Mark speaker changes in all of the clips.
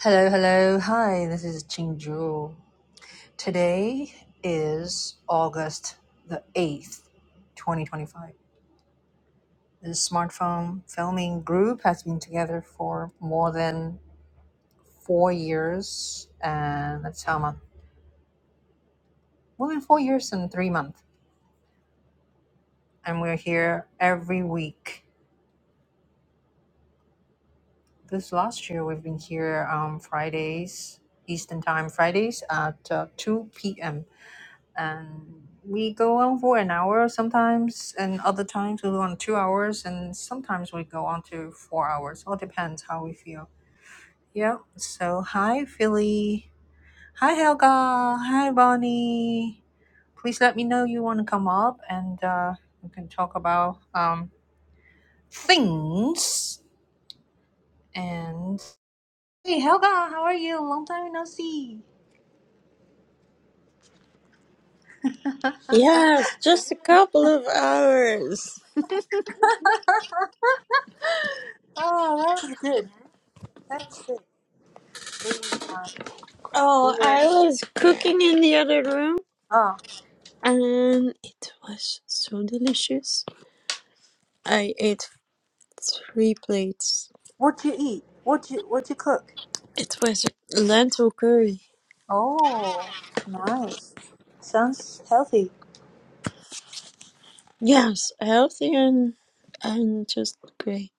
Speaker 1: Hello, hello. Hi, this is Ching Today is August the 8th, 2025. The smartphone filming group has been together for more than four years and that's how much? More than four years and three months. And we're here every week. This last year, we've been here on Fridays, Eastern Time Fridays at uh, 2 p.m. and we go on for an hour sometimes and other times we go on two hours and sometimes we go on to four hours all depends how we feel yeah so hi philly hi helga hi bonnie please let me know you want to come up and uh, we can talk about um, things and hey helga how are you long time no see oh
Speaker 2: Yes, just a couple of hours.
Speaker 1: that was good that was good we uh, We
Speaker 2: Oh,
Speaker 1: were.
Speaker 2: I was cooking in the other room
Speaker 1: Oh,
Speaker 2: and it was so delicious. I ate three plates.
Speaker 1: what you eat? What you what you cook?
Speaker 2: It was lentil curry.
Speaker 1: Oh, nice. Sounds healthy.
Speaker 2: Yes, healthy and and just great.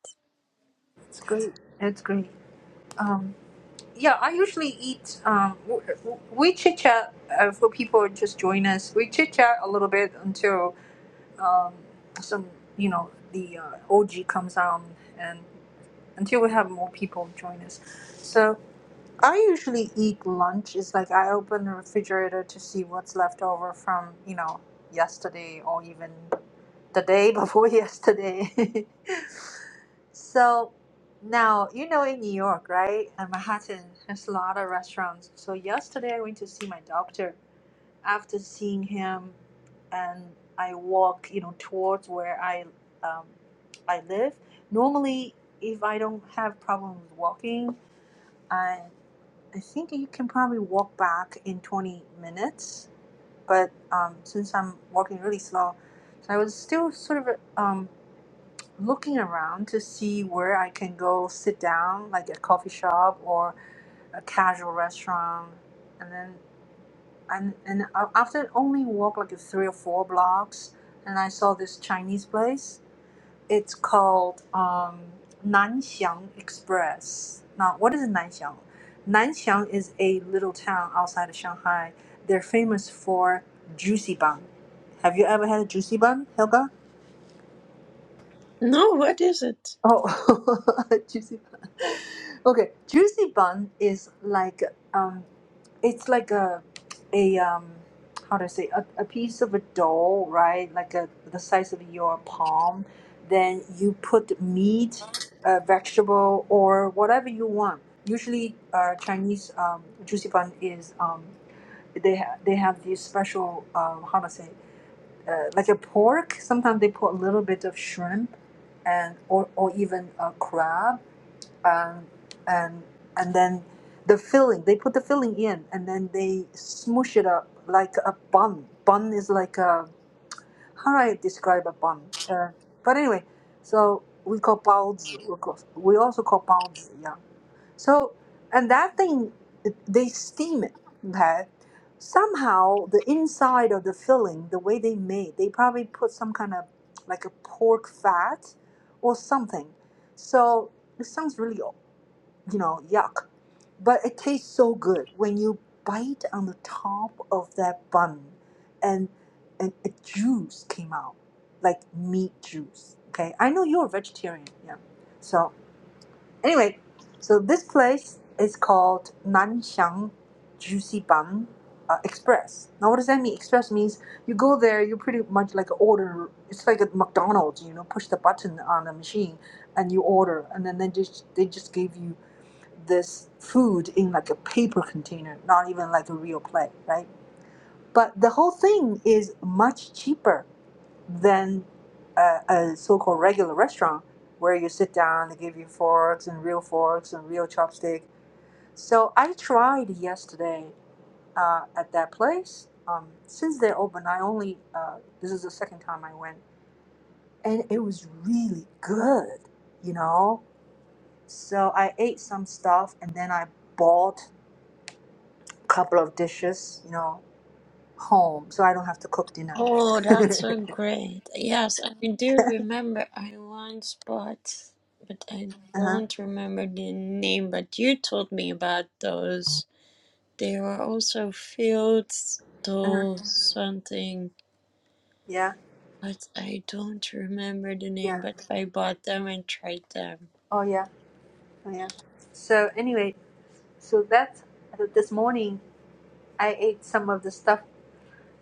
Speaker 1: It's great. It's great. Um, yeah, I usually eat. Um, w- w- we chit chat uh, for people who just join us. We chit chat a little bit until um, some you know the uh, OG comes on and until we have more people join us. So. I usually eat lunch. It's like I open the refrigerator to see what's left over from, you know, yesterday or even the day before yesterday. so now, you know, in New York, right? And Manhattan, there's a lot of restaurants. So yesterday I went to see my doctor. After seeing him, and I walk, you know, towards where I, um, I live. Normally, if I don't have problem with walking, I think you can probably walk back in 20 minutes, but um, since I'm walking really slow, so I was still sort of um, looking around to see where I can go sit down, like a coffee shop or a casual restaurant. And then and, and a- after only walk like a three or four blocks, and I saw this Chinese place. It's called um, Nanxiang Express. Now, what is Nanxiang? Nanxiang is a little town outside of Shanghai. They're famous for juicy bun. Have you ever had a juicy bun, Helga?
Speaker 2: No, what is it?
Speaker 1: Oh, juicy bun. Okay, juicy bun is like um, it's like a a um, how do I say a, a piece of a dough, right? Like a the size of your palm. Then you put meat, uh, vegetable, or whatever you want. Usually, uh, Chinese um, juicy bun is um, they ha- they have this special um, how do I say uh, like a pork. Sometimes they put a little bit of shrimp, and or or even a crab, um, and and then the filling. They put the filling in, and then they smoosh it up like a bun. Bun is like a how do I describe a bun? Uh, but anyway, so we call baozi. We, call, we also call baozi. Yeah. So, and that thing, they steam it, okay? Somehow, the inside of the filling, the way they made, they probably put some kind of like a pork fat or something. So, it sounds really, you know, yuck, but it tastes so good when you bite on the top of that bun and and a juice came out, like meat juice, okay? I know you're a vegetarian, yeah. So, Anyway, so this place is called Nanxiang Juicy Bun uh, Express. Now, what does that mean? Express means you go there, you pretty much like order. It's like a McDonald's, you know, push the button on the machine and you order, and then they just they just give you this food in like a paper container, not even like a real plate, right? But the whole thing is much cheaper than a, a so-called regular restaurant where you sit down they give you forks and real forks and real chopstick so i tried yesterday uh, at that place um, since they're open i only uh, this is the second time i went and it was really good you know so i ate some stuff and then i bought a couple of dishes you know home so i don't have to cook dinner
Speaker 2: Oh, that's so
Speaker 1: uh-huh,
Speaker 2: great. Yes, I do remember I once bought, but I don't remember the name, but you told me about those There were also fields
Speaker 1: uh-huh.
Speaker 2: to something,
Speaker 1: yeah
Speaker 2: but I don't remember the
Speaker 1: yeah
Speaker 2: name, but I bought them and tried them.
Speaker 1: oh yeah Oh, Yeah. So anyway, so that this morning I ate some of the stuff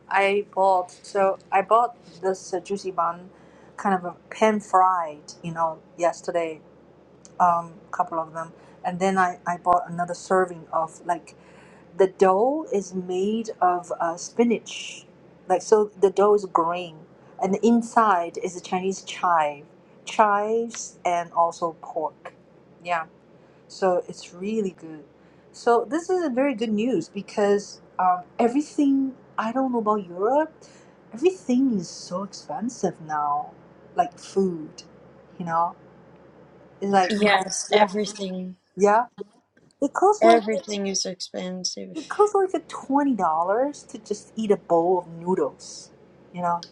Speaker 1: I bought. So I bought this uh, juicy bun, kind of a pan fried, you know, yesterday, um, couple of them, and then I I bought another serving of like the dough is made of uh, spinach, like so the dough is green, and the inside is a Chinese chive, chives and also pork. Yeah. So it's really good. So this is a very good news because um, everything I don't know about Europe, everything is so expensive now, like food, you know. It's like
Speaker 2: Yes,
Speaker 1: yeah,
Speaker 2: everything.
Speaker 1: yeah. It costs like a-
Speaker 2: Everything is expensive.
Speaker 1: it costs like a twenty dollars to just eat a bowl of noodles, you know.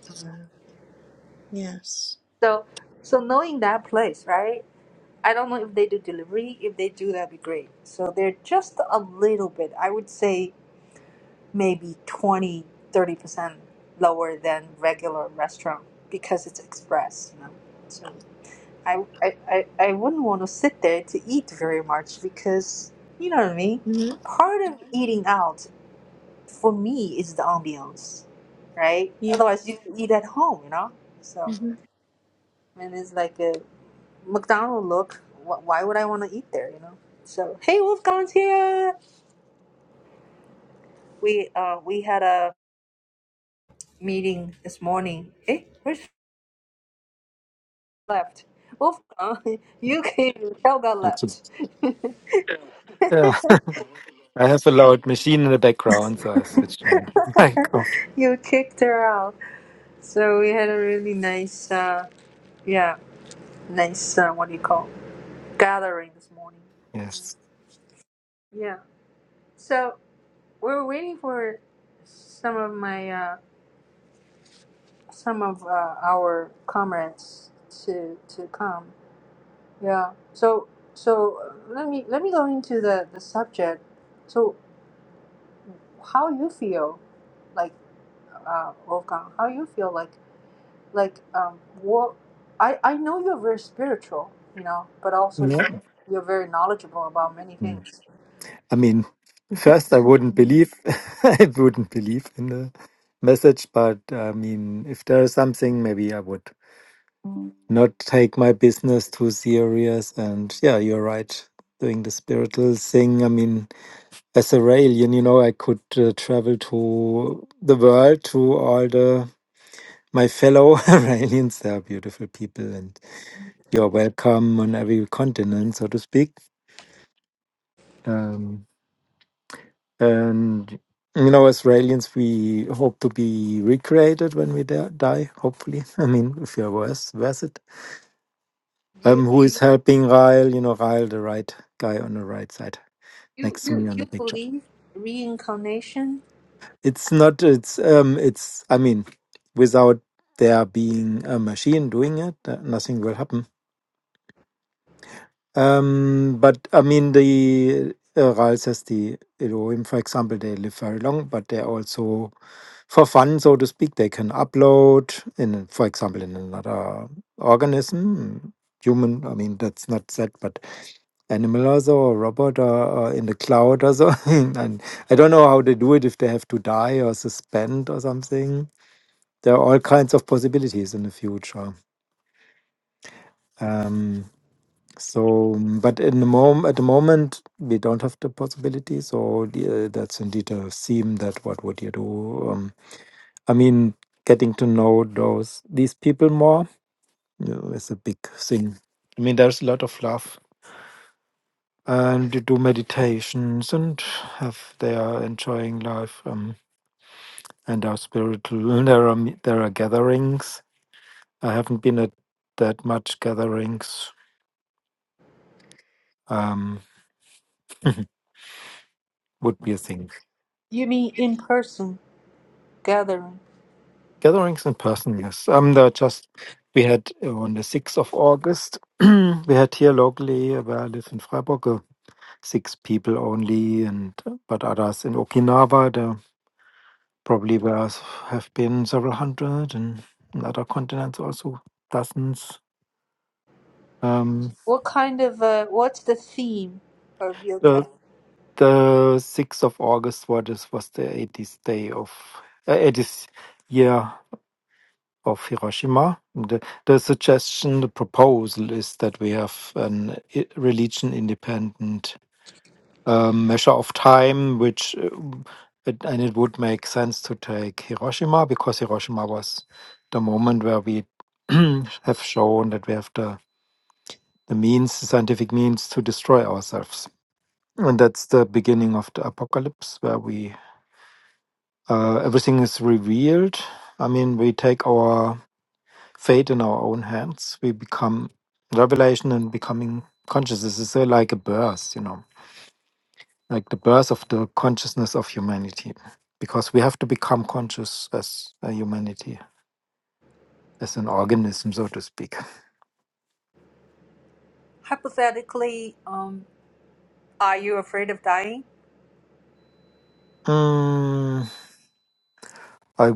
Speaker 2: Yes.
Speaker 1: So so knowing that place, right? I don't know if they do delivery. If they do, that'd be great. So they're just a little bit. I would say maybe twenty, thirty percent lower than regular restaurant because it's express you know so I, I i I wouldn't want to sit there to eat very much because you know what i mean
Speaker 2: hmm
Speaker 1: part of eating out for me is the ambiance right
Speaker 2: Yeah.
Speaker 1: otherwise you eat at home you know so
Speaker 2: hmm
Speaker 1: and it's like a mcdonald look Wh- why would i want to eat there you know so hey wolfgang's here we uh we had a meeting this morning hey where's left. Wolfgang, you came and Helga
Speaker 3: It's
Speaker 1: left.
Speaker 3: just, yeah, I have a loud machine in the background, so I switched my mic off.
Speaker 1: you kicked her out. So we had a really nice, uh, yeah, nice, uh, what do you call, gathering this morning.
Speaker 3: Yes.
Speaker 1: Yeah. Yeah. So we're waiting for some of my, uh, some of uh, our comrades to to come. Yeah. So so uh, let me let me go into the the subject. So how you feel? like? uh, Wolfgang, how you feel like like um what I I know you're very spiritual, you know, but also
Speaker 3: Yeah.
Speaker 1: you're, you're very knowledgeable about many
Speaker 3: Mm.
Speaker 1: things.
Speaker 3: I mean, first, I wouldn't believe, I wouldn't believe in the message, but I mean, if there is something, maybe I would not take my business too serious. And yeah, you're right. Doing the spiritual thing. I mean, as a alien, you know, I could uh, travel to the world to all the my fellow aliens. They are beautiful people, and you're welcome on every continent, so to speak. Um, and you know, Australians, we hope to be recreated when we da- die. Hopefully, I mean, if you're worth worth it.
Speaker 1: You
Speaker 3: Um, who is helping Ryle? You know, Ryle, the right guy on the right side
Speaker 1: you
Speaker 3: next to
Speaker 1: you
Speaker 3: me on
Speaker 1: you
Speaker 3: the picture.
Speaker 1: believe reincarnation?
Speaker 3: It's not. It's um. It's. I mean, without there being a machine doing it, uh, nothing will happen Um, but I mean, the uh, Ralses, the Elohim, for example, they live very long, but they're also for fun, so to speak. They can upload in, for example, in another organism, human. I mean, that's not said, but animal also or robot or, or in the cloud also. and I don't know how they do it if they have to die or suspend or something. There are all kinds of possibilities in the future. Um, so, mm, but in the mom at the moment, we don't have the possibility. So the, uh, that's indeed a theme that what would you do? Um, I mean, getting to know those these people more you know, is a big thing. I mean, there's a lot of love, and you do meditations and have they are enjoying life um, and are spiritual. And there are me- there are gatherings. I haven't been at that much gatherings. Um, would be a thing.
Speaker 1: You mean in person gathering?
Speaker 3: Gatherings in person, yes. Um, there are just we had uh, on the sixth of August. we had here locally uh, where I live in Freiburg, uh, six people only, and uh, but others in Okinawa. There probably were s- have been several hundred, and in other continents also dozens. Um,
Speaker 1: What kind of uh, what's the theme of your
Speaker 3: the
Speaker 1: gathering?
Speaker 3: the sixth of August was was the eightieth day of uh, eightieth year of Hiroshima. The, the suggestion, the proposal is that we have an i- religion independent um, measure of time, which uh, it, and it would make sense to take Hiroshima because Hiroshima was the moment where we have shown that we have the, the means, the scientific means to destroy ourselves. And that's the beginning of the apocalypse where we uh, everything is revealed. I mean, we take our fate in our own hands. We become revelation and becoming conscious. This is uh, like a birth, you know, like the birth of the consciousness of humanity, because we have to become conscious as a humanity, as an organism, so to speak.
Speaker 1: Hypothetically, um, are you afraid of dying?
Speaker 3: Mm, I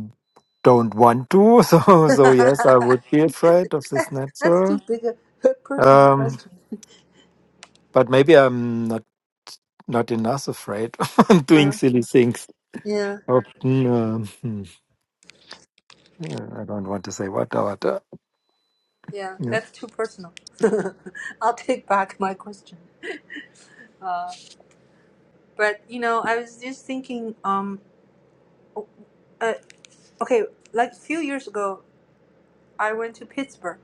Speaker 3: don't want to, so so yes, I
Speaker 1: That's
Speaker 3: would be afraid of this natural.
Speaker 1: too big a a personal
Speaker 3: Um,
Speaker 1: question.
Speaker 3: but maybe I'm not not enough afraid of doing
Speaker 1: Uh-huh.
Speaker 3: silly things.
Speaker 1: Yeah.
Speaker 3: Of, mm, um, hmm. Uh, I don't want to say what,
Speaker 1: Yeah,
Speaker 3: Yep.
Speaker 1: that's too personal. I'll take back my question. Uh, but you know, I was just thinking. Um, o- uh, okay, like a few years ago, I went to Pittsburgh,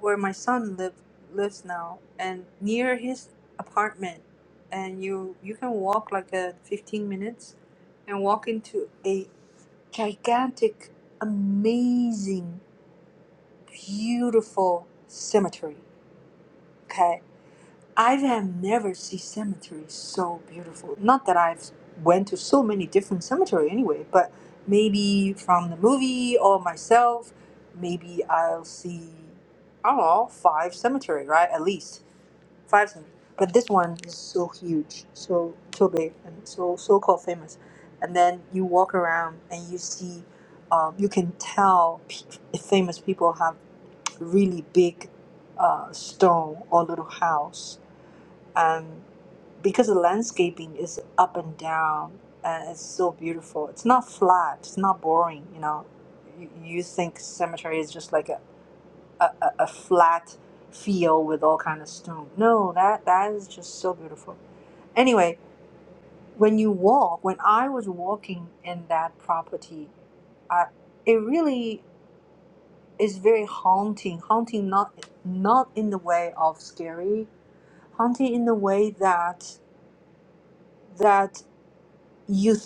Speaker 1: where my son live lives now, and near his apartment, and you you can walk like a fifteen minutes, and walk into a gigantic, amazing, beautiful cemetery. Okay, I have never seen cemetery so beautiful. Not that I've went to so many different cemetery anyway, but maybe from the movie or myself, maybe I'll see I don't know five cemetery right at least five. Cemetery. But this one is so huge, so so big, and so so called famous. And then you walk around and you see, um, you can tell p- famous people have really big uh, stone or little house um, because the landscaping is up and down and it's so beautiful it's not flat it's not boring you know you, you think cemetery is just like a, a, a a flat field with all kind of stone no that that is just so beautiful anyway when you walk when i was walking in that property I, it really is very haunting haunting not not in the way of scary haunting in the way that that you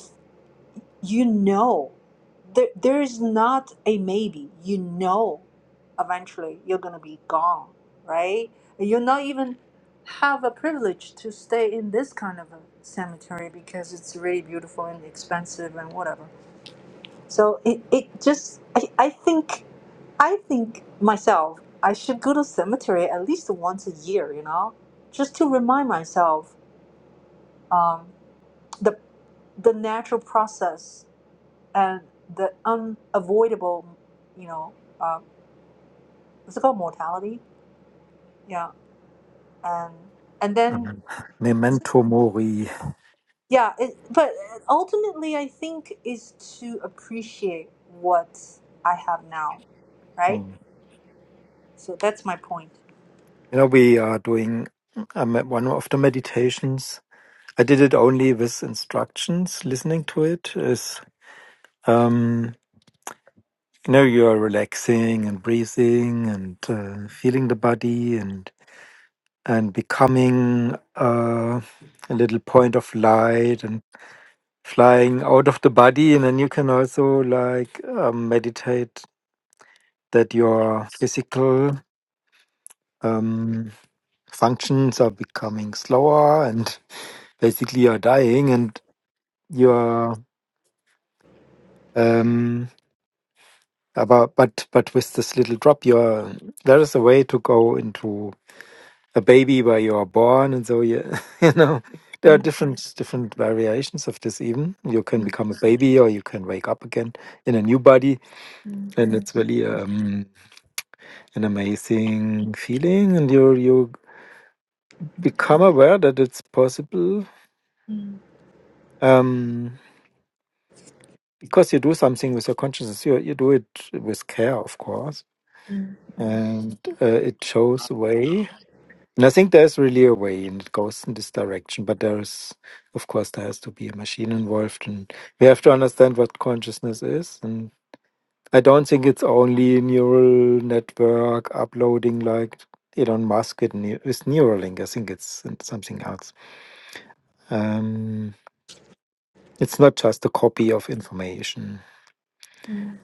Speaker 1: You know, there, there is not a maybe. You know, eventually you're gonna be gone, right? You're not even have a privilege to stay in this kind of a cemetery because it's really beautiful and expensive and whatever. So it, it just, I, I think, I think myself, I should go to cemetery at least once a year, you know, just to remind myself um, the the natural process and the unavoidable, you know, uh, what's it called, mortality? Yeah, and and then
Speaker 3: Um, memento mori.
Speaker 1: yeah, it, but ultimately, I think is to appreciate what I have now, right?
Speaker 3: Mm.
Speaker 1: So that's my point.
Speaker 3: You know, we are doing um, one of the meditations. I did it only with instructions. Listening to it is, um, you know, you are relaxing and breathing and uh, feeling the body and and becoming uh, a little point of light and flying out of the body. And then you can also like um, meditate that your physical um, functions are becoming slower and basically you're dying and you're um, about but but with this little drop you're there is a way to go into a baby where you are born and so you you know there are different different variations of this even you can become a baby or you can wake up again in a new body and it's really um, an amazing feeling and you you become aware that it's possible Um, because you do something with your consciousness, you you do it with care, of course, and uh, it shows a way. And I think there's really a way, and it goes in this direction. But there is, of course, there has to be a machine involved, and we have to understand what consciousness is. And I don't think it's only neural network uploading like Elon Musk with, Neu- with Neuralink. I think it's something else. Um, it's not just a copy of information.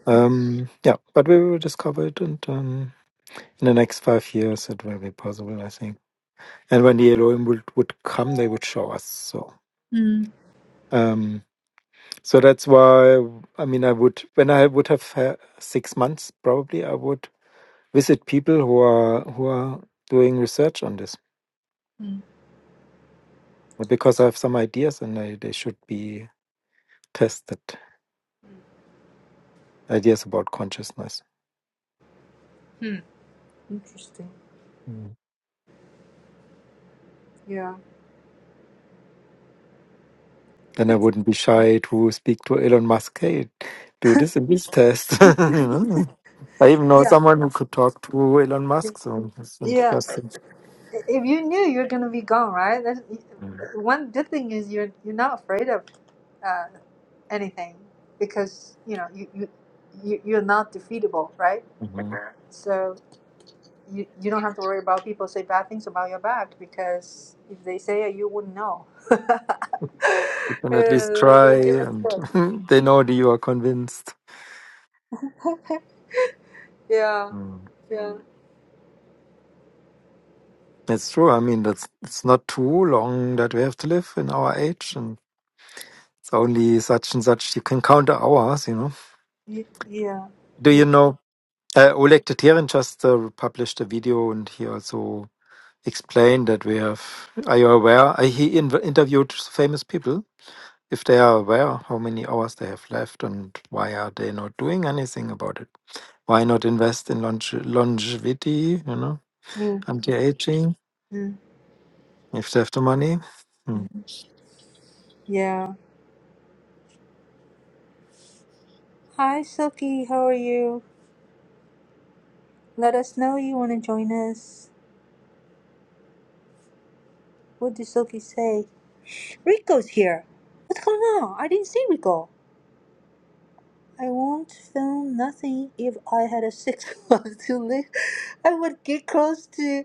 Speaker 3: Um, yeah, but we will discover it, and um, in the next five years, it will be possible, I think. And when the Elohim would, would come, they would show us. So,
Speaker 1: mm
Speaker 3: um, so that's why I mean, I would when I would have ha- six months, probably I would visit people who are who are doing research on this because I have some ideas, and they, they should be tested. Ideas about consciousness.
Speaker 1: Interesting.
Speaker 3: Mm.
Speaker 1: Yeah.
Speaker 3: Then I wouldn't be shy to speak to Elon Musk. Hey, do this and this test. You know? I even know
Speaker 1: Yeah.
Speaker 3: someone who could talk to Elon Musk, so it's
Speaker 1: Yeah.
Speaker 3: interesting.
Speaker 1: If you knew you're gonna be gone, right? That's, one good thing is you're you're not afraid of uh, anything because you know you, you you you're not defeatable, right?
Speaker 3: Mm-hmm.
Speaker 1: Amen. So you you don't have to worry about people say bad things about your back because if they say it, you wouldn't know.
Speaker 3: You can at least
Speaker 1: Uh,
Speaker 3: try,
Speaker 1: don't give a
Speaker 3: and
Speaker 1: fuck.
Speaker 3: they know that you are convinced.
Speaker 1: Yeah,
Speaker 3: Mm.
Speaker 1: yeah,
Speaker 3: It's true. I mean, that's it's not too long that we have to live in our age, and it's only such and such you can count the hours. You know.
Speaker 1: Y- yeah,
Speaker 3: Do
Speaker 1: yeah.
Speaker 3: you know? Uh, Oleg Tatirin just uh, published a video, and he also explained that we have. Are you aware? Uh, he inv- interviewed famous people if they are aware how many hours they have left and why are they not doing anything about it why not invest in longe- longevity you know
Speaker 1: Mm,
Speaker 3: anti-aging
Speaker 1: mm,
Speaker 3: if they have the money Hmm.
Speaker 1: mm. Yeah. Hi, Silky. How are you? Let us know you want to join us. What did Silky say? Rico's here. What's going on? I didn't see Rico. I won't film nothing if I had a six months to live. I would get close to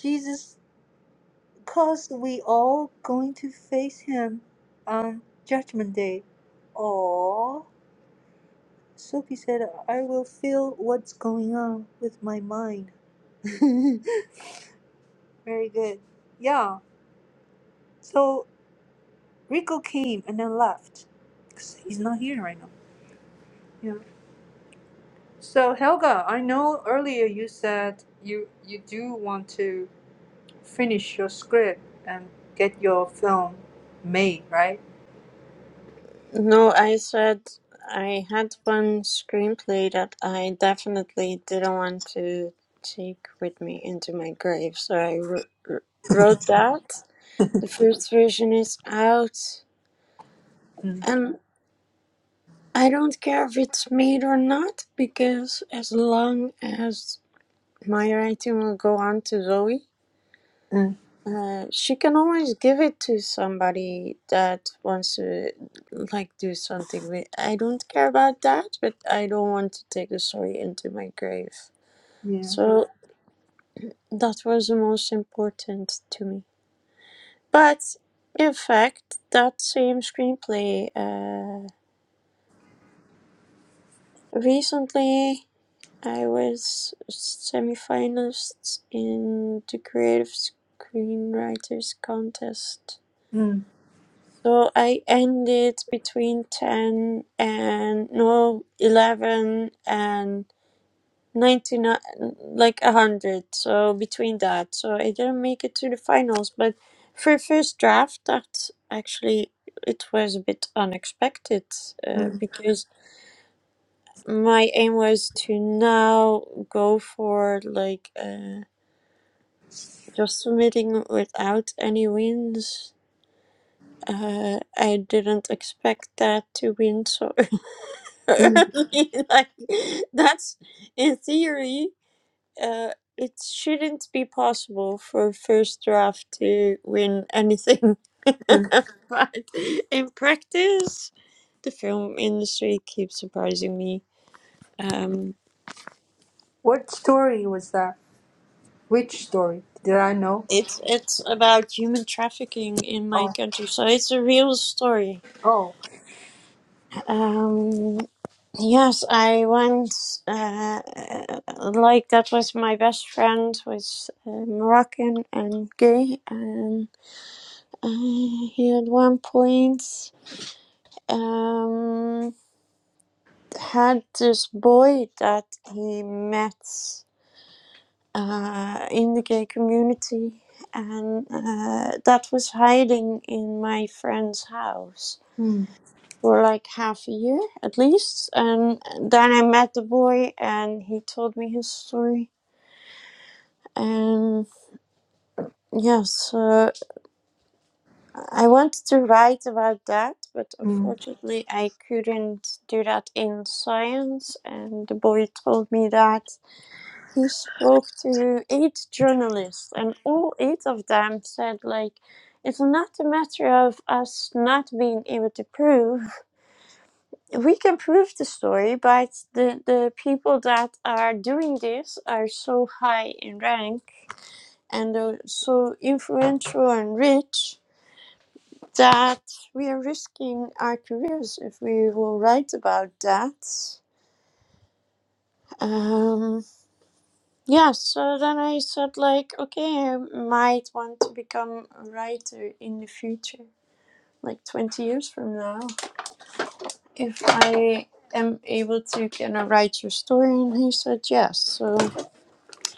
Speaker 1: Jesus because we all going to face him on judgment day. Aww. Sophie said I will feel what's going on with my mind. Very good. Yeah. So Rico came and then left. 'Cause he's not here right now. Yeah. So Helga, I know earlier you said you you do want to finish your script and get your film made, right?
Speaker 2: No, I said I had one screenplay that I definitely didn't want to take with me into my grave, so I wr- wr- wrote that. The first version is out.
Speaker 1: Mm,
Speaker 2: and. I don't care if it's made or not because as long as my writing will go on to Zoe,
Speaker 1: mm,
Speaker 2: uh, she can always give it to somebody that wants to like do something with. I don't care about that, but I don't want to take the story into my grave.
Speaker 1: yeah.
Speaker 2: So that was the most important to me. But in fact, that same screenplay uh, recently. I was semi-finalist in the Creative Screenwriters Contest.
Speaker 1: Mm,
Speaker 2: So I ended between 10 and no 11 and 99 like 100 so between that so I didn't make it to the finals but for first draft that actually it was a bit unexpected uh, because my aim was to now go for like Uh, Just submitting without any wins. Uh, I didn't expect that to win so early. like that's in theory, uh, it shouldn't be possible for first draft to win anything.
Speaker 1: mm.
Speaker 2: but in practice, the film industry keeps surprising me. Um,
Speaker 1: What story was that? Which story? Did I know?
Speaker 2: it's it's about human trafficking in my
Speaker 1: Oh,
Speaker 2: country, so it's a real story.
Speaker 1: oh.
Speaker 2: Um, yes, I once, uh, like, that was my best friend, was uh, Moroccan and gay, and uh, he at one point um, had this boy that he met uh, in the gay community, and uh, that was hiding in my friend's house
Speaker 1: Mm,
Speaker 2: for like half a year at least. And then I met the boy and he told me his story. And yes, uh, I wanted to write about that, but
Speaker 1: mm.
Speaker 2: unfortunately I couldn't do that in science. And the boy told me that he spoke to eight journalists, and all eight of them said, like, it's not a matter of us not being able to prove. we can prove the story, but the, the people that are doing this are so high in rank and are so influential and rich that we are risking our careers if we will write about that. Um, yeah, so then I said, like, okay, I might want to become a writer in the future, like 20 years from now, if I am able to kind of write your story. And he said, yes. So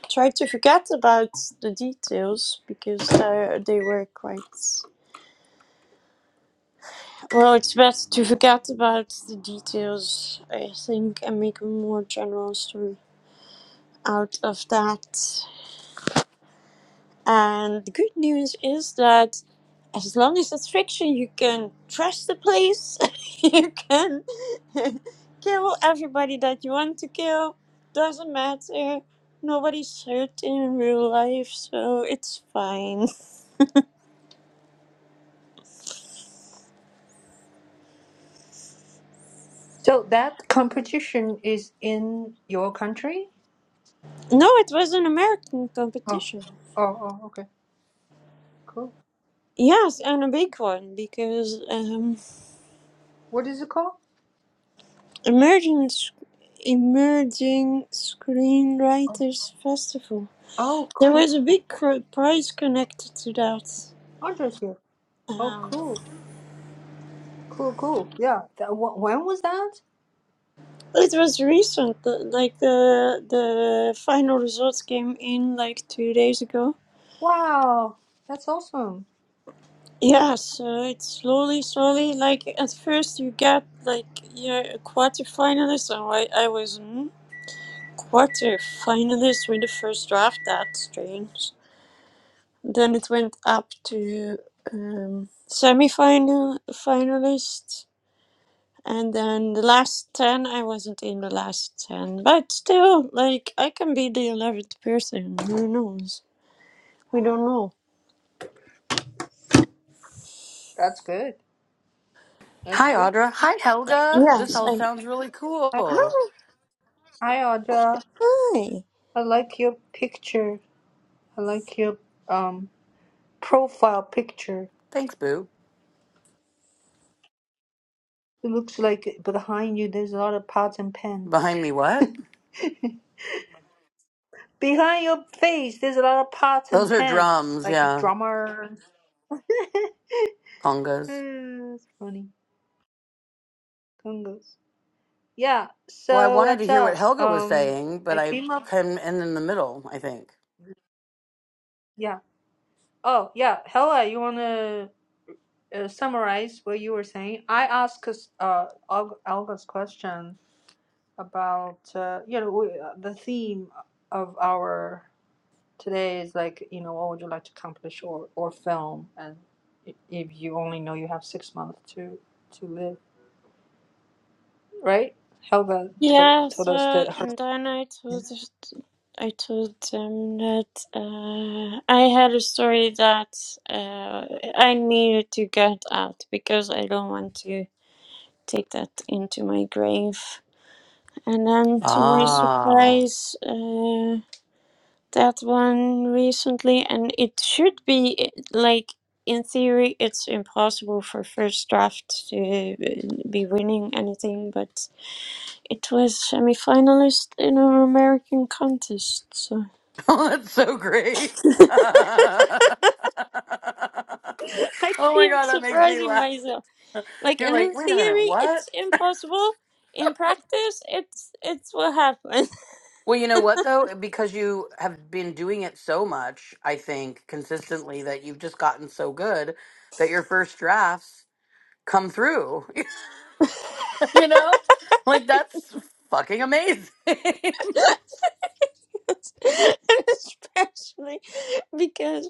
Speaker 2: try to forget about the details because uh, they were quite well it's best to forget about the details i think and make a more general story out of that and the good news is that as long as it's fiction you can trust the place you can kill everybody that you want to kill doesn't matter nobody's hurt in real life so it's fine
Speaker 1: So that competition is in your country?
Speaker 2: No, it was an American
Speaker 1: Oh,
Speaker 2: competition.
Speaker 1: oh, oh. Okay, cool.
Speaker 2: Yes, and a big one because um,
Speaker 1: What is it called?
Speaker 2: emerging Sc- emerging screenwriters festival.
Speaker 1: Oh,
Speaker 2: There
Speaker 1: cool.
Speaker 2: was a big cr- prize connected to that.
Speaker 1: Understood. Oh,
Speaker 2: Um,
Speaker 1: cool. Cool, cool. Yeah. That, wh- when was that?
Speaker 2: it was recent, the- like the the final results came in like two days ago.
Speaker 1: Wow, that's awesome. That,
Speaker 2: Yeah, so it's slowly, slowly. Like at first, you get like you're a quarterfinalist, and I, I was. hmm, Quarterfinalists with the first draft. That's strange. Then it went up to um, semifinal finalists, and then the last ten. I wasn't in the last ten, but still, like I can be the eleventh person. Who knows? We don't know.
Speaker 1: that's good. That's
Speaker 4: Hi,
Speaker 1: good.
Speaker 4: Audra. Hi, Helga. This
Speaker 2: Yes,
Speaker 4: all
Speaker 2: I.
Speaker 4: sounds really cool.
Speaker 2: Hi.
Speaker 1: Hi, Audra.
Speaker 2: Hi.
Speaker 1: I like your picture. I like your um profile picture.
Speaker 4: Thanks, Boo.
Speaker 1: It looks like behind you there's a lot of pots and pans.
Speaker 4: Behind me, what?
Speaker 1: Behind your face there's a lot of pots and
Speaker 4: Those are
Speaker 1: pans,
Speaker 4: drums,
Speaker 1: like a
Speaker 4: yeah,
Speaker 1: drummer.
Speaker 4: congas.
Speaker 1: That's funny. Congos. Yeah.
Speaker 4: Well, I
Speaker 1: So
Speaker 4: wanted to
Speaker 1: what's
Speaker 4: hear what
Speaker 1: up?
Speaker 4: Helga was
Speaker 1: Um,
Speaker 4: saying, but
Speaker 1: I
Speaker 4: I
Speaker 1: came up.
Speaker 4: came in in the middle, I think.
Speaker 1: Yeah. Oh, yeah. Hella, you wanna uh, summarize what you were saying? I asked uh Olga's question about uh, you know we, uh, the theme of our today is like you know what would you like to accomplish or or film and i- if you only know you have six months to to live right helga to,
Speaker 2: Yes,
Speaker 1: told us
Speaker 2: uh,
Speaker 1: that her,
Speaker 2: and then I told. I told them that uh, I had a story that uh, I needed to get out because I don't want to take that into my grave. And then, to my
Speaker 4: Ah.
Speaker 2: surprise, uh, that one recently, and it should be like in theory, it's impossible for first draft to be winning anything, but it was semi finalist in an American contest, so.
Speaker 4: Oh, that's so great. oh my
Speaker 2: I keep
Speaker 4: God, that makes me
Speaker 2: surprising
Speaker 4: laugh.
Speaker 2: myself. Like,
Speaker 4: You're
Speaker 2: and
Speaker 4: like,
Speaker 2: in
Speaker 4: wait a minute,
Speaker 2: theory,
Speaker 4: what?
Speaker 2: it's impossible. In practice, it's it's what happens.
Speaker 4: Well, you know what though? Eh, Because you have been doing it so much, I think, consistently that you've just gotten so good that your first drafts come through. you know? Like that's fucking amazing.
Speaker 2: and especially because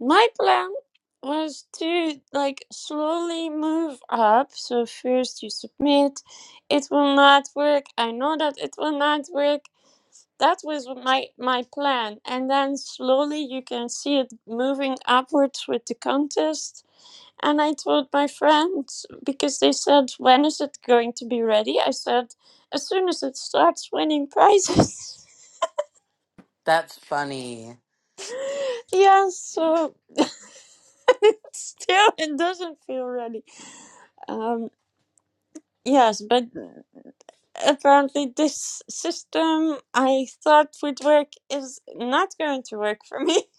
Speaker 2: my plan was to like slowly move up. So first you submit. It will not work. I know that it will not work. That was my my plan, and then slowly you can see it moving upwards with the contest And I told my friends because they said, When is it going to be ready? I said, As soon as it starts winning prizes.
Speaker 4: that's funny.
Speaker 2: yeah, so it's still it doesn't feel ready. Um, yes, but apparently this system I thought would work is not going to work for me.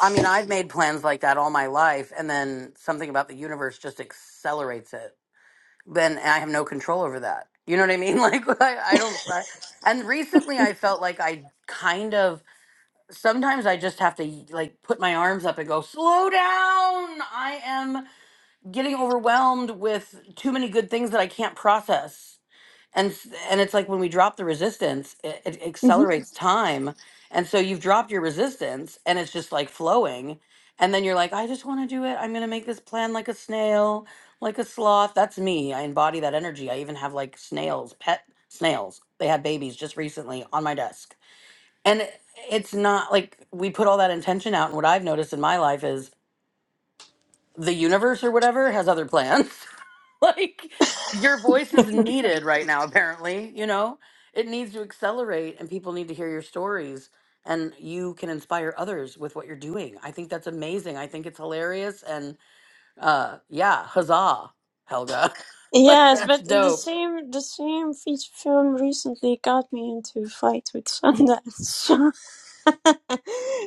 Speaker 4: I mean, I've made plans like that all my life and then something about the universe just accelerates it. Then I have no control over that. You know what I mean? Like I, I don't I- and recently I felt like I kind of sometimes I just have to like put my arms up and go, slow down. I am getting overwhelmed with too many good things that I can't process. And, s- and it's like when we drop the resistance, it, it
Speaker 2: Mhm.
Speaker 4: accelerates time. And so you've dropped your resistance and it's just like flowing. And then you're like, I just want to do it. I'm going to make this plan like a snail, like a sloth. That's me. I embody that energy. I even have like snails, pet snails. They had babies just recently on my desk and it's not like we put all that intention out and what i've noticed in my life is the universe or whatever has other plans like your voice is needed right now apparently you know it needs to accelerate and people need to hear your stories and you can inspire others with what you're doing i think that's amazing i think it's hilarious and uh yeah huzzah helga like
Speaker 2: Yes,
Speaker 4: that's
Speaker 2: but the
Speaker 4: dope
Speaker 2: same the same feature film recently got me into a fight with Sundance.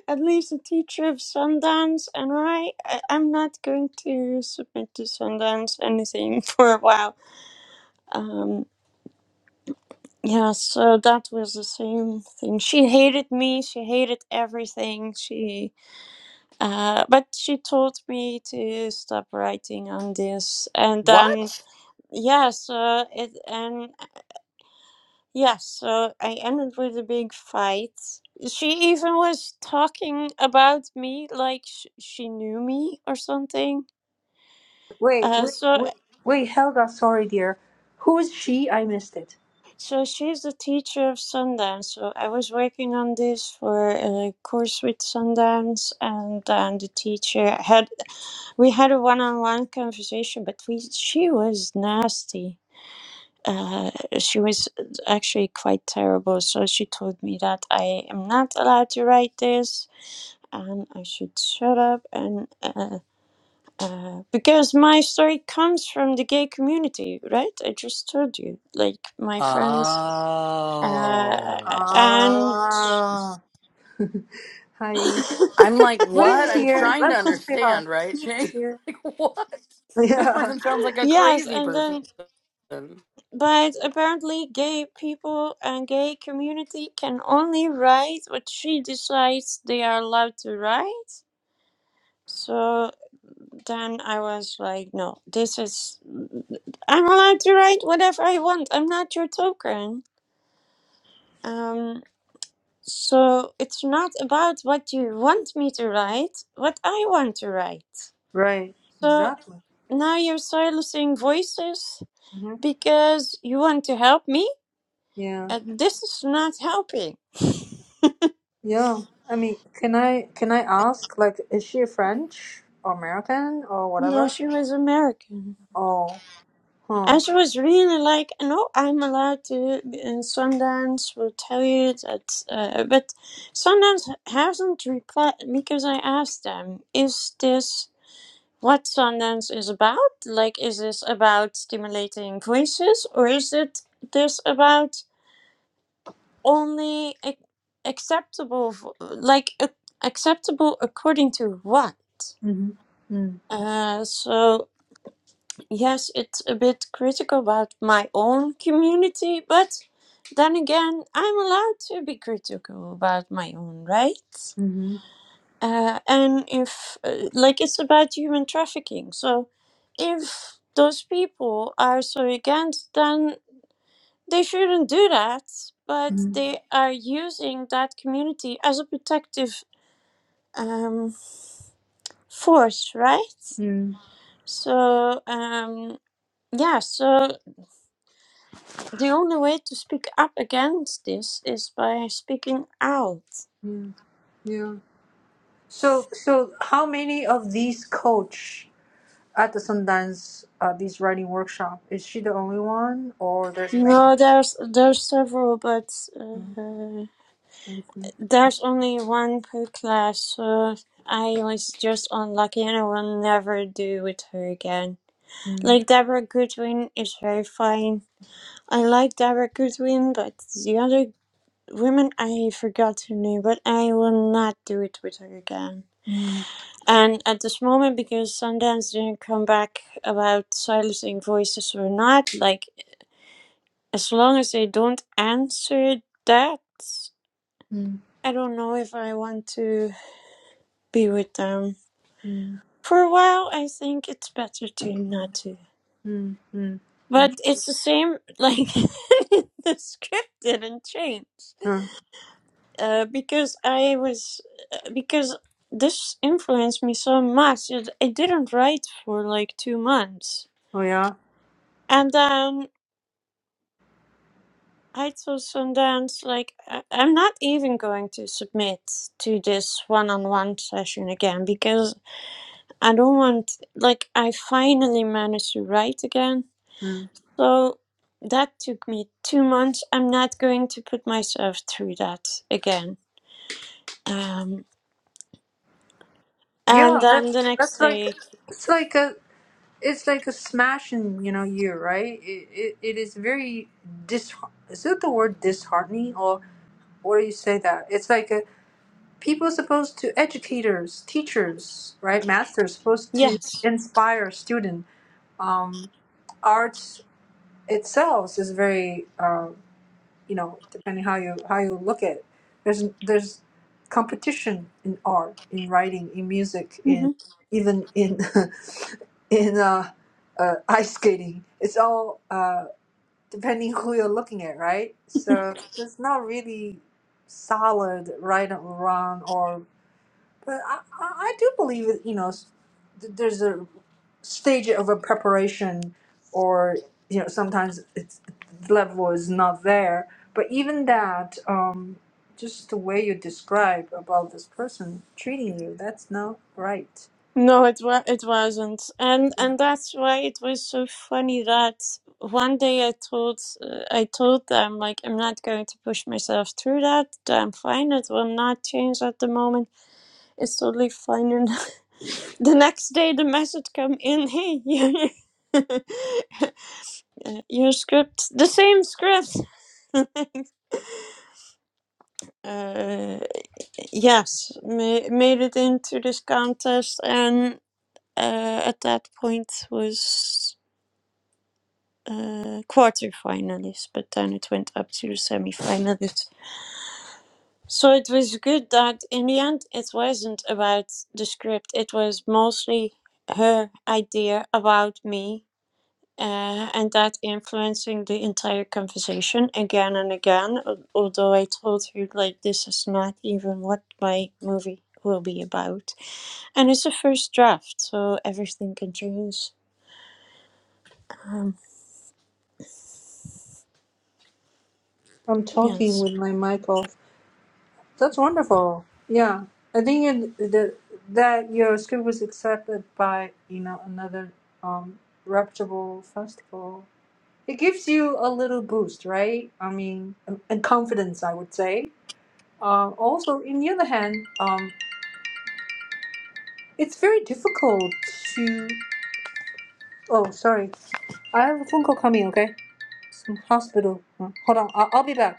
Speaker 2: At least a teacher of Sundance and I, I I'm not going to submit to Sundance anything for a while. Um, yeah, so that was the same thing. She hated me. She hated everything. She, uh, but she told me to stop writing on this, and then
Speaker 4: what
Speaker 2: yes, uh, it and Yes, so I ended with a big fight. She even was talking about me like sh- she knew me or something.
Speaker 1: wait
Speaker 2: Uh,
Speaker 1: wait
Speaker 2: so,
Speaker 1: wait wait helga sorry dear who is she i missed it
Speaker 2: so she's the teacher of Sundance. So I was working on this for a course with Sundance, and then the teacher had we had a one-on-one conversation, but we she was nasty. Uh, she was actually quite terrible. So she told me that I am not allowed to write this and I should shut up and uh, uh, because my story comes from the gay community, right? I just told you, like my friends, uh,
Speaker 4: oh
Speaker 2: and
Speaker 1: ah hi
Speaker 4: I'm like, what?
Speaker 1: william's
Speaker 4: I'm
Speaker 1: here
Speaker 4: trying
Speaker 1: let
Speaker 4: to
Speaker 1: me just say hi
Speaker 4: understand, right,
Speaker 1: Keith is
Speaker 4: Jay?
Speaker 1: here
Speaker 4: Like, what? This
Speaker 1: yeah
Speaker 4: person sounds like a
Speaker 2: yes,
Speaker 4: crazy
Speaker 2: and
Speaker 4: person.
Speaker 2: then but apparently, gay people and gay community can only write what she decides they are allowed to write. So then I was like, no, this is. I'm allowed to write whatever I want. I'm not your token. Um, so it's not about what you want me to write, what I want to write.
Speaker 1: right
Speaker 2: So
Speaker 1: exactly
Speaker 2: now you're silencing voices
Speaker 1: hmm
Speaker 2: because you want to help me,
Speaker 1: yeah
Speaker 2: and this is not helping.
Speaker 1: Yeah, I mean, can I can I ask, like, is she French or American or
Speaker 2: No,
Speaker 1: whatever?
Speaker 2: she was American.
Speaker 1: Oh,
Speaker 2: I
Speaker 1: huh.
Speaker 2: was really like, no, I'm allowed to. be in Sundance will tell you that. Uh, but Sundance hasn't replied because I asked them, is this what Sundance is about? Like, is this about stimulating voices or is it this about only ac- acceptable, vo- like, ac- acceptable according to what?
Speaker 1: Mm-hmm. Mm.
Speaker 2: Uh, so yes, it's a bit critical about my own community, but then again, I'm allowed to be critical about my own rights.
Speaker 1: Mm-hmm.
Speaker 2: Uh, and if, uh, like, it's about human trafficking. So if those people are so against, then they shouldn't do that, but they are using that community as a protective um, force, right?
Speaker 1: Mm-hmm.
Speaker 2: So, um, yeah, so The only way to speak up against this is by speaking out.
Speaker 1: Mm. Yeah. Yeah. So, so how many of these coach at the Sundance uh, these writing workshop? Is she the only one, or there's many?
Speaker 2: No, there's there's several, but
Speaker 1: Mm.
Speaker 2: uh,
Speaker 1: I see.
Speaker 2: there's only one per class. So I was just unlucky, and I will never do with her again.
Speaker 1: Mm.
Speaker 2: Like Deborah Goodwin is very fine. I like Deborah Goodwin, but the other women I forgot her name. But I will not do it with her again.
Speaker 1: Mm.
Speaker 2: And at this moment, because Sundance didn't come back about silencing voices or not, like as long as they don't answer that,
Speaker 1: Mm.
Speaker 2: I don't know if I want to be with them.
Speaker 1: Mm.
Speaker 2: For a while, I think it's better to not to.
Speaker 1: Mm. Mm. Mm.
Speaker 2: But it's the same, like the script didn't change.
Speaker 1: Uh,
Speaker 2: Uh, because I was, uh, because this influenced me so much that I didn't write for like two months.
Speaker 1: Oh yeah.
Speaker 2: And then. I told Sundance, like, I- I'm not even going to submit to this one on one session again because I don't want, like, I finally managed to write again.
Speaker 1: Mm.
Speaker 2: So that took me two months. I'm not going to put myself through that again. Um, and
Speaker 1: Yeah,
Speaker 2: then the
Speaker 1: that's
Speaker 2: next
Speaker 1: that's like
Speaker 2: day,
Speaker 1: it's like a it's like a smashing, you know, year, right? It, it, it is very dis. Is it the word disheartening, or what do you say that? It's like a, people supposed to educators, teachers, right? Masters supposed to
Speaker 2: yes.
Speaker 1: inspire student. Um, arts itself is very uh, you know depending how you how you look at it there's there's competition in art in writing in music
Speaker 2: Mm-hmm.
Speaker 1: in even in in uh, uh, ice skating it's all uh, depending who you're looking at right so there's not really solid right or wrong or but i i, I do believe it you know s- th- there's a stage of a preparation or you know sometimes it's the level is not there but even that um just the way you describe about this person treating you that's not right
Speaker 2: No, it wa- it wasn't, and and that's why it was so funny that one day I told uh, I told them like I'm not going to push myself through that. I'm fine. It will not change at the moment. It's totally fine. And the next day, the message come in. Hey, your script, the same script. uh, yes, ma- made it into this contest, and uh, at that point was. uh, quarterfinalists, but then it went up to the semi So it was good that in the end it wasn't about the script. It was mostly her idea about me, uh, and that influencing the entire conversation again and again. al- Although I told her like this is not even what my movie will be about, and it's a first draft, so everything can change. Um,
Speaker 1: i'm talking
Speaker 2: yes.
Speaker 1: with my mic off that's wonderful yeah i think it, the, that your script was accepted by you know another um reputable festival it gives you a little boost right i mean and and confidence i would say Uh, also, in the other hand, um, it's very difficult to. Oh, sorry. I have a phone call coming, okay? Some hospital. Uh, Hold on, I'll, I'll be back.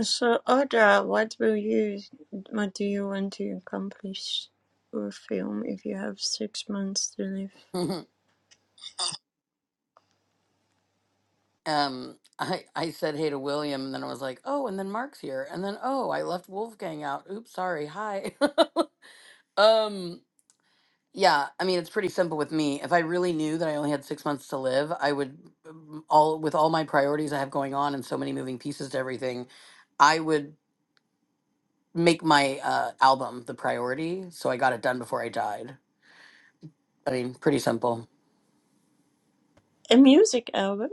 Speaker 2: So, Audra, what will you, what do you want to accomplish or film if you have six months to live?
Speaker 4: um, I I said hey to William, and then I was like, oh, and then Mark's here, and then oh, I left Wolfgang out. Oops, sorry. Hi. um, yeah. I mean, it's pretty simple with me. If I really knew that I only had six months to live, I would um, all with all my priorities I have going on and so many moving pieces to everything, I would make my uh, album the priority so I got it done before I died I mean, pretty simple.
Speaker 2: A music album?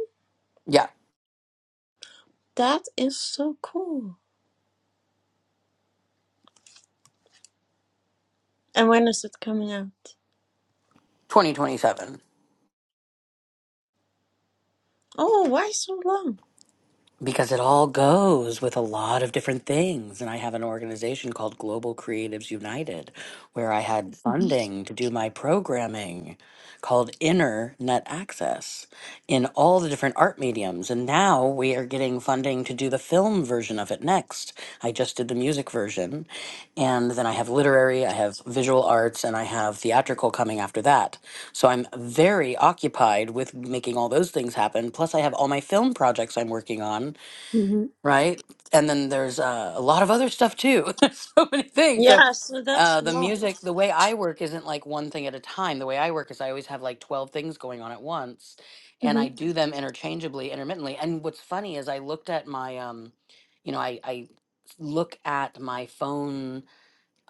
Speaker 4: Yeah,
Speaker 2: That is so cool. And when is it coming out?
Speaker 4: 2027.
Speaker 2: Oh, why so long?
Speaker 4: Because it all goes with a lot of different things. And I have an organization called Global Creatives United, where I had
Speaker 2: hmm
Speaker 4: funding to do my programming called Inner Net Access in all the different art mediums. And now we are getting funding to do the film version of it next. I just did the music version. And then I have literary, I have visual arts, and I have theatrical coming after that. So I'm very occupied with making all those things happen. Plus, I have all my film projects I'm working on,
Speaker 2: hmm
Speaker 4: right? And then there's uh, a lot of other stuff too. There's so many things. So
Speaker 2: Yeah, so that's
Speaker 4: uh,
Speaker 2: a
Speaker 4: the
Speaker 2: lot.
Speaker 4: music, the way I work isn't like one thing at a time. The way I work is I always have like 12 things going on at once, and
Speaker 2: hmm
Speaker 4: I do them interchangeably, intermittently. And what's funny is I looked at my, um, you know, I, I look at my phone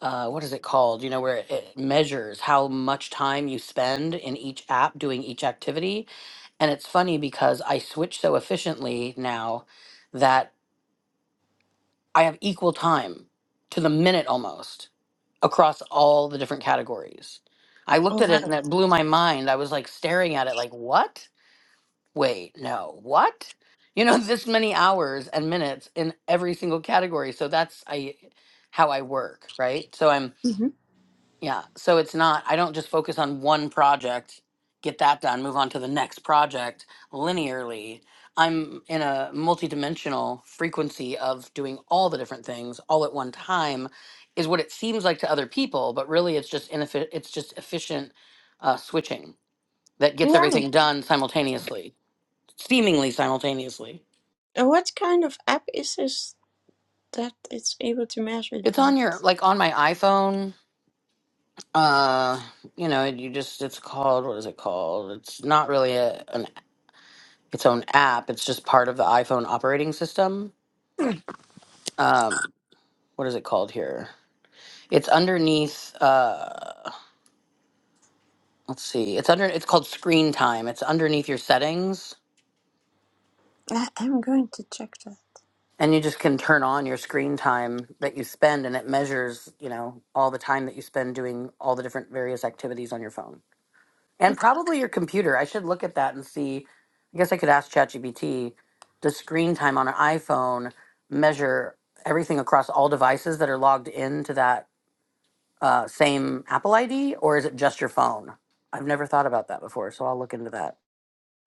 Speaker 4: uh, what is it called? You know, where it it measures how much time you spend in each app doing each activity. And it's funny because I switch so efficiently now that I have equal time to the minute almost across all the different categories. I looked
Speaker 2: Oh,
Speaker 4: at it and
Speaker 2: wow.
Speaker 4: it blew my mind. I was like staring at it, like, what? Wait, no, what? You know, this many hours and minutes in every single category. So that's I how I work, right? So I'm
Speaker 2: hmm
Speaker 4: yeah. So it's not, I don't just focus on one project, get that done, move on to the next project linearly. I'm in a multidimensional frequency of doing all the different things all at one time is what it seems like to other people, but really it's just ineffi- it's just efficient uh, switching that gets
Speaker 2: Wow.
Speaker 4: everything done simultaneously, seemingly simultaneously.
Speaker 2: And what kind of app is this that it's able to measure
Speaker 4: It's
Speaker 2: that?
Speaker 4: on your like on my iPhone. Uh, you know, you just it's called what is it called? It's not really a, an its own app. It's just part of the iPhone operating system. Um, what is it called here? It's underneath. Uh, let's see. It's under. It's called Screen Time. It's underneath your settings,
Speaker 2: I- I'm going to check that.
Speaker 4: and you just can turn on your screen time that you spend, and it measures, you know, all the time that you spend doing all the different various activities on your phone and probably your computer. I should look at that and see. I guess I could ask ChatGPT. Does screen time on an iPhone measure everything across all devices that are logged into that uh, same Apple ID or is it just your phone? I've never thought about that before, so I'll look into that.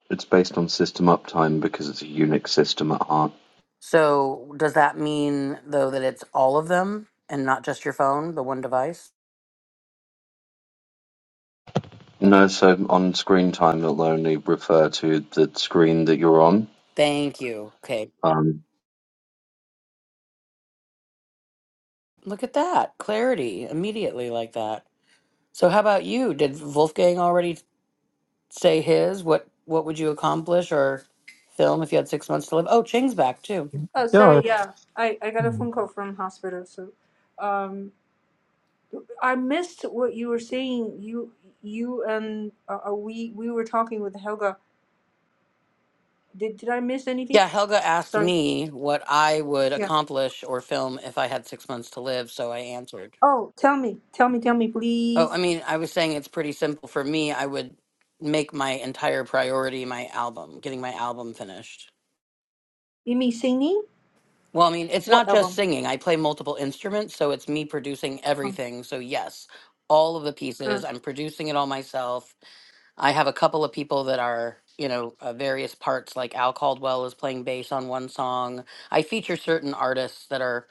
Speaker 5: It's based on system uptime because it's a Unix system at heart.
Speaker 4: So, does that mean though that it's all of them and not just your phone, the one device?
Speaker 5: No, so on screen time, it'll only refer to the screen that you're on.
Speaker 4: Thank you. Okay.
Speaker 5: Um,
Speaker 4: Look at that clarity immediately like that. So, how about you? Did Wolfgang already say his? What What would you accomplish or film if you had six months to live? Oh, Ching's back too.
Speaker 1: Oh, sorry,
Speaker 3: yeah
Speaker 1: Mhm. yeah. I, I got a
Speaker 3: mm,
Speaker 1: phone call from hospital, so. Um, I missed what you were saying. You you and uh, uh, we we were talking with Helga. Did did I miss anything?
Speaker 4: Yeah, Helga asked
Speaker 1: Sorry.
Speaker 4: me what I would
Speaker 1: Yeah.
Speaker 4: accomplish or film if I had six months to live, so I answered.
Speaker 1: Oh, tell me, tell me, tell me,
Speaker 4: Oh, I
Speaker 1: please.
Speaker 4: mean, I was saying it's pretty simple for me. I would make my entire priority my album, getting my album finished.
Speaker 1: You mean singing?
Speaker 4: Well, I mean, it's
Speaker 1: What
Speaker 4: not just
Speaker 1: album?
Speaker 4: singing. I play multiple instruments, so it's me producing
Speaker 1: Uh,
Speaker 4: everything. So, yes, all of the
Speaker 1: uh,
Speaker 4: pieces, I'm producing it all myself. I have a couple of people that are, you know, uh, various parts, like Al Caldwell is playing bass on one song. I feature certain artists that are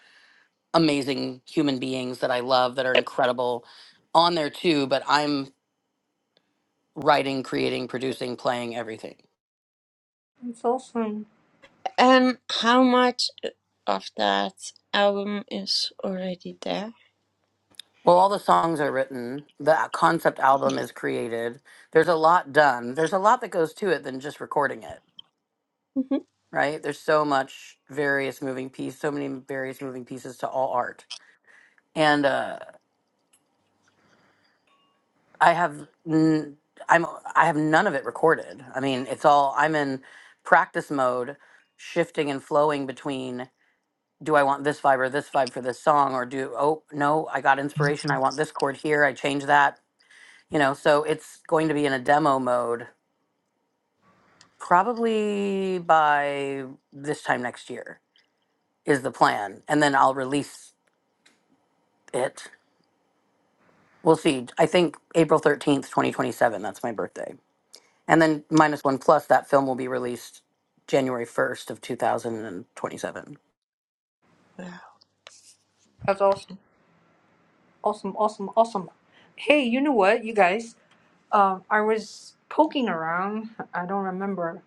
Speaker 4: amazing human beings that I love, that are incredible on there too, but I'm writing, creating, producing, playing, everything.
Speaker 1: it's awesome.
Speaker 2: Um, how much of that album is already there?
Speaker 4: Well, all the songs are written, the concept album is created. There's a lot done. There's a lot that goes to it than just recording it,
Speaker 2: Mhm.
Speaker 4: right? There's so much various moving piece, so many various moving pieces to all art. And uh, I have n- I'm I have none of it recorded. I mean, it's all I'm in practice mode, shifting and flowing between do I want this vibe or this vibe for this song or do oh no, I got inspiration. I want this chord here. I change that you know so it's going to be in a demo mode probably by this time next year is the plan and then i'll release it we'll see i think april 13th 2027 that's my birthday and then minus one plus that film will be released january 1st of 2027
Speaker 2: Wow.
Speaker 1: That's awesome. Awesome, awesome, awesome. Hey, you know what, you guys? Um, I was poking around. I don't remember.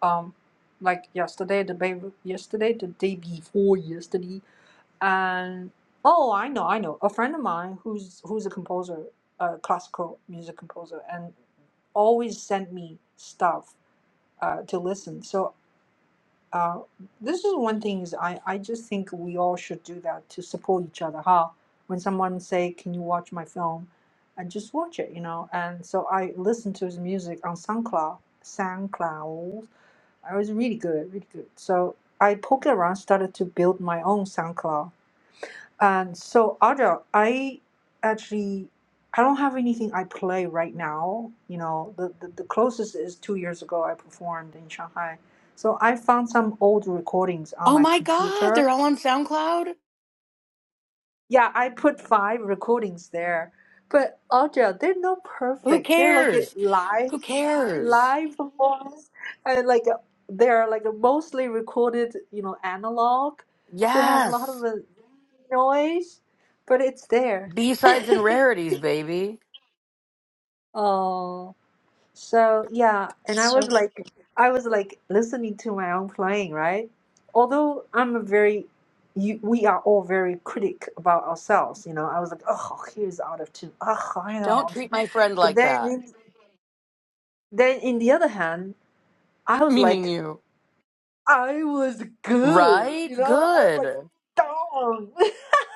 Speaker 1: Um, like yesterday, the day yesterday, the day before yesterday, and oh, I know, I know. A friend of mine who's who's a composer, a classical music composer, and always sent me stuff uh, to listen. So uh, this is one thing is I, I just think we all should do that to support each other huh? when someone say can you watch my film and just watch it you know and so i listened to his music on soundcloud soundcloud I was really good really good so i poked around started to build my own soundcloud and so, Audra, I actually I don't have anything I play right now. You know, the, the, the closest is two years ago I performed in Shanghai. So I found some old recordings on
Speaker 4: oh
Speaker 1: my
Speaker 4: my god
Speaker 1: computer.
Speaker 4: they're all on soundcloud
Speaker 1: Yeah, I put five recordings there. But Audra, they're not
Speaker 4: who
Speaker 1: perfect. They're like a
Speaker 4: cares
Speaker 1: live
Speaker 4: who cares
Speaker 1: live performance and like uh, they're like a mostly recorded you know analog so it has a lot of
Speaker 4: yes
Speaker 1: uh, noise, but it's there.
Speaker 4: b-sides and rarities baby
Speaker 1: Oh, so yeah, and I
Speaker 2: So
Speaker 1: was like, I was like listening to my own playing, right? Although I'm a very, you, we are all very critic about ourselves, you know. I was like, oh, here's out of tune. Oh, I know.
Speaker 4: don't
Speaker 1: out of tune."
Speaker 4: treat my friend
Speaker 1: But
Speaker 4: like
Speaker 1: then,
Speaker 4: that
Speaker 1: in- then in the other hand, I was
Speaker 4: meaning
Speaker 1: like,
Speaker 4: you
Speaker 1: I was good,
Speaker 4: Right?
Speaker 1: you know. I was like,
Speaker 4: Good.
Speaker 1: darn.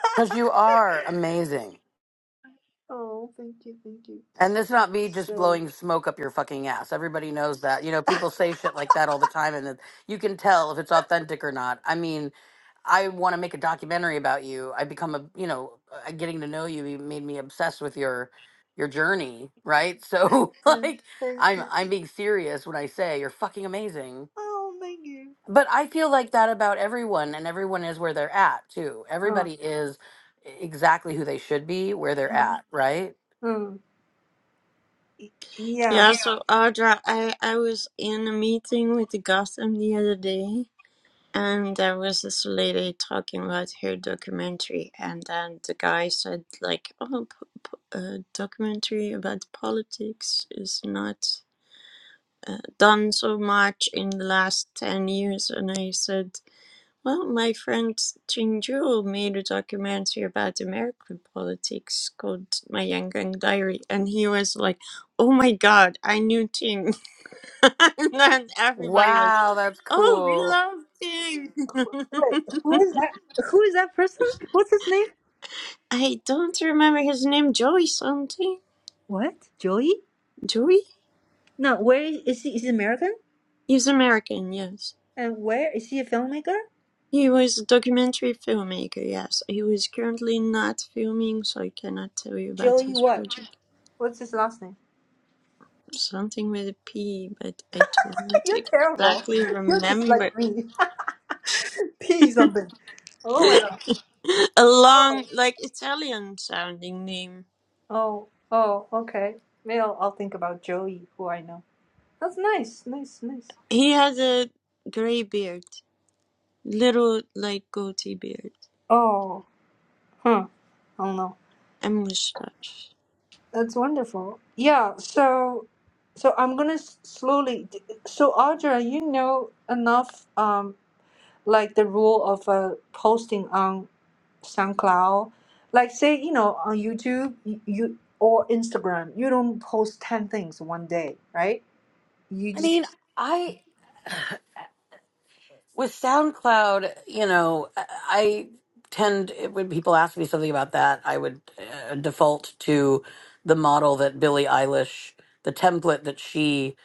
Speaker 4: Because you are amazing.
Speaker 1: Oh, thank you, thank you.
Speaker 4: And this not me just
Speaker 1: So,
Speaker 4: blowing smoke up your fucking ass. Everybody knows that. You know, people say shit like that all the time, and it- you can tell if it's authentic or not. I mean, I want to make a documentary about you. I become a, you know, uh, getting to know you you made me obsessed with your your journey, right? So
Speaker 1: yeah,
Speaker 4: like
Speaker 1: thank
Speaker 4: I'm
Speaker 1: you.
Speaker 4: I'm being serious when I say you're fucking amazing
Speaker 1: Oh, thank you.
Speaker 4: But I feel like that about everyone, and everyone is where they're at too.
Speaker 1: Uh,
Speaker 4: Everybody is e-, exactly who they should be, where they're
Speaker 1: uh,
Speaker 4: at, right?
Speaker 1: uh, yeah.
Speaker 2: yeah, so Audra, I I was in a meeting with the Gotham the other day, and there was this lady talking about her documentary, and then the guy said like, "Oh, p- p- a documentary about politics is not uh, done so much in the last ten years," and I said. Well, my friend Chinju made a documentary about American politics called My Yangon Diary, and he was like, "Oh my God, I knew Ting," and then everybody was,
Speaker 4: Wow, that's
Speaker 2: "Oh, we
Speaker 4: cool.
Speaker 2: love Ting."
Speaker 1: Wait, who is that? Who is that person? What's his name?
Speaker 2: I don't remember his name, Joey something.
Speaker 1: What? Joey?
Speaker 2: Joey?
Speaker 1: No, where is, is he? Is he American?
Speaker 2: He's American, yes.
Speaker 1: And where is he a filmmaker?
Speaker 2: He was a documentary filmmaker, yes. He was currently not filming, so I cannot tell you about
Speaker 1: Joey
Speaker 2: his
Speaker 1: what?
Speaker 2: project.
Speaker 1: What's his last name?
Speaker 2: Something with a P, but I don't
Speaker 1: You're terrible.
Speaker 2: exactly
Speaker 1: You're just like
Speaker 2: remember.
Speaker 1: me. P something. Oh my god.
Speaker 2: a
Speaker 1: Oh.
Speaker 2: long, like Italian sounding name.
Speaker 1: Oh. Oh. Okay. Maybe I'll, I'll think about Joey, who I know. That's nice. Nice. Nice.
Speaker 2: He had a gray beard, little, like goatee beard,
Speaker 1: Oh. Huh. I don't know.
Speaker 2: and mustache.
Speaker 1: That's wonderful. Yeah, so so I'm gonna s- slowly. So Audra, you know enough, um, like the rule of uh, posting on SoundCloud, like say you know on YouTube, you, you or Instagram, you don't post ten things one day, right? You
Speaker 4: I
Speaker 1: just
Speaker 4: mean, I with SoundCloud, you know, I I tend eh, when people ask me something about that, I would uh, default to the model that Billie Eilish, the template that she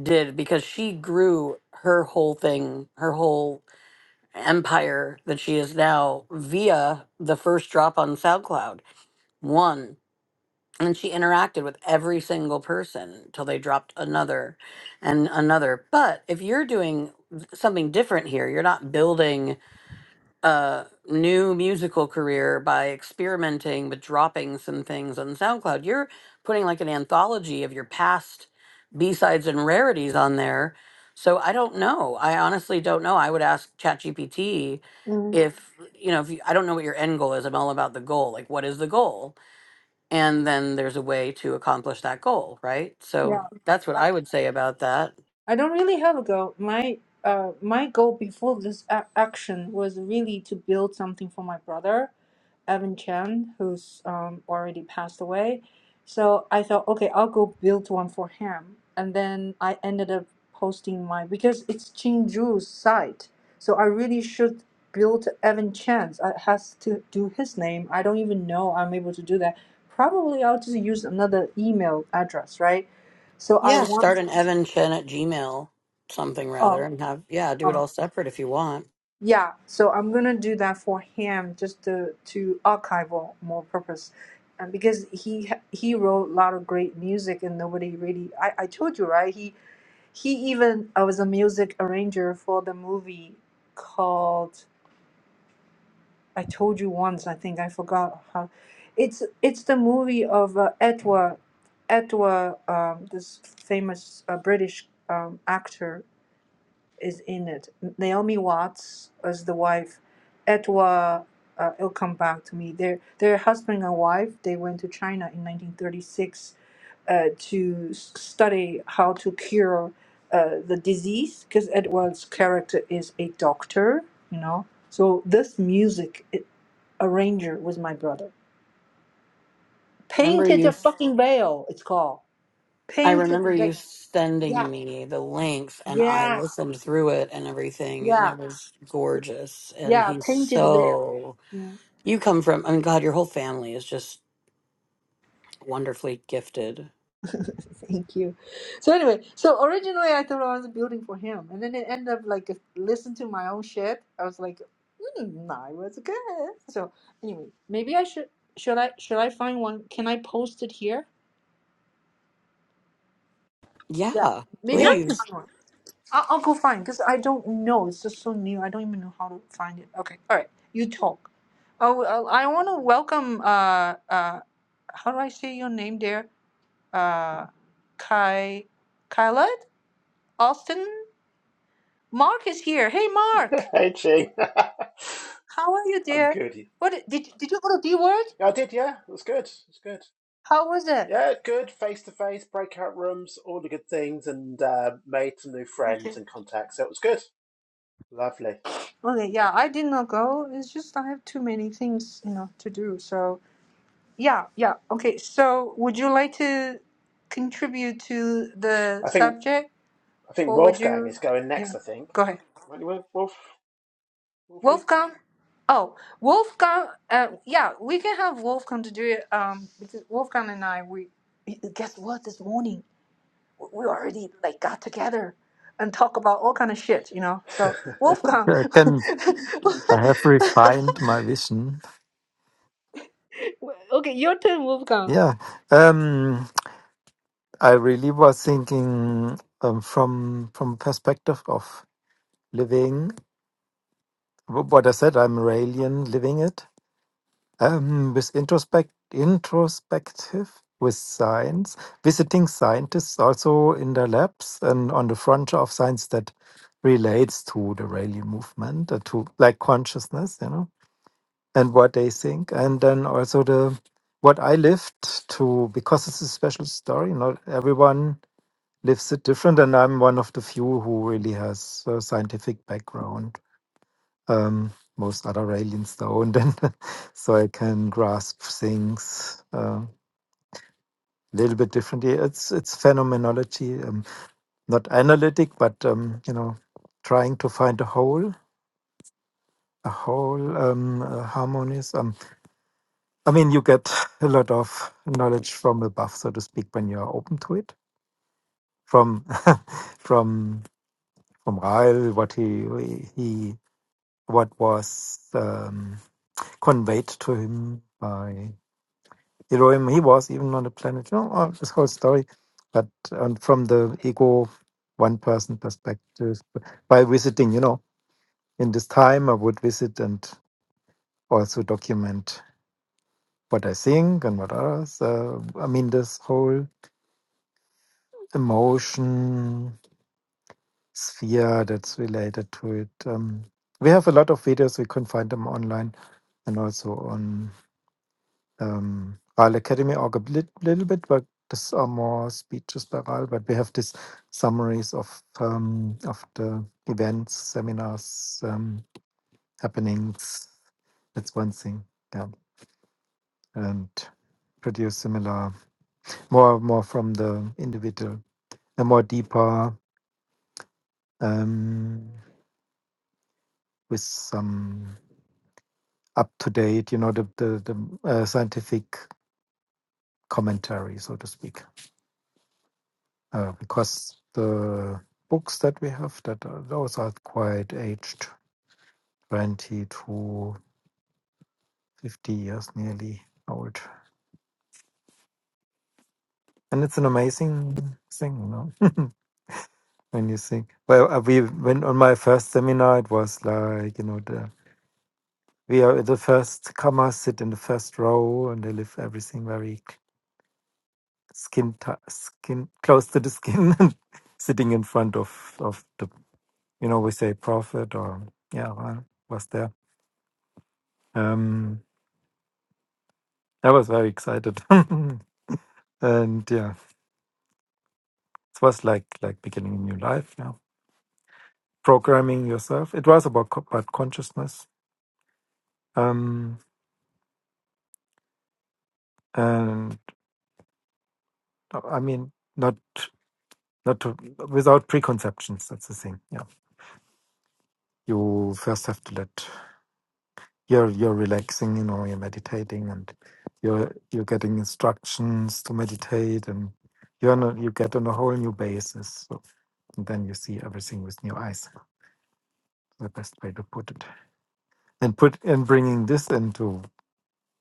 Speaker 4: did because she grew her whole thing, her whole empire that she is now via the first drop on SoundCloud. One. And she interacted with every single person till they dropped another and another. But if you're doing something different here, you're not building a new musical career by experimenting with dropping some things on SoundCloud. You're putting like an anthology of your past B-sides and rarities on there. So I don't know. I honestly don't know. I would ask ChatGPT
Speaker 1: Mm,
Speaker 4: if, you know, if you, I don't know what your end goal is. I'm all about the goal. Like what is the goal? And then there's a way to accomplish that goal, right? So
Speaker 1: yeah,
Speaker 4: that's what I would say about that.
Speaker 1: I don't really have a goal. My uh, my goal before this a- action was really to build something for my brother, Evan Chen, who's um, already passed away. So I thought, okay, I'll go build one for him. And then I ended up posting mine because it's Qingju's site. So I really should build Evan Chen's. It has to do his name. I don't even know I'm able to do that. Probably I'll just use another email address, right? So I
Speaker 4: Yeah, start
Speaker 1: want.
Speaker 4: an Evan Chen at Gmail something rather
Speaker 1: Oh.
Speaker 4: and have yeah, do it
Speaker 1: oh.
Speaker 4: all separate if you want.
Speaker 1: Yeah, so I'm gonna do that for him just to to archival more purpose, and because he he wrote a lot of great music and nobody really I I told you right he he even I was a music arranger for the movie called I told you once I think I forgot how it's it's the movie of uh, Edward Edward um, this famous uh, British um, actor is in it. Naomi Watts as the wife. Etwa, uh, it'll come back to me. They're, they're husband and wife. They went to China in 1936 uh, to s- study how to cure uh, the disease because Edward's character is a doctor, you know. So this music it, arranger was my brother.
Speaker 4: Remember
Speaker 1: Painted the
Speaker 4: you
Speaker 1: fucking veil, it's called.
Speaker 4: I
Speaker 1: Painted the
Speaker 4: remember
Speaker 1: veil.
Speaker 4: you
Speaker 1: Yeah,
Speaker 4: sending me the links and I
Speaker 1: yeah,
Speaker 4: listened through it and everything and
Speaker 1: yeah,
Speaker 4: it was gorgeous and
Speaker 1: yeah.
Speaker 4: he's
Speaker 1: Painted veil.
Speaker 4: so
Speaker 1: Yeah.
Speaker 4: you come from I mean God, your whole family is just wonderfully gifted.
Speaker 1: Thank you. So anyway, so originally I thought I was building for him, and then it ended up like if- listen to my own shit. I was like, mm, I was good. So anyway, maybe I should should I should I find one? Can I post it here? Yeah,
Speaker 4: Yeah,
Speaker 1: maybe
Speaker 2: Yeah,
Speaker 1: I'll go
Speaker 4: please.
Speaker 1: find one. I'll, I'll go find because I don't know. It's just so new. I don't even know how to find it. Okay, all right. You talk. Oh, uh, I want to welcome. Uh, uh, how do I say your name there? Uh, Kai, Kyla, Austin. Mark is here. Hey, Mark,
Speaker 6: Hey, Chi.
Speaker 1: how are you,
Speaker 6: I'm
Speaker 1: dear?
Speaker 6: good.
Speaker 1: What did did you go to D word?
Speaker 6: Yeah, I did. Yeah, it was good. It was good.
Speaker 1: How was it?
Speaker 6: Yeah, good. Face to face, breakout rooms, all the good things, and uh, made some new friends
Speaker 1: Okay,
Speaker 6: and contacts. So it was good. Lovely.
Speaker 1: okay, yeah, I did not go. It's just I have too many things, you know, to do. So yeah, yeah, okay. So would you like to contribute to the
Speaker 6: I think
Speaker 1: subject,
Speaker 6: I think
Speaker 1: or would
Speaker 6: Wolfgang
Speaker 1: you?
Speaker 6: is going
Speaker 1: Yeah,
Speaker 6: next. I think.
Speaker 1: go ahead,
Speaker 6: Won't you, Wolf? Wolfie?
Speaker 1: Wolfgang. Oh, Wolfgang. Uh, yeah, we can have Wolfgang to do it. Um, because Wolfgang and I, we guess what this morning we already like got together and talk about all kind of shit, you know. So Wolfgang,
Speaker 3: i can i have refined my vision
Speaker 1: okay, your turn, Wolfgang.
Speaker 3: yeah um i really was thinking um, from from perspective of living wh- what i said i'm iranian living it Um, with introspect, introspective with science, visiting scientists also in the labs and on the frontier of science that relates to the Rayleigh movement, uh, to like consciousness, you know, and what they think, and then also the what I lived to because it's a special story. Not everyone lives it different, and I'm one of the few who really has a scientific background um, most other aliens don't, and so I can grasp things a little bit differently. It's it's phenomenology, um, not analytic, but um, you know, trying to find a whole, a whole um, uh, harmonies. Um, I mean, you get a lot of knowledge from above, so to speak, when you are open to it. From from from Rael, what he he what was um, conveyed to him by Elohim he was even on the planet. You know, all this whole story, but um, from the ego, one person perspective, by visiting, you know, in this time I would visit and also document what I think and what others. Uh, I mean, this whole emotion sphere that's related to it. Um, we have a lot of videos. We can find them online and also on um, Royal Academy org a blit- little bit, but these are more speeches by Royal. But we have these summaries of um, of the events, seminars, um, happenings. That's one thing. Yeah, and produce similar, more more from the individual, a more deeper um, with some up to date, you know, the the, the uh, scientific commentary, so to speak. uh, because the books that we have that are, those are quite aged 20 to 50 years nearly old and it's an amazing thing you know when you think well uh, we went on my first seminar it was like you know the we are the first comers sit in the first row and they live everything very c- skin t- skin close to the skin and sitting in front of of the you know we say prophet or yeah I was there um I was very excited. and yeah, it was like like beginning a new life now. Programming yourself. It was about co- about consciousness. Um, and uh, I mean, not not to, without preconceptions. That's the thing. Yeah, you first have to let you're you're relaxing. You know, you're meditating, and you're you're getting instructions to meditate, and you're on a, you get on a whole new basis. So and then you see everything with new eyes. The best way to put it. and put and bringing this into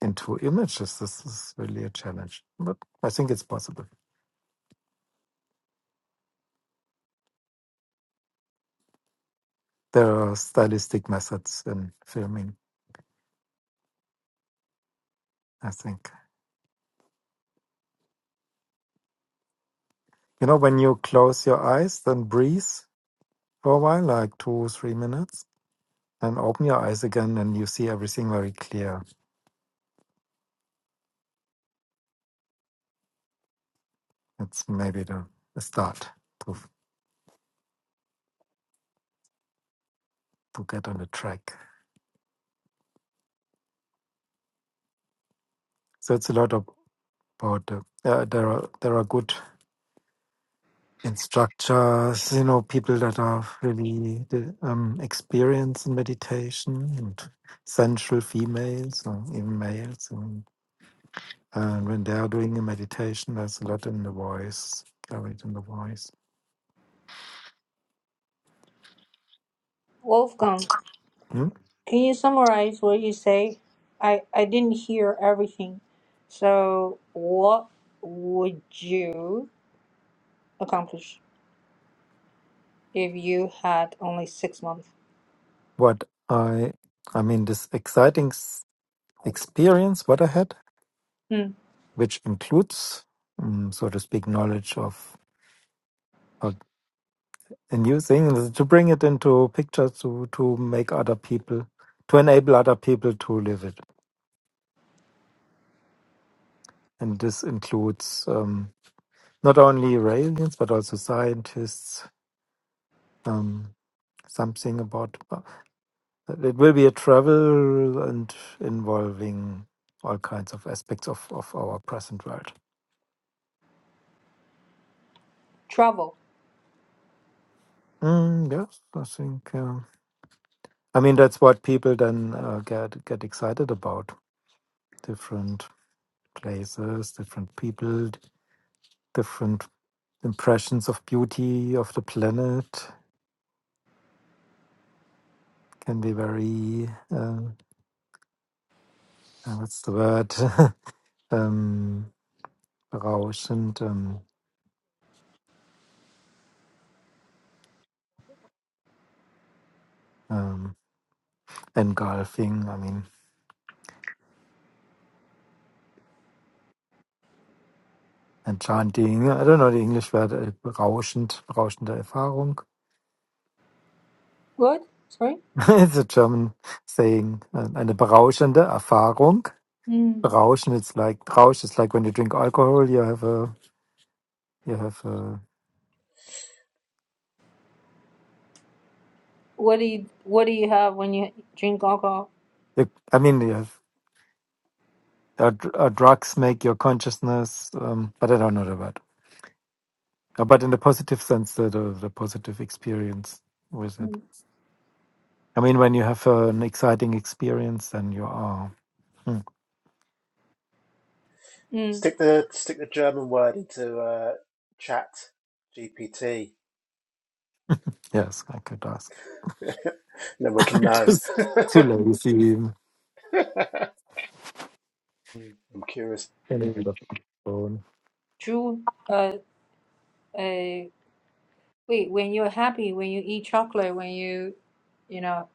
Speaker 3: into images this is really a challenge but i think it's possible there are stylistic methods in filming i think you know when you close your eyes then breathe for a while like two three minutes and open your eyes again and you see everything very clear it's maybe the, the start to to get on the track so it's a lot of about uh, uh, there are there are good Instructors, you know, people that are really the, um, experienced in meditation and sensual females or even males. And, and when they are doing a meditation, there's a lot in the voice, carried in the voice.
Speaker 1: Wolfgang,
Speaker 3: Hmm?
Speaker 1: can you summarize what you say? I I didn't hear everything. So what would you accomplish if you had only six months?
Speaker 3: What I, I mean, this exciting s- experience what I had,
Speaker 1: Hmm.
Speaker 3: which includes, um, so to speak, knowledge of, of a new thing, to bring it into pictures to, to make other people, to enable other people to live it. and this includes um, not only aliens but also scientists. Um, something about it will be a travel and involving all kinds of aspects of, of our present world.
Speaker 1: Travel.
Speaker 3: Mm, yes, I think. Uh, I mean, that's what people then uh, get get excited about: different places, different people, different impressions of beauty of the planet. Can be very uh, uh, what's the word? um, raus und um, um, engulfing, I mean, enchanting. I don't know the English word, äh, berauschend, berauschende Erfahrung.
Speaker 1: What? Sorry.
Speaker 3: It's a German saying, äh, eine berauschende Erfahrung.
Speaker 1: Hmm.
Speaker 3: Berauschen, it's like, Rausch is like when you drink alcohol, you have a, you have a,
Speaker 1: What do you What do you have when you drink alcohol?
Speaker 3: you, I mean, you have, uh, dr- uh, drugs make your consciousness, um, but I don't know the word. Uh, But in the positive sense, the, the, the positive experience with it.
Speaker 1: Hmm.
Speaker 3: I mean, when you have uh, an exciting experience, then you are. Hmm,
Speaker 1: Hmm.
Speaker 6: Stick the stick the German word into uh, Chat GPT,
Speaker 3: Yes, I could ask.
Speaker 6: and then we can know.
Speaker 3: Just too lazy.
Speaker 6: I'm curious.
Speaker 3: getting rid of my phone.
Speaker 1: Drew. Uh. uh, Wait, when you're happy, when you eat chocolate, when you, you know,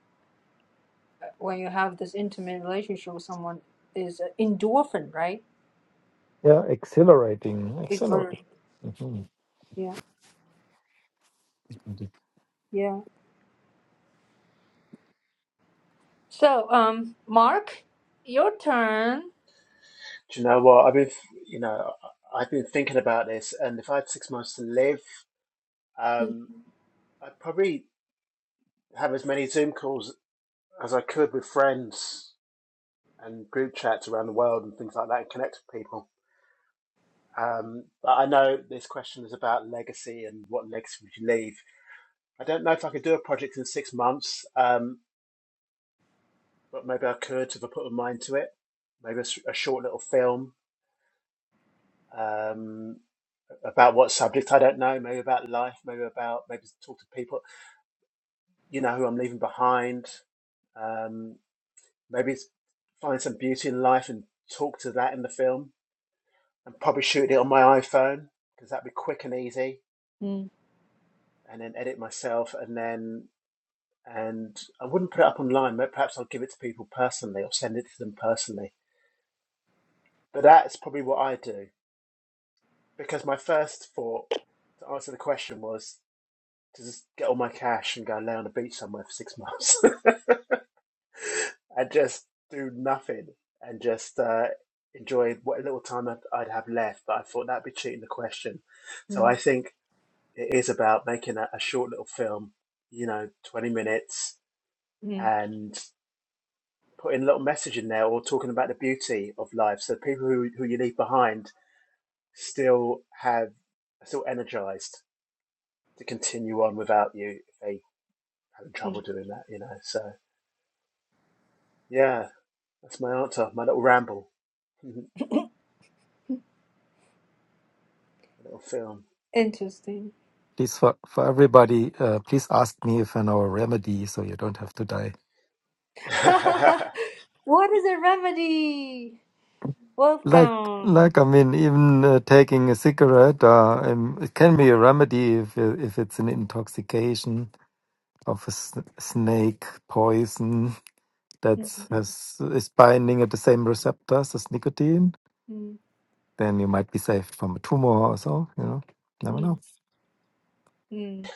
Speaker 1: when you have this intimate relationship with someone, is endorphin, right?
Speaker 3: Yeah, exhilarating, exhilarating.
Speaker 1: Exhilarating.
Speaker 3: Mhm.
Speaker 1: Yeah, yeah. So, um, Mark, your turn.
Speaker 6: Do you know what? I've been, you know, I- I've been thinking about this, and if I had six months to live,
Speaker 1: Mm,
Speaker 6: um, I'd probably have as many Zoom calls as I could with friends and group chats around the world and things like that and connect with people. Um, but I know this question is about legacy and what legacy would you leave. I don't know if I could do a project in six months, um, but maybe I could if I put my mind to it. Maybe a a short little film um, about what subject I don't know. Maybe about life. Maybe about maybe talk to people you know who I'm leaving behind. Um, maybe find some beauty in life and talk to that in the film and probably shoot it on my iPhone because that'd be quick and easy,
Speaker 1: mm,
Speaker 6: and then edit myself, and then and I wouldn't put it up online. But perhaps I'll give it to people personally or send it to them personally. But that's probably what I do because my first thought to answer the question was to just get all my cash and go lay on a beach somewhere for six months and just do nothing and just uh, enjoy what little time I'd I'd have left. But I thought that'd be cheating the question, so I
Speaker 1: mm,
Speaker 6: think it is about making a, a short little film, you know, 20 minutes
Speaker 1: mm.
Speaker 6: and putting a little message in there or talking about the beauty of life. So people who, who you leave behind still have, are still energized to continue on without you if they having trouble
Speaker 1: mm.
Speaker 6: doing that, you know. So yeah, that's my answer, my little ramble, my little film.
Speaker 1: Interesting.
Speaker 3: Please, for, for everybody, uh, please ask me if I know a remedy so you don't have to die.
Speaker 1: What is a remedy?
Speaker 3: Like,
Speaker 1: Wolfgang.
Speaker 3: like I mean, even uh, taking a cigarette, uh, um, it can be a remedy if if it's an intoxication of a s- snake poison
Speaker 1: Mm,
Speaker 3: that's has, is binding at the same receptors as nicotine,
Speaker 1: mm,
Speaker 3: then you might be saved from a tumor or so. You know, never
Speaker 1: mm,
Speaker 3: know.
Speaker 1: mm.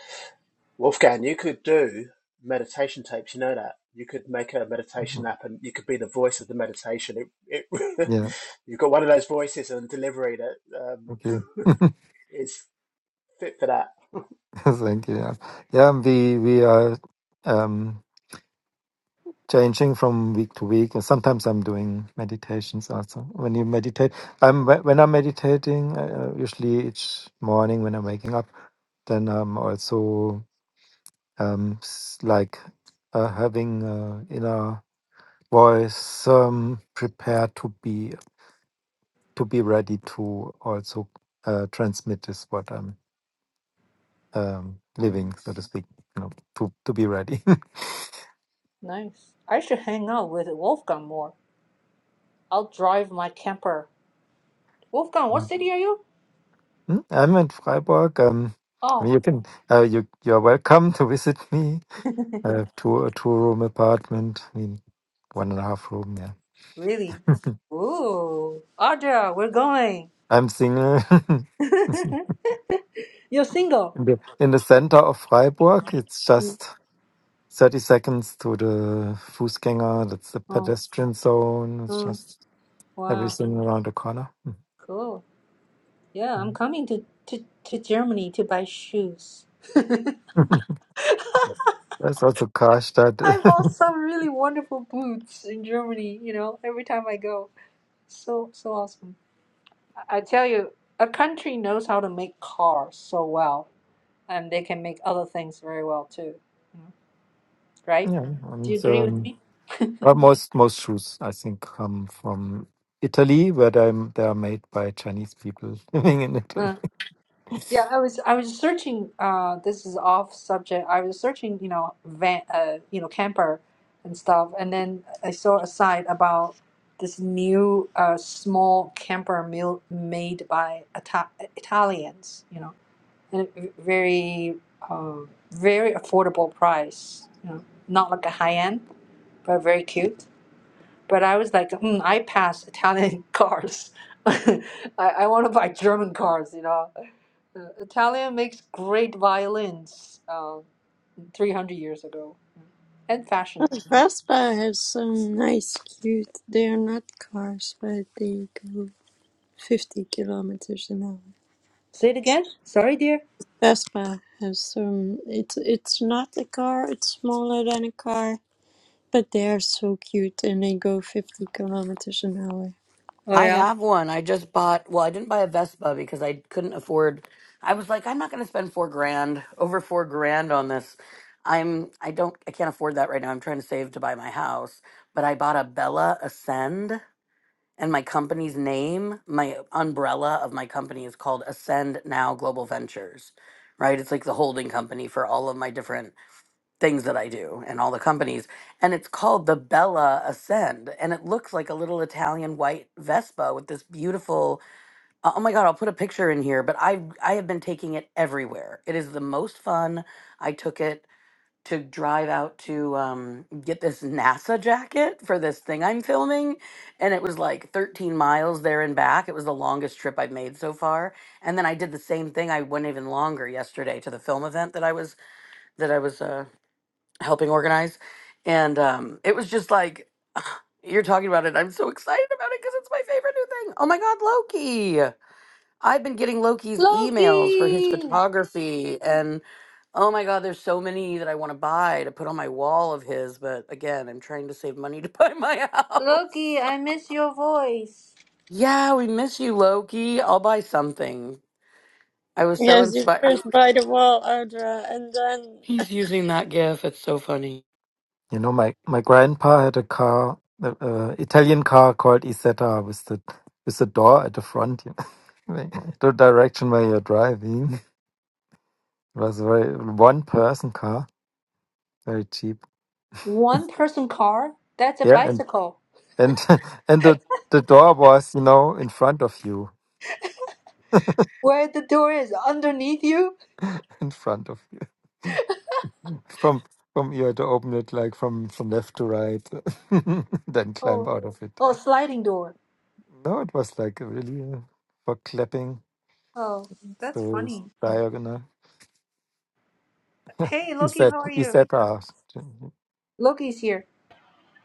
Speaker 6: Wolfgang, you could do meditation tapes. You know that you could make a meditation
Speaker 3: Mhm.
Speaker 6: app, and you could be the voice of the meditation. It, it
Speaker 3: Yeah.
Speaker 6: you've got one of those voices and delivery that um,
Speaker 3: Thank you.
Speaker 6: is fit for that.
Speaker 3: Thank you. Yeah. yeah and we we are um, changing from week to week, and sometimes I'm doing meditations also. When you meditate, I'm whe- when I'm meditating, uh, uh, usually each morning when I'm waking up, then I'm also um, s- like uh, having uh, inner voice um, prepared to be to be ready to also uh, transmit is what I'm um,
Speaker 6: Mm.
Speaker 3: living, so to speak. You know, to to be ready.
Speaker 1: Nice. I should hang out with Wolfgang more. I'll drive my camper. Wolfgang, what
Speaker 3: Yeah.
Speaker 1: city are you?
Speaker 3: Hmm? I'm in Freiburg. Um, I
Speaker 1: Oh.
Speaker 3: mean, you can uh, you you're welcome to visit me. I have two a two room apartment. I mean, one and a half room. Yeah,
Speaker 1: Really? Ooh, Audra, we're going.
Speaker 3: I'm single. in
Speaker 1: You're single.
Speaker 3: the in the center of Freiburg. It's
Speaker 1: Mm.
Speaker 3: just 30 seconds to the Fußgänger, that's the
Speaker 1: Oh,
Speaker 3: pedestrian zone. It's
Speaker 1: oh,
Speaker 3: just
Speaker 1: wow,
Speaker 3: everything around the corner.
Speaker 1: cool. Yeah, I'm
Speaker 3: Mhm.
Speaker 1: coming to, to, to Germany to buy shoes.
Speaker 3: There's also Karstadt.
Speaker 1: I bought some really wonderful boots in Germany, you know, every time I go. So, so awesome. I I tell you, a country knows how to make cars so well, and they can make other things very well too, right?
Speaker 3: yeah,
Speaker 1: Do
Speaker 3: and
Speaker 1: you agree with
Speaker 3: um,
Speaker 1: me?
Speaker 3: uh, most most shoes I think come from Italy, where they they are made by Chinese people living in Italy.
Speaker 1: Yeah, I was I was searching. Uh, this is off subject. I was searching, you know, van, uh, you know, camper and stuff, and then I saw a site about this new uh, small camper meal made by Ita- Italians, you know, and a very um, very affordable price. You know, not like a high end, but very cute. But I was like, hmm, I pass Italian cars. I, I want to buy German cars, you know. Uh, Italian makes great violins um, 300 years ago and fashion.
Speaker 2: Vespa has some nice, cute. They are not cars, but they go 50 kilometers an hour.
Speaker 1: Say it again? Sorry, dear.
Speaker 2: Vespa has some. It's it's not a car. It's smaller than a car But they are so cute and they go 50 kilometers an hour.
Speaker 1: Oh,
Speaker 4: I
Speaker 1: yeah.
Speaker 4: have one. I just bought, well, I didn't buy a Vespa because I couldn't afford. I was like, I'm not going to spend four grand, over four grand on this. I'm, I don't, I can't afford that right now. I'm trying to save to buy my house, but I bought a Bella Ascend and my company's name, my umbrella of my company is called Ascend Now Global Ventures, right? It's like the holding company for all of my different things that I do and all the companies. And it's called the Bella Ascend. And it looks like a little Italian white Vespa with this beautiful oh my God, I'll put a picture in here, but I I have been taking it everywhere. It is the most fun. I took it to drive out to um, get this NASA jacket for this thing I'm filming. And it was like 13 miles there and back. It was the longest trip I've made so far. And then I did the same thing. I went even longer yesterday to the film event that I was that I was uh, helping organize. And um, it was just like, you're talking about it. I'm so excited about it because it's my favorite new thing. Oh my God, Loki. I've been getting Loki's emails for his
Speaker 1: Loki!
Speaker 4: photography. And oh my God, there's so many that I want to buy to put on my wall of his. But again, I'm trying to save money to buy my
Speaker 1: Loki,
Speaker 4: house.
Speaker 1: I miss your voice.
Speaker 4: yeah, we miss you, Loki. I'll buy something. I was so
Speaker 2: Yes, you
Speaker 4: inspired.
Speaker 2: first buy the wall, Audra, and then.
Speaker 4: He's using that gif. It's so funny.
Speaker 3: You know, my my grandpa had a car, uh, uh, Italian car called Isetta with the with the door at the front, you know, the direction where you're driving. It was a very one person car very cheap.
Speaker 1: One person car? That's a
Speaker 3: Yeah, and
Speaker 1: bicycle.
Speaker 3: and and the the door was, you know, in front of you,
Speaker 1: Where the door is underneath you?
Speaker 3: in front of you. From from you had to open it like from from left to right, then climb
Speaker 1: Oh,
Speaker 3: out of it.
Speaker 1: oh, sliding door.
Speaker 3: No, it was like really uh, for clapping.
Speaker 1: Oh, that's
Speaker 3: So it's
Speaker 1: funny.
Speaker 3: diagonal.
Speaker 1: Hey,
Speaker 3: Is
Speaker 1: Loki,
Speaker 3: that
Speaker 1: how are
Speaker 3: is
Speaker 1: you?
Speaker 3: that uh,
Speaker 1: Loki's here.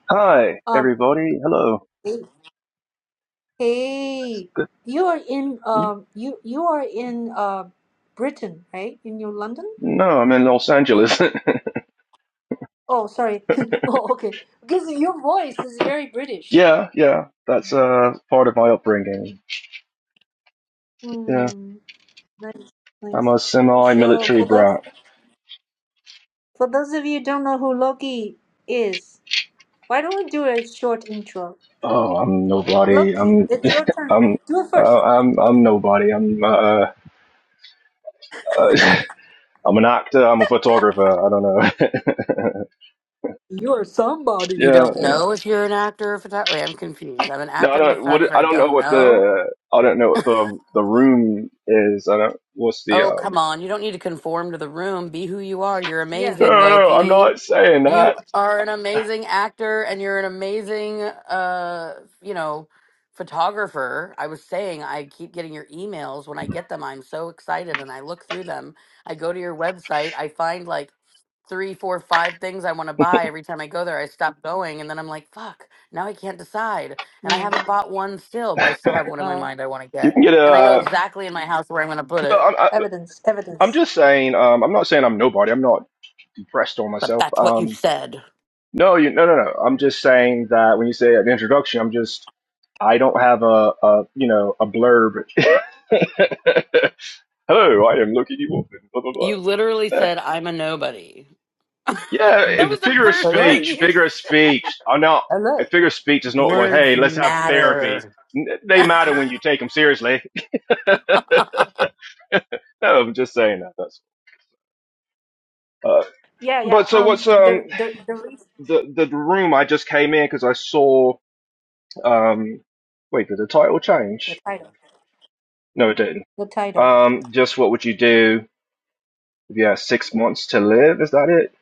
Speaker 7: Hi,
Speaker 1: Um,
Speaker 7: everybody. Hello.
Speaker 1: hey, hey,
Speaker 7: Good.
Speaker 1: you are in um you you are in uh Britain, right? In your London?
Speaker 7: No, I'm in Los
Speaker 1: Where are you?
Speaker 7: Angeles.
Speaker 1: Oh, sorry. Oh, okay. Because your voice is very British.
Speaker 7: yeah, yeah. That's uh, part of my upbringing. Yeah,
Speaker 1: Hmm. Nice,
Speaker 7: I'm
Speaker 1: nice.
Speaker 7: a
Speaker 1: So
Speaker 7: semi-military
Speaker 1: for those
Speaker 7: brat.
Speaker 1: for those of you who don't know who Loki is, why don't we do a short intro?
Speaker 7: Oh, I'm nobody.
Speaker 1: Loki,
Speaker 7: I'm
Speaker 1: it's your turn.
Speaker 7: I'm
Speaker 1: Do it
Speaker 7: uh,
Speaker 1: first.
Speaker 7: I'm I'm nobody. I'm uh, uh I'm an actor. I'm a photographer. I don't know.
Speaker 1: You are
Speaker 4: You
Speaker 1: somebody.
Speaker 7: yeah.
Speaker 4: don't know if you're an actor or photographer. Wait, I'm confused. I'm an
Speaker 7: No, I
Speaker 4: actor. I'm a
Speaker 7: don't. What
Speaker 4: photographer.
Speaker 7: I
Speaker 4: I
Speaker 7: don't know
Speaker 4: don't
Speaker 7: what
Speaker 4: know.
Speaker 7: the I don't know what the the room is. I don't. What's the
Speaker 4: Oh, come
Speaker 7: um?
Speaker 4: on. You don't need to conform to the room. Be who you are. You're
Speaker 1: Yeah.
Speaker 7: No,
Speaker 4: amazing,
Speaker 7: no, I'm
Speaker 4: Loki.
Speaker 7: not saying
Speaker 4: You
Speaker 7: that.
Speaker 4: are an amazing actor and you're an amazing uh, you know, photographer. I was saying I keep getting your emails. When I get them, I'm so excited and I look through them. I go to your website, I find like three, four, five things I want to buy. Every time I go there, I stop going and then I'm like, fuck, now I can't decide. And I
Speaker 1: Mm.
Speaker 4: haven't bought one still, but I still have one in my
Speaker 1: Uh,
Speaker 4: mind I want to
Speaker 7: You
Speaker 4: get.
Speaker 7: can get
Speaker 4: And I know
Speaker 1: oh,
Speaker 7: a.
Speaker 4: exactly in my house where I'm going to put it.
Speaker 7: Well, I,
Speaker 1: evidence,
Speaker 7: I'm
Speaker 1: evidence.
Speaker 7: just saying, um, I'm not saying I'm nobody. I'm not depressed on
Speaker 4: But
Speaker 7: myself.
Speaker 4: that's what you
Speaker 7: Um,
Speaker 4: said.
Speaker 7: no, you, no, no, no. I'm just saying that when you say an introduction, I'm just, I don't have a, a you know, a blurb. Hello, I am Loki D. Wolfman, blah, blah,
Speaker 4: You literally
Speaker 7: blah. Uh,
Speaker 4: said, I'm a nobody. that
Speaker 7: Yeah,
Speaker 1: Yeah.
Speaker 7: and
Speaker 4: was the
Speaker 7: figure of
Speaker 4: first thing
Speaker 1: Hello.
Speaker 7: speech,
Speaker 4: you said.
Speaker 7: figure of speech. I'm not, a
Speaker 1: Hello.
Speaker 7: figure of speech is not like,
Speaker 4: Words
Speaker 7: hey, let's have therapy.
Speaker 4: matter.
Speaker 7: N- They matter when you take them seriously. No, I'm just saying that. That's, uh,
Speaker 1: Yeah, yeah.
Speaker 7: but so
Speaker 1: Um,
Speaker 7: what's,
Speaker 1: the
Speaker 7: um,
Speaker 1: the the reason,
Speaker 7: the, the room I just came in because I saw Um, wait, did the title
Speaker 1: the
Speaker 7: change?
Speaker 1: title,
Speaker 7: No, it didn't.
Speaker 1: the title.
Speaker 7: Um, just what would you do if you had six months to live? Is that it?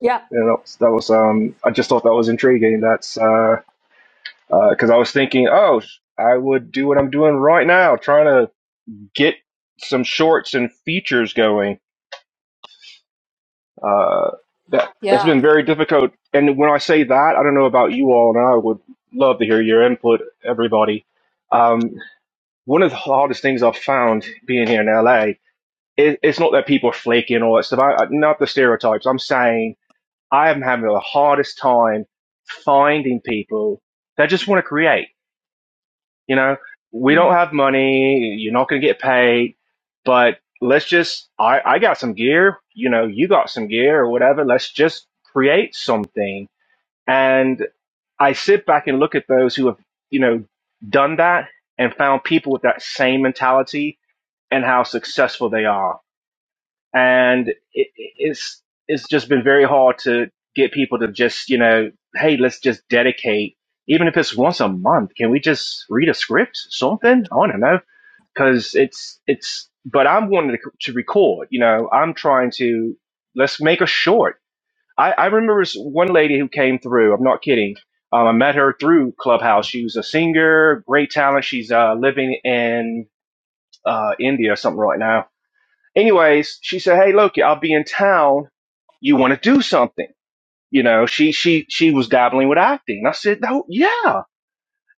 Speaker 1: Yeah,
Speaker 7: You know, that was, that was, um, I just thought that was intriguing. That's, uh, uh 'cause cause I was thinking, oh, I would do what I'm doing right now, trying to get some shorts and features going. Uh, that, that's
Speaker 1: yeah.
Speaker 7: been very difficult. And when I say that, I don't know about you all, and I would love to hear your input, everybody. Um, one of the hardest things I've found being here in LA it, it's not that people are flaking and all that stuff. I, not the stereotypes. I'm saying I am having the hardest time finding people that just want to create. You know, we don't
Speaker 1: Mm.
Speaker 7: have money. You're not going to get paid, but let's just, I, I got some gear. You know, you got some gear or whatever. Let's just create something. And I sit back and look at those who have, you know, done that and found people with that same mentality and how successful they are and it, it's it's just been very hard to get people to just you know hey let's just dedicate even if it's once a month can we just read a script something i don't know because it's it's but i'm wanting to, to record you know i'm trying to let's make a short i i remember this one lady who came through i'm not kidding um, i met her through clubhouse she was a singer great talent she's uh living in uh india or something right now anyways, she said, "Hey, Loki, I'll be in town. You want to do something?" You know, she she she was dabbling with acting. And I said, "No, yeah."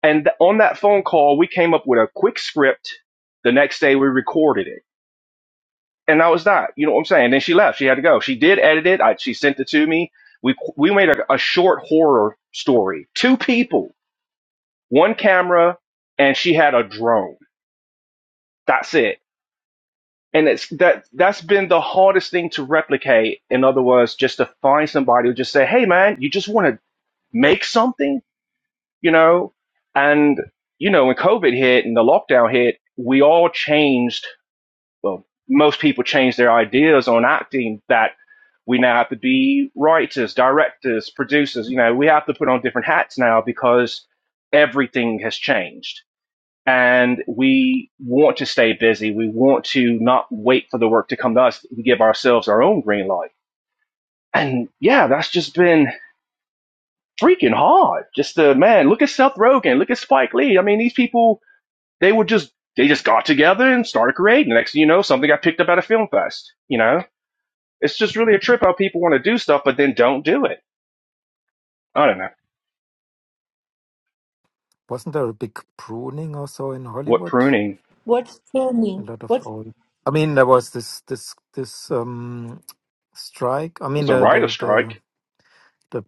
Speaker 7: And th- on that phone call, we came up with a quick script. The next day, we recorded it, and that was that. You know what I'm saying? Then she left. She had to go. She did edit it. I, she sent it to me. We we made a, a short horror story. Two people, one camera, and she had a drone. That's it and it's that that's been the hardest thing to replicate in other words just to find somebody who just say hey man you just want to make something you know and you know when covid hit and the lockdown hit we all changed well most people changed their ideas on acting that we now have to be writers directors producers you know we have to put on different hats now because everything has changed and we want to stay busy. We want to not wait for the work to come to us. We give ourselves our own green light. And yeah, that's just been freaking hard. Just the man, look at Seth Rogen, look at Spike Lee. I mean, these people, they were just, they just got together and started creating. The next thing you know, something got picked up at a film fest. You know, it's just really a trip how people want to do stuff, but then don't do it. I don't know.
Speaker 3: wasn't there a big pruning or so in
Speaker 7: What
Speaker 3: Hollywood?
Speaker 7: pruning?
Speaker 1: What's true
Speaker 3: A
Speaker 1: mean?
Speaker 3: lot of
Speaker 1: What?
Speaker 3: old. I mean, there was this this this um strike. I mean,
Speaker 7: It's a
Speaker 3: the
Speaker 7: writer
Speaker 3: the the
Speaker 7: strike.
Speaker 3: the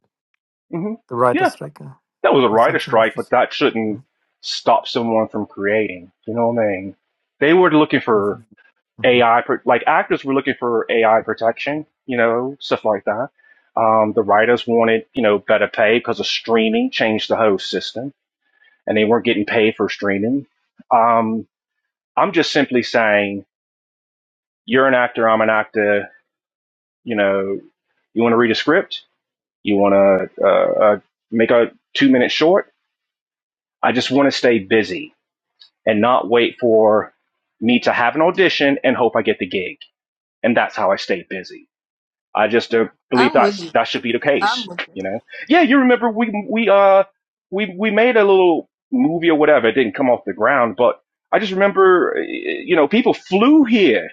Speaker 7: mm hmm
Speaker 3: the
Speaker 7: Yeah.
Speaker 3: writer strike uh,
Speaker 7: that was a
Speaker 3: or
Speaker 7: writer
Speaker 3: something like
Speaker 7: strike, but
Speaker 3: this.
Speaker 7: that shouldn't
Speaker 3: Mm.
Speaker 7: stop someone from creating. You know what I mean? They were looking for
Speaker 3: Mhm. Mhm.
Speaker 7: AI, like actors were looking for AI protection, you know, stuff like that. Um, the writers wanted, you know, better pay because of streaming changed the whole system and they weren't getting paid for streaming. Um, I'm just simply saying, you're an actor, I'm an actor, you know, you want to read a script, you want to uh, uh, make a two minute short. I just want to stay busy and not wait for me to have an audition and hope I get the gig. And that's how I stay busy. I just uh, believe
Speaker 1: I'm with
Speaker 7: that's
Speaker 1: you.
Speaker 7: that should be the
Speaker 1: I'm
Speaker 7: case.
Speaker 1: with you.
Speaker 7: You know? Yeah, you remember we we uh we we made a little movie or whatever. It didn't come off the ground, but I just remember uh, you know people flew here,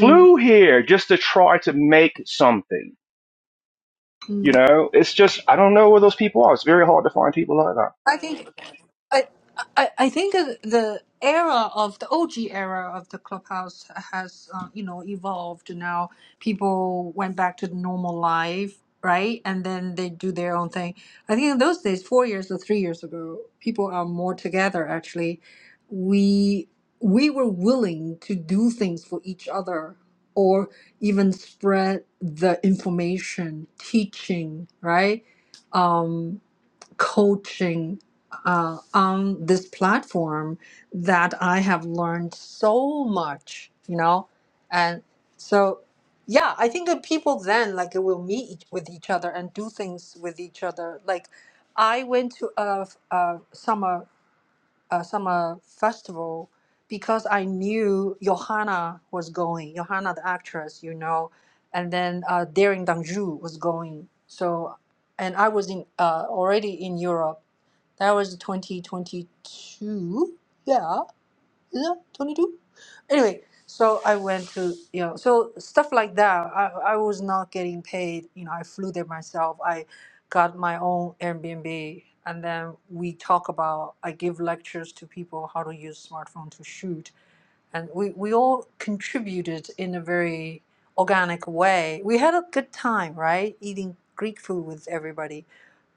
Speaker 1: Mm.
Speaker 7: flew here just to try to make something. You
Speaker 1: Mm.
Speaker 7: know, it's just I don't know where those people are. It's very hard to find people like that.
Speaker 1: I think. I, I I think the era of the OG era of the clubhouse has uh, you know evolved now people went back to the normal life right and then they do their own thing i think in those days four years or three years ago people are more together actually we we were willing to do things for each other or even spread the information teaching right Um, coaching uh, on this platform that I have learned so much, you know, and so yeah, I think that people then like will meet each- with each other and do things with each other. Like I went to a, a summer uh, summer festival because I knew Johanna was going, Johanna the actress, you know, and then uh, Daring Danju was going. So, and I was in uh, already in Europe. That was 2022. Yeah yeah, 22. Anyway, so I went to, you know, so stuff like that. I, I was not getting paid. You know, I flew there myself. I got my own Airbnb. And then we talk about, I give lectures to people how to use smartphone to shoot. And we, we all contributed in a very organic way. We had a good time, right? Eating Greek food with everybody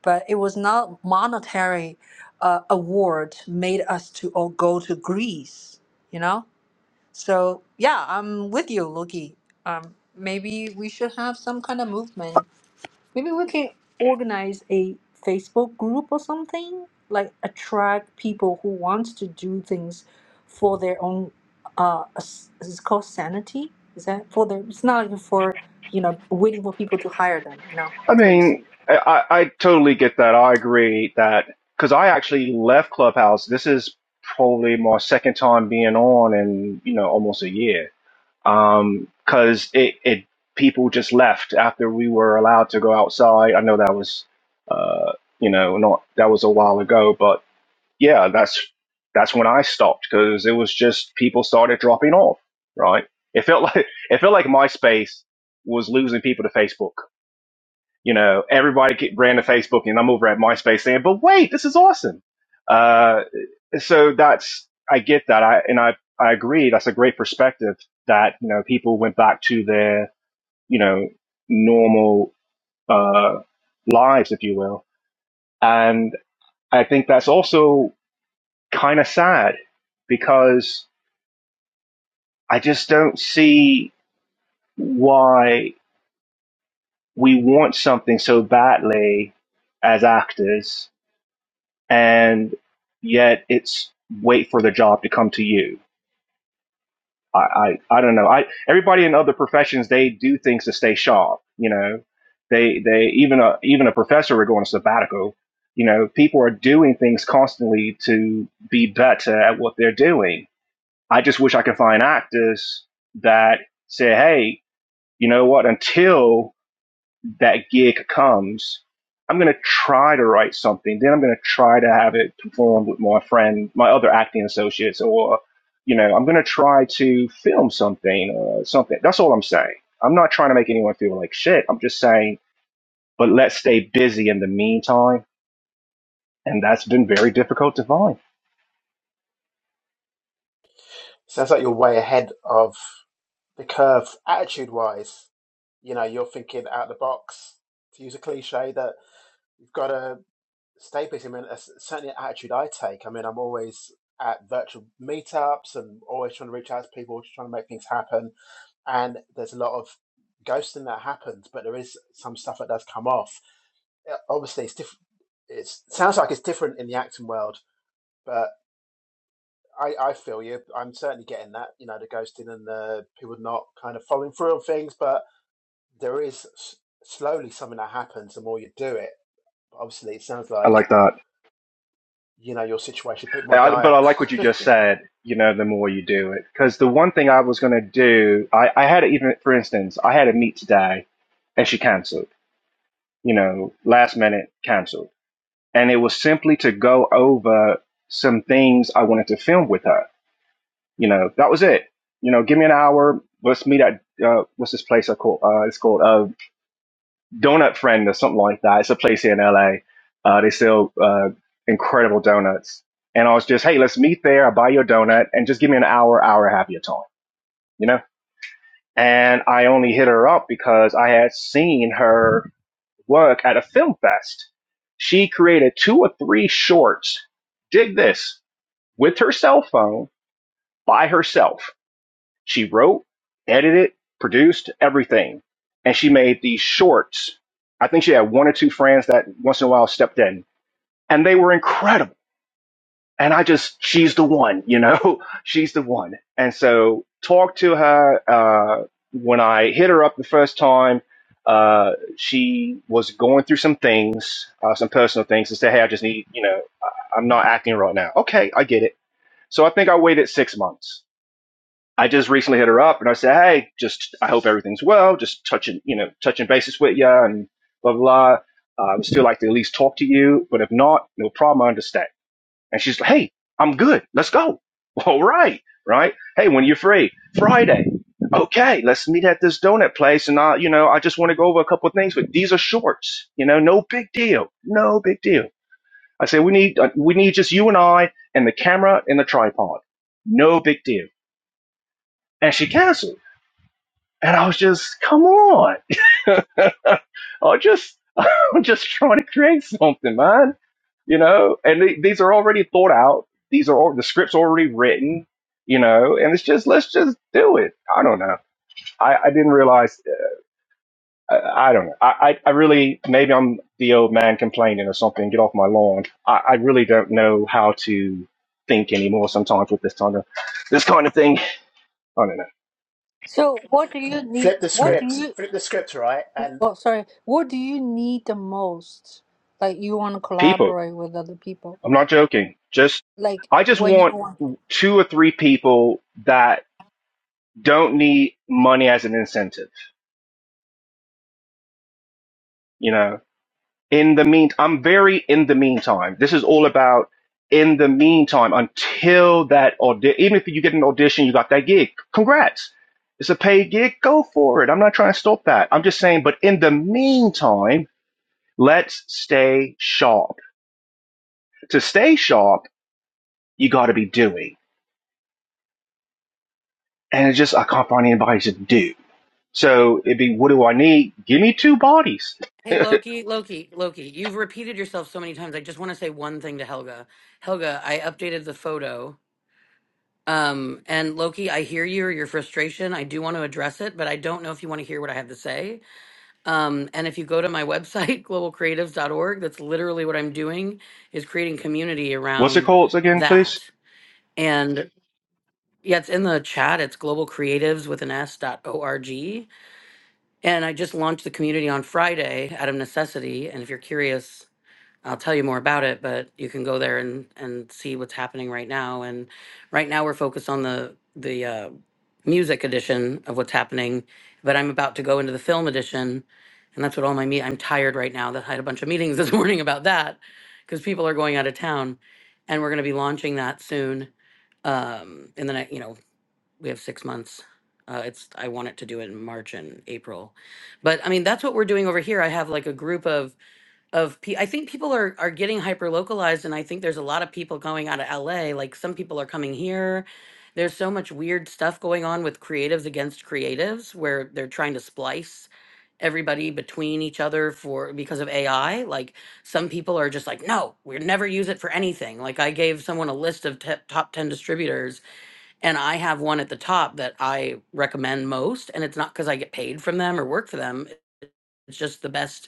Speaker 1: but it was not monetary uh, award made us to all go to Greece, you know? So yeah, I'm with you, Loki. Um, maybe we should have some kind of movement. Maybe we can organize a Facebook group or something, like attract people who want to do things for their own uh s- it's called sanity. Is that for their it's not like for you know, waiting for people to hire them. No,
Speaker 7: I
Speaker 1: that's what you said.
Speaker 7: mean, I, I, totally get that. I agree that because I actually left Clubhouse. This is probably my second time being on in you know almost a year. Um, because it it people just left after we were allowed to go outside. I know that was uh you know not that was a while ago, but yeah, that's that's when I stopped because it was just people started dropping off. Right? It felt like it felt like MySpace was losing people to Facebook you know, everybody ran to Facebook, and I'm over at MySpace saying, "But wait, this is awesome." Uh, so that's I get that, I and I I agree. That's a great perspective that you know people went back to their you know normal uh, lives, if you will, and I think that's also kind of sad because I just don't see why we want something so badly as actors and yet it's wait for the job to come to you. I, I, I don't know. I everybody in other professions they do things to stay sharp. You know, they they even a even a professor would go on a sabbatical. You know, people are doing things constantly to be better at what they're doing. I just wish I could find actors that say, hey, you know what? Until that gig comes, I'm going to try to write something. Then I'm going to try to have it performed with my friend, my other acting associates, or, you know, I'm going to try to film something or something. That's all I'm saying. I'm not trying to make anyone feel like shit. I'm just saying, but let's stay busy in the meantime. And that's been very difficult to find.
Speaker 6: Sounds like you're way ahead of the curve, attitude-wise. You know, you're thinking out the box. To use a cliche, that you've got to stay busy. I mean, that's certainly an attitude I take. I mean, I'm always at virtual meetups and always trying to reach out to people, trying to make things happen and there's a lot of ghosting that happens, but there is some stuff that does come off. Uh, Obviously, it's different. It sounds like it's different in the acting world, but I, I feel you. I'm certainly getting that. You know, the ghosting and the people not kind of following through on things, but there is slowly something that happens the more you do it. But obviously, it sounds
Speaker 7: I
Speaker 6: like
Speaker 7: like that.
Speaker 6: you know your situation is a bit more
Speaker 7: I, but
Speaker 6: dire.
Speaker 7: I like what you just said, you know, the more you do it. Because the one thing I was going to do, I, I had even, for instance, I had a meet today and she canceled you know, last minute canceled. And it was simply to go over some things I wanted to film with her. You know, that was it. You know, give me an hour. Let's meet at uh, what's this place I call? Uh, it's called uh, Donut Friend or something like that. It's a place here in LA. Uh, they sell uh, incredible donuts. And I was just, hey, let's meet there. I'll buy you a donut and just give me an hour, hour, and a half of your time. You know. And I only hit her up because I had seen her work at a film fest, she created two or three shorts. Dig this with her cell phone by herself. She wrote, edited, produced everything, and she made these shorts. I think she had one or two friends that once in a while stepped in, and they were incredible and I just she's the one, you know, she's the one. And so talked to her uh, when I hit her up the first time. Uh, she was going through some things, uh, some personal things, and said, "Hey, I just need, you know, I- I'm not acting right now." Okay, I get it. So I think I waited six months. I just recently hit her up and I said, "Hey, just I hope everything's well. Just touching, you know, touching bases with you and blah blah. blah. Uh, I would still like to at least talk to you, but if not, no problem. I understand." And she's like, hey, I'm good. Let's go. All right. Right. Hey, when you're free, Friday. Okay, let's meet at this donut place. And I, you know, I just want to go over a couple of things, but these are shorts, you know, no big deal. No big deal. I say, we need, uh, we need just you and I and the camera and the tripod. No big deal. And she canceled. And I was just, come on. I was just, I'm just trying to create something, man you know and th- these are already thought out these are al- the scripts already written you know and it's just let's just do it i don't know i, I didn't realize I, I don't know I, I I really maybe i'm the old man complaining or something get off my lawn i, I really don't know how to think anymore sometimes with this kind of this kind of thing i don't know
Speaker 1: So what do you need?
Speaker 6: flip the
Speaker 3: Yeah,
Speaker 1: What do
Speaker 6: script,
Speaker 1: you?
Speaker 6: flip the script, right? And
Speaker 1: Oh, sorry. What do you need the most? Like you want to
Speaker 7: people
Speaker 1: collaborate with other people.
Speaker 7: i'm not joking just
Speaker 1: Like
Speaker 7: i just
Speaker 1: when you
Speaker 7: want
Speaker 1: want.
Speaker 7: two or three people that don't need money as an incentive you know in the mean i'm very in the meantime this is all about in the meantime until that audition even if you get an audition you got that gig congrats it's a paid gig go for it i'm not trying to stop that i'm just saying but in the meantime let's stay sharp to stay sharp you got to be doing and it's just i can't find anybody to do so it'd be what do i need give me two bodies
Speaker 4: hey, Loki, Loki, Loki, you've repeated yourself so many times. I just want to say one thing to Helga. Helga, I updated the photo. Um, and Loki, I hear you or your frustration. I do want to address it, but I don't know if you want to hear what I have to say. Um, and if you go to my website, globalcreatives.org, that's literally what I'm doing is creating community
Speaker 7: what's it
Speaker 4: around
Speaker 7: called again please
Speaker 4: that. And yeah, it's in the chat. It's globalcreatives with an S dot org. And I just launched the community on Friday out of necessity. And if you're curious, I'll tell you more about it, but you can go there and and see what's happening right now. And right now we're focused on the the uh, music edition of what's happening, but I'm about to go into the film edition, and that's what all my meet. I'm tired right now. That I had a bunch of meetings this morning about that because people are going out of town, and we're going to be launching that soon. Um, in the next, you know, we have six months. Uh, it's I want it to do it in March and April, but I mean that's what we're doing over here. I have like a group of of pe- I think people are are getting hyper localized, and I think there's a lot of people going out of LA. Like some people are coming here. There's so much weird stuff going on with creatives against creatives, where they're trying to splice everybody between each other for because of AI. Like some people are just like, no, we never use it for anything. Like I gave someone a list of te- top ten distributors, and I have one at the top that I recommend most, and it's not because I get paid from them or work for them. It's just the best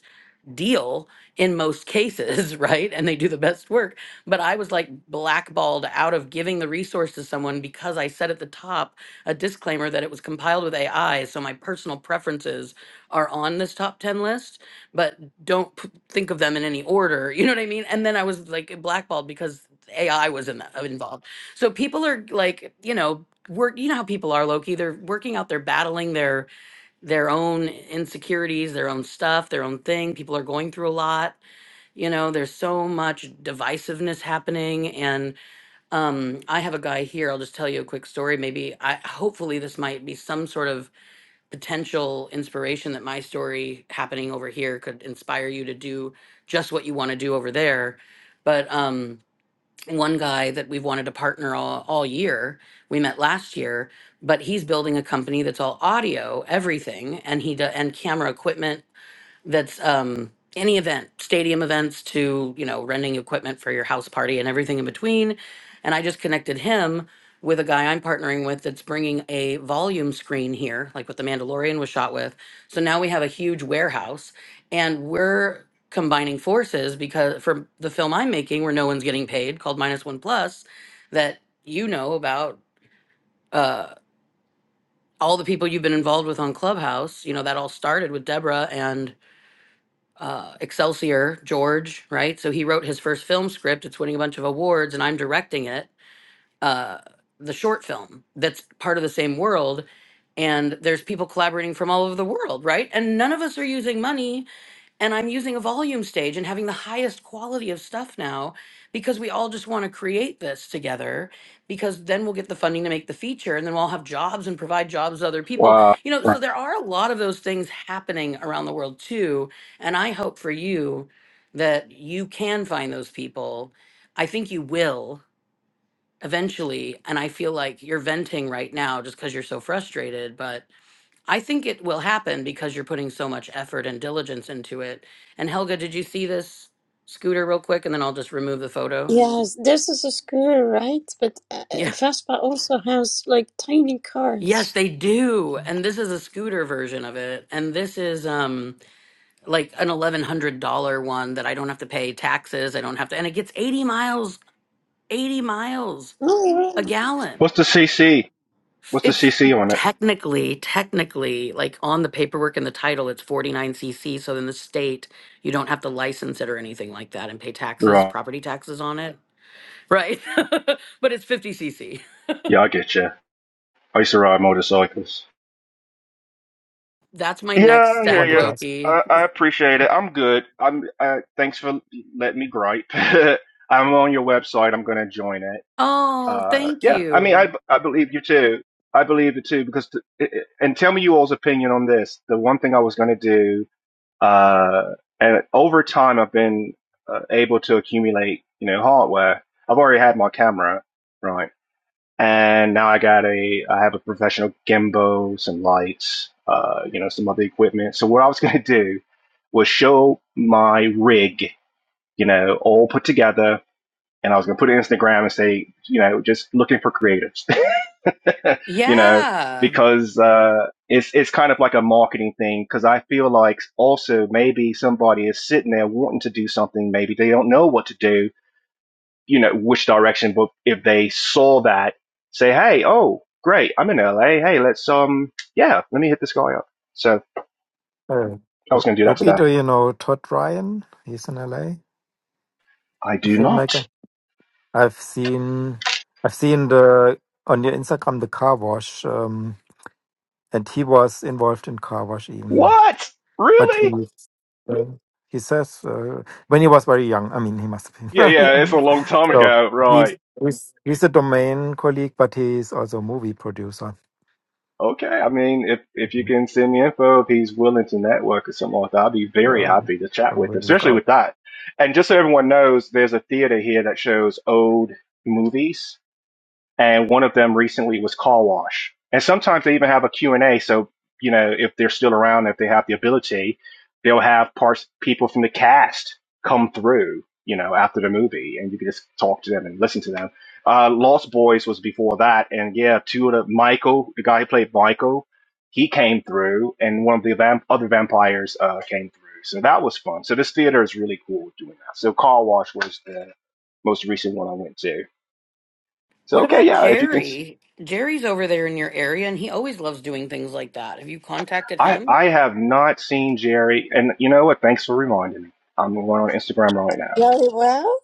Speaker 4: deal in most cases, right? And they do the best work. But I was like blackballed out of giving the resource to someone because I said at the top a disclaimer that it was compiled with AI. So my personal preferences are on this top 10 list, but don't p- think of them in any order. You know what I mean? And then I was like blackballed because AI was in that, involved. So people are like, you know, work, you know how people are, Loki. They're working out, they're battling their their own insecurities, their own stuff, their own thing. People are going through a lot. You know, there's so much divisiveness happening. And um, I have a guy here. I'll just tell you a quick story. Maybe I hopefully this might be some sort of potential inspiration that my story happening over here could inspire you to do just what you want to do over there. But um, one guy that we've wanted to partner all, all year. We met last year, but he's building a company that's all audio, everything, and he do, and camera equipment that's um any event stadium events to you know renting equipment for your house party and everything in between and i just connected him with a guy i'm partnering with that's bringing a volume screen here like what the mandalorian was shot with so now we have a huge warehouse and we're combining forces because for the film i'm making where no one's getting paid called minus one plus that you know about uh all the people you've been involved with on clubhouse you know that all started with deborah uh, Excelsior, George, right? So he wrote his first film script. It's winning a bunch of awards, and I'm directing it. Uh, the short film that's part of the same world, and there's people collaborating from all over the world, right? And none of us are using money and I'm using a volume stage and having the highest quality of stuff now because we all just want to create this together because then we'll get the funding to make the feature and then we'll all have jobs and provide jobs to other people.
Speaker 7: uh,
Speaker 4: You know, so there are a lot of those things happening around the world too. And I hope for you that you can find those people. I think you will eventually. And I feel like you're venting right now just because you're so frustrated, but. I think it will happen because you're putting so much effort and diligence into it. And Helga, did you see this scooter real quick? And then I'll just remove the photo.
Speaker 2: Yes, this is a scooter, right? But uh,
Speaker 4: Yeah.
Speaker 2: Vespa also has like tiny
Speaker 4: Yes,
Speaker 2: cars.
Speaker 4: they do. And this is a scooter version of it. And this is um like an eleven hundred dollar one that I don't have to pay taxes. I don't have to and it gets eighty miles, eighty miles
Speaker 2: Oh,
Speaker 4: a
Speaker 2: yeah.
Speaker 4: gallon.
Speaker 7: what's the cc what's the
Speaker 4: It's
Speaker 7: cc on it
Speaker 4: technically, technically, like on the paperwork and the title, it's 49cc. So in the state, you don't have to license it or anything like that and pay taxes,
Speaker 7: Right.
Speaker 4: property taxes on it. Right. but it's 50cc.
Speaker 7: Yeah, I get you. I used to ride motorcycles.
Speaker 4: That's my
Speaker 7: Yeah,
Speaker 4: next
Speaker 7: I
Speaker 3: I
Speaker 7: hear
Speaker 4: step,
Speaker 3: wanted
Speaker 7: you.
Speaker 3: to ask.
Speaker 4: Loki.
Speaker 7: I, I appreciate it. I'm good. I'm. Uh, thanks for letting me gripe. I'm on your website. I'm going to join it.
Speaker 4: Oh,
Speaker 7: Uh,
Speaker 4: thank
Speaker 7: yeah. I mean, I
Speaker 4: you.
Speaker 7: I believe you too. I believe it too because t- it, it- and tell me you all's opinion on this. The one thing I was going to do, uh, and over time I've been uh, able to accumulate, you know, hardware. I've already had my camera, right? and now I got a I have a professional gimbal, some lights, uh, you know, some other equipment. So what I was gonna do was show my rig, you know, all put together, and I was gonna put it on Instagram and say, you know, just looking for creatives, you know,
Speaker 4: Yeah.
Speaker 7: because uh, it's it's kind of like a marketing thing. Because I feel like also maybe somebody is sitting there wanting to do something, maybe they don't know what to do, you know, which direction, but if they saw that, say, hey, oh, great, I'm in LA. Hey, let's, um, yeah, let me hit this guy up. So
Speaker 3: Uh,
Speaker 7: I was
Speaker 3: Lu-
Speaker 7: going to do that
Speaker 3: Luke
Speaker 7: today.
Speaker 3: Ito, you know Todd Ryan. He's in LA, a
Speaker 7: I
Speaker 3: a
Speaker 7: do not.
Speaker 3: filmmaker. I've seen, I've seen the on your Instagram the car wash, um, and he was involved in car wash even.
Speaker 7: What?
Speaker 3: But he,
Speaker 7: Really?
Speaker 3: um, he says uh, when he was very young. I mean, he must have been
Speaker 7: Yeah,
Speaker 3: very
Speaker 7: yeah, it's a
Speaker 3: young.
Speaker 7: long time
Speaker 3: So
Speaker 7: ago.
Speaker 3: he's
Speaker 7: Right.
Speaker 3: he's, he's a domain colleague, but he's also a movie producer.
Speaker 7: Okay. I mean, if, if you
Speaker 3: Mm-hmm.
Speaker 7: can send me info, if he's willing to network or something like that, I'd be very
Speaker 3: Yeah,
Speaker 7: happy to
Speaker 3: I a
Speaker 7: chat with him,
Speaker 3: look
Speaker 7: especially
Speaker 3: out.
Speaker 7: with that. And just so everyone knows, there's a theater here that shows old movies and one of them recently was Car Wash. And sometimes they even have a Q and a so, you know, if they're still around, if they have the ability, they'll have parts, people from the cast come through, you know, after the movie, and you can just talk to them and listen to them. Uh, Lost Boys was before that, and yeah, two of the, Michael, the guy who played Michael, he came through, and one of the vamp- other vampires uh, came through. So that was fun. So this theater is really cool doing that. So Car Wash was the most recent one I went to. So
Speaker 4: What
Speaker 7: okay,
Speaker 4: about
Speaker 7: yeah, if you can.
Speaker 4: Jerry? Jerry's over there in your area and he always loves doing things like that. Have you contacted
Speaker 7: I
Speaker 4: him?
Speaker 7: I have not seen Jerry, and you know what? Thanks for reminding me. I'm going on Instagram right now.
Speaker 2: Joey Well?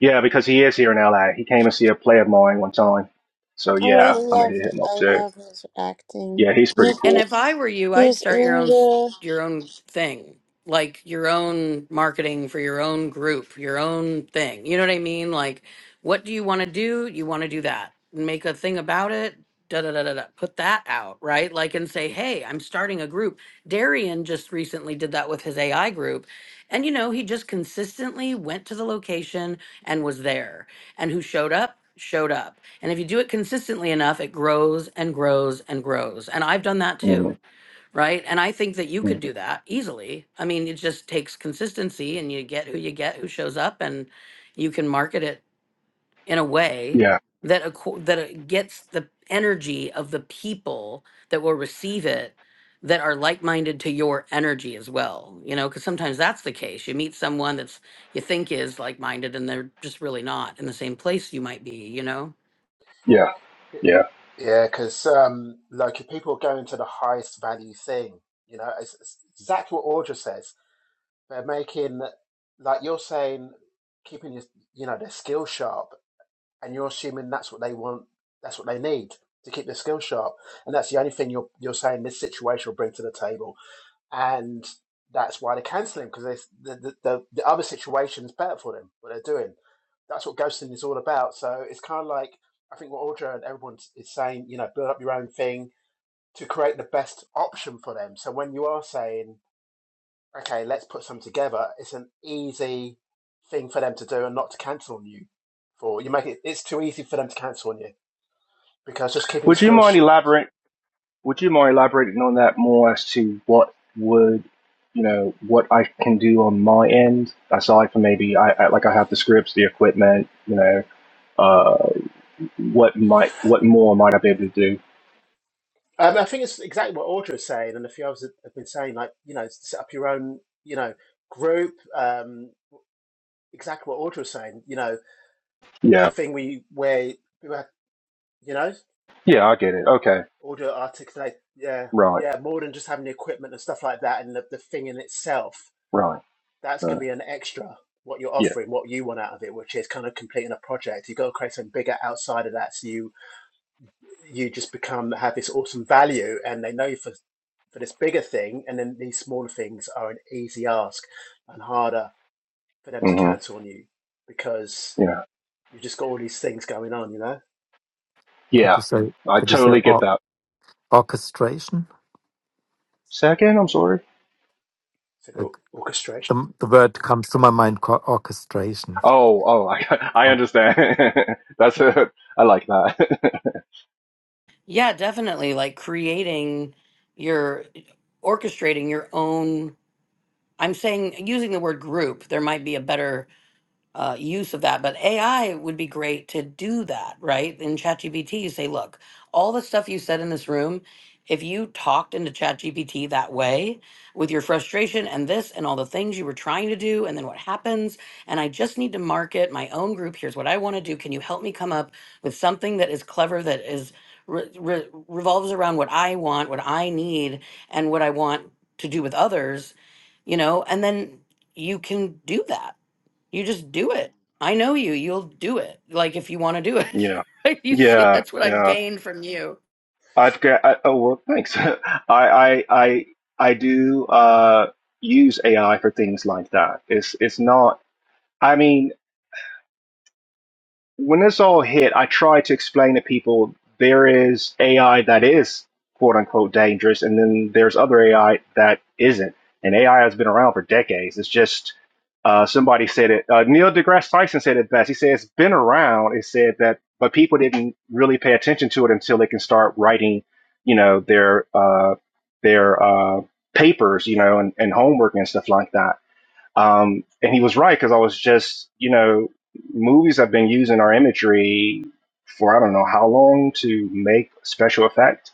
Speaker 7: Yeah, because he is here in LA. He came and see a play of mine one time. So
Speaker 2: Oh, I
Speaker 7: yeah, I'm gonna
Speaker 2: love
Speaker 7: hit
Speaker 2: it.
Speaker 7: him up
Speaker 2: I
Speaker 7: too.
Speaker 2: love his acting.
Speaker 7: Yeah, he's pretty
Speaker 2: He-
Speaker 4: And
Speaker 7: cool.
Speaker 4: if I were you, I'd
Speaker 2: He's
Speaker 4: start your
Speaker 2: in
Speaker 4: own s-
Speaker 2: the.
Speaker 4: your own thing, like your own marketing for your own group, your own thing. You know what I mean? Like, what do you want to do? You want to do that. Make a thing about it. Da da da da da. Put that out, right? Like, and say, hey, I'm starting a group. Darian just recently did that with his AI group, and you know, he just consistently went to the location and was there and who showed up, showed up. And if you do it consistently enough, it grows and grows and grows. And I've done that
Speaker 7: mm
Speaker 4: too, right? And I think that you could
Speaker 7: mm.
Speaker 4: do that easily. I mean, it just takes consistency and you get who you get who shows up and you can market it in a way
Speaker 7: Yeah,
Speaker 4: that acco- that it gets the energy of the people that will receive it that are like-minded to your energy as well you know because sometimes that's the case you meet someone that's you think is like-minded and they're just really not in the same place you might be you know
Speaker 7: yeah, yeah.
Speaker 6: Yeah, because um, like if people are going to the highest value thing, you know, it's, it's exactly what Audra says. They're making, like you're saying, keeping your, you know, their skill sharp, and you're assuming that's what they want, that's what they need to keep their skill sharp, and that's the only thing you're you're saying this situation will bring to the table and that's why they cancel him because the, the the the other situation's better for them. What they're doing, that's what ghosting is all about. So it's kind of like I think what Audra and everyone is saying. You know, build up your own thing to create the best option for them. So when you are saying, okay, let's put some together, it's an easy thing for them to do and not to cancel on you. For you make it, it's too easy for them to cancel on you because just keeping the
Speaker 7: Would you
Speaker 6: skills
Speaker 7: mind elaborate? Would you mind elaborating on that more as to what would you know what I can do on my end aside from maybe I, I like I have the scripts, the equipment, you know, uh, what might what more might I be able to do?
Speaker 6: Um, I think it's exactly what Audra is saying, and a few others have have been saying, like, you know, set up your own, you know, group. Um, exactly what Audra is saying, you know,
Speaker 7: Yeah.
Speaker 6: the thing we, where, people have- you know,
Speaker 7: Yeah, I get it. Okay.
Speaker 6: Audra articulate, yeah,
Speaker 7: Right.
Speaker 6: yeah, more than just having the equipment and stuff like that, and the, the thing in itself,
Speaker 7: Right.
Speaker 6: that's going
Speaker 7: Right.
Speaker 6: to be an extra, what you're
Speaker 7: Yeah.
Speaker 6: offering, what you want out of it, which is kind of completing a project. You've got to create something bigger outside of that. So you you just become have this awesome value and they know you for for this bigger thing and then these smaller things are an easy ask and harder for them to
Speaker 7: hmm
Speaker 6: cancel on you because
Speaker 7: Yeah.
Speaker 6: you've just got all these things going on, you know?
Speaker 3: Could
Speaker 7: Yeah.
Speaker 3: you say?
Speaker 7: I
Speaker 3: Could you say
Speaker 7: totally get
Speaker 3: or,
Speaker 7: that.
Speaker 3: orchestration?
Speaker 7: Second, I'm sorry.
Speaker 6: So the
Speaker 3: Like
Speaker 6: orchestration.
Speaker 3: the the word comes to my mind, co- orchestration.
Speaker 7: Oh, oh, I, I understand. That's it. I like that.
Speaker 4: yeah definitely like creating your orchestrating your own i'm saying using the word group there might be a better uh, use of that. But AI would be great to do that, right? In ChatGPT, you say, look, all the stuff you said in this room, if you talked into ChatGPT that way with your frustration and this and all the things you were trying to do, and then what happens, and I just need to market my own group. Here's what I want to do. Can you help me come up with something that is clever, that is re- re- revolves around what I want, what I need, and what I want to do with others, you know? And then you can do that you just do it. I know you. You'll do it. Like if you want to do it.
Speaker 7: yeah.
Speaker 4: Right? You see,
Speaker 7: Yeah.
Speaker 4: that's what I've
Speaker 7: Yeah.
Speaker 4: gained from you.
Speaker 7: I've got, I, oh, well, thanks. I, I, I, I do, uh, use AI for things like that. It's, it's not, I mean, when this all hit, I tried to explain to people there is AI that is quote unquote dangerous, and then there's other AI that isn't. And AI has been around for decades. It's just uh, somebody said it. Uh, Neil deGrasse Tyson said it best. He said it's been around. It said that, but people didn't really pay attention to it until they can start writing, you know, their uh, their uh, papers, you know, and, and homework and stuff like that um, and he was right because I was just, you know, movies have been using our imagery for I don't know how long to make special effect.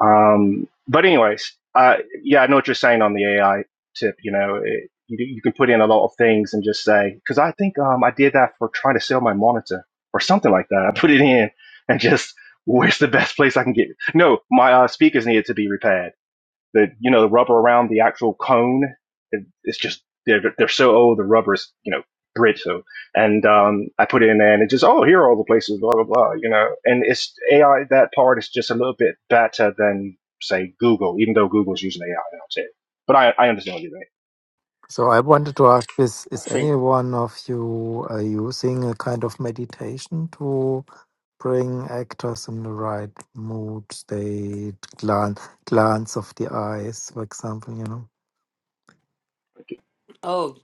Speaker 7: Um, but anyways, uh, yeah, I know what you're saying on the AI tip. You know, it, you, you can put in a lot of things and just say because I think um, I did that for trying to sell my monitor or something like that. I put it in and just where's the best place I can get? No, my uh, speakers needed to be repaired the you know the rubber around the actual cone it, it's just they're they're so old the rubber is you know brittle and um i put it in there and it just oh here are all the places blah blah blah you know and it's ai that part is just a little bit better than say google even though google's using ai now too but i i understand what you mean
Speaker 3: So I wanted to ask this:
Speaker 6: I
Speaker 3: Is any
Speaker 6: think
Speaker 3: one of you uh, using a kind of meditation to bring actors in the right mood state, glance, glance of the eyes, for example? You know.
Speaker 4: Oh,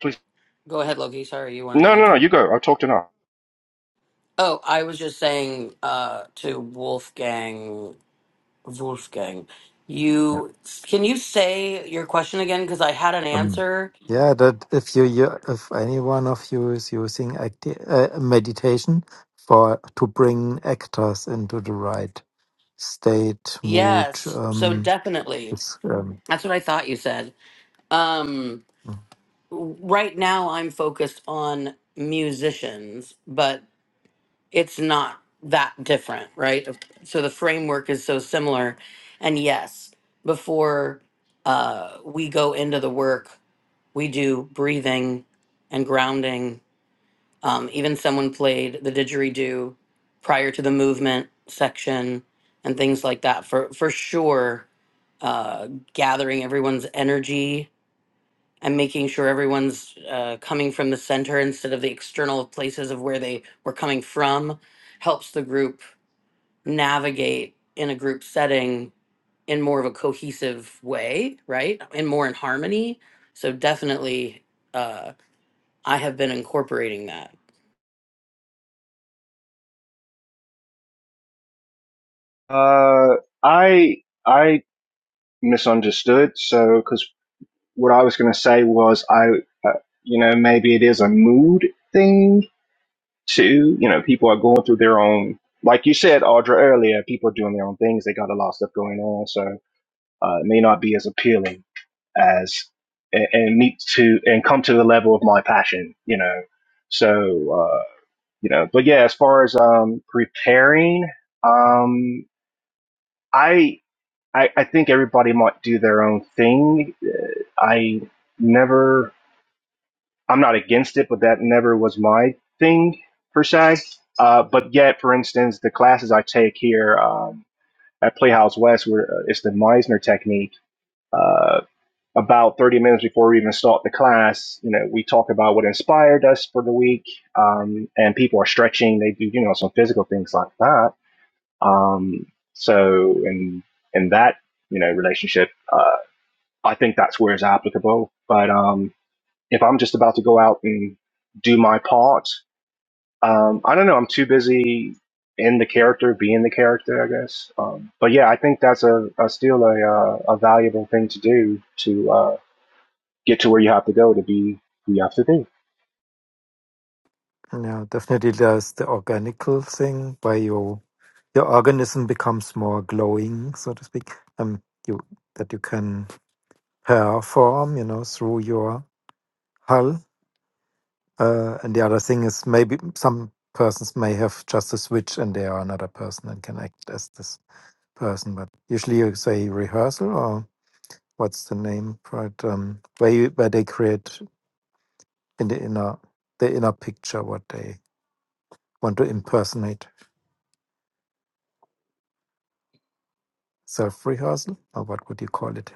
Speaker 7: please
Speaker 4: go ahead, Loki. Sorry, you want to
Speaker 7: no no no
Speaker 4: answer?
Speaker 7: you go i'll talk to now
Speaker 4: Oh, I was just saying uh, to Wolfgang, Wolfgang, you can you say your question again? Because I had an
Speaker 3: Um,
Speaker 4: answer.
Speaker 3: yeah, that if you, you if any one of you is using acti- uh, meditation for to bring actors into the right state, mood,
Speaker 4: Yes, so
Speaker 3: um,
Speaker 4: definitely.
Speaker 3: it's, um,
Speaker 4: That's what I thought you said. Um,
Speaker 3: mm,
Speaker 4: right now, I'm focused on musicians, but it's not that different, right? So the framework is so similar. And yes, before uh, we go into the work, we do breathing and grounding. Um, even someone played the didgeridoo prior to the movement section and things like that for, for sure. Uh, gathering everyone's energy and making sure everyone's uh, coming from the center instead of the external places of where they were coming from helps the group navigate in a group setting in more of a cohesive way, right? And more in harmony. So definitely, uh, I have been incorporating that.
Speaker 7: uh i i misunderstood so because what i was going to say was i uh, you know maybe it is a mood thing Two, you know, people are going through their own, like you said, Audra, earlier, people are doing their own things. They got a lot of stuff going on. So uh, it may not be as appealing as, and, and need to, and come to the level of my passion, you know. So, uh, you know, but yeah, as far as um, preparing, um, I, I, I think everybody might do their own thing. I never I'm not against it, but that never was my thing per se. Uh, but yet, for instance, the classes I take here um, at Playhouse West, where uh, it's the Meisner technique. Uh, about 30 minutes before we even start the class, you know, we talk about what inspired us for the week, um, and people are stretching. They do, you know, some physical things like that. Um, so, in in that you know relationship, uh, I think that's where it's applicable. But um, if I'm just about to go out and do my part, um, I don't know. I'm too busy in the character, being the character, I guess. Um, but yeah, I think that's a, a still a, uh, a valuable thing to do to uh, get to where you have to go to be who you have to be.
Speaker 3: yeah, definitely there's the organical thing where you your organism becomes more glowing, so to speak. Um, you that you can perform, you know, through your hull Uh, and the other thing is maybe some persons may have just a switch and they are another person and can act as this person. But usually you say rehearsal or what's the name for it? Um, where you, where they create in the inner the inner picture what they want to impersonate. Self rehearsal or what would you call it?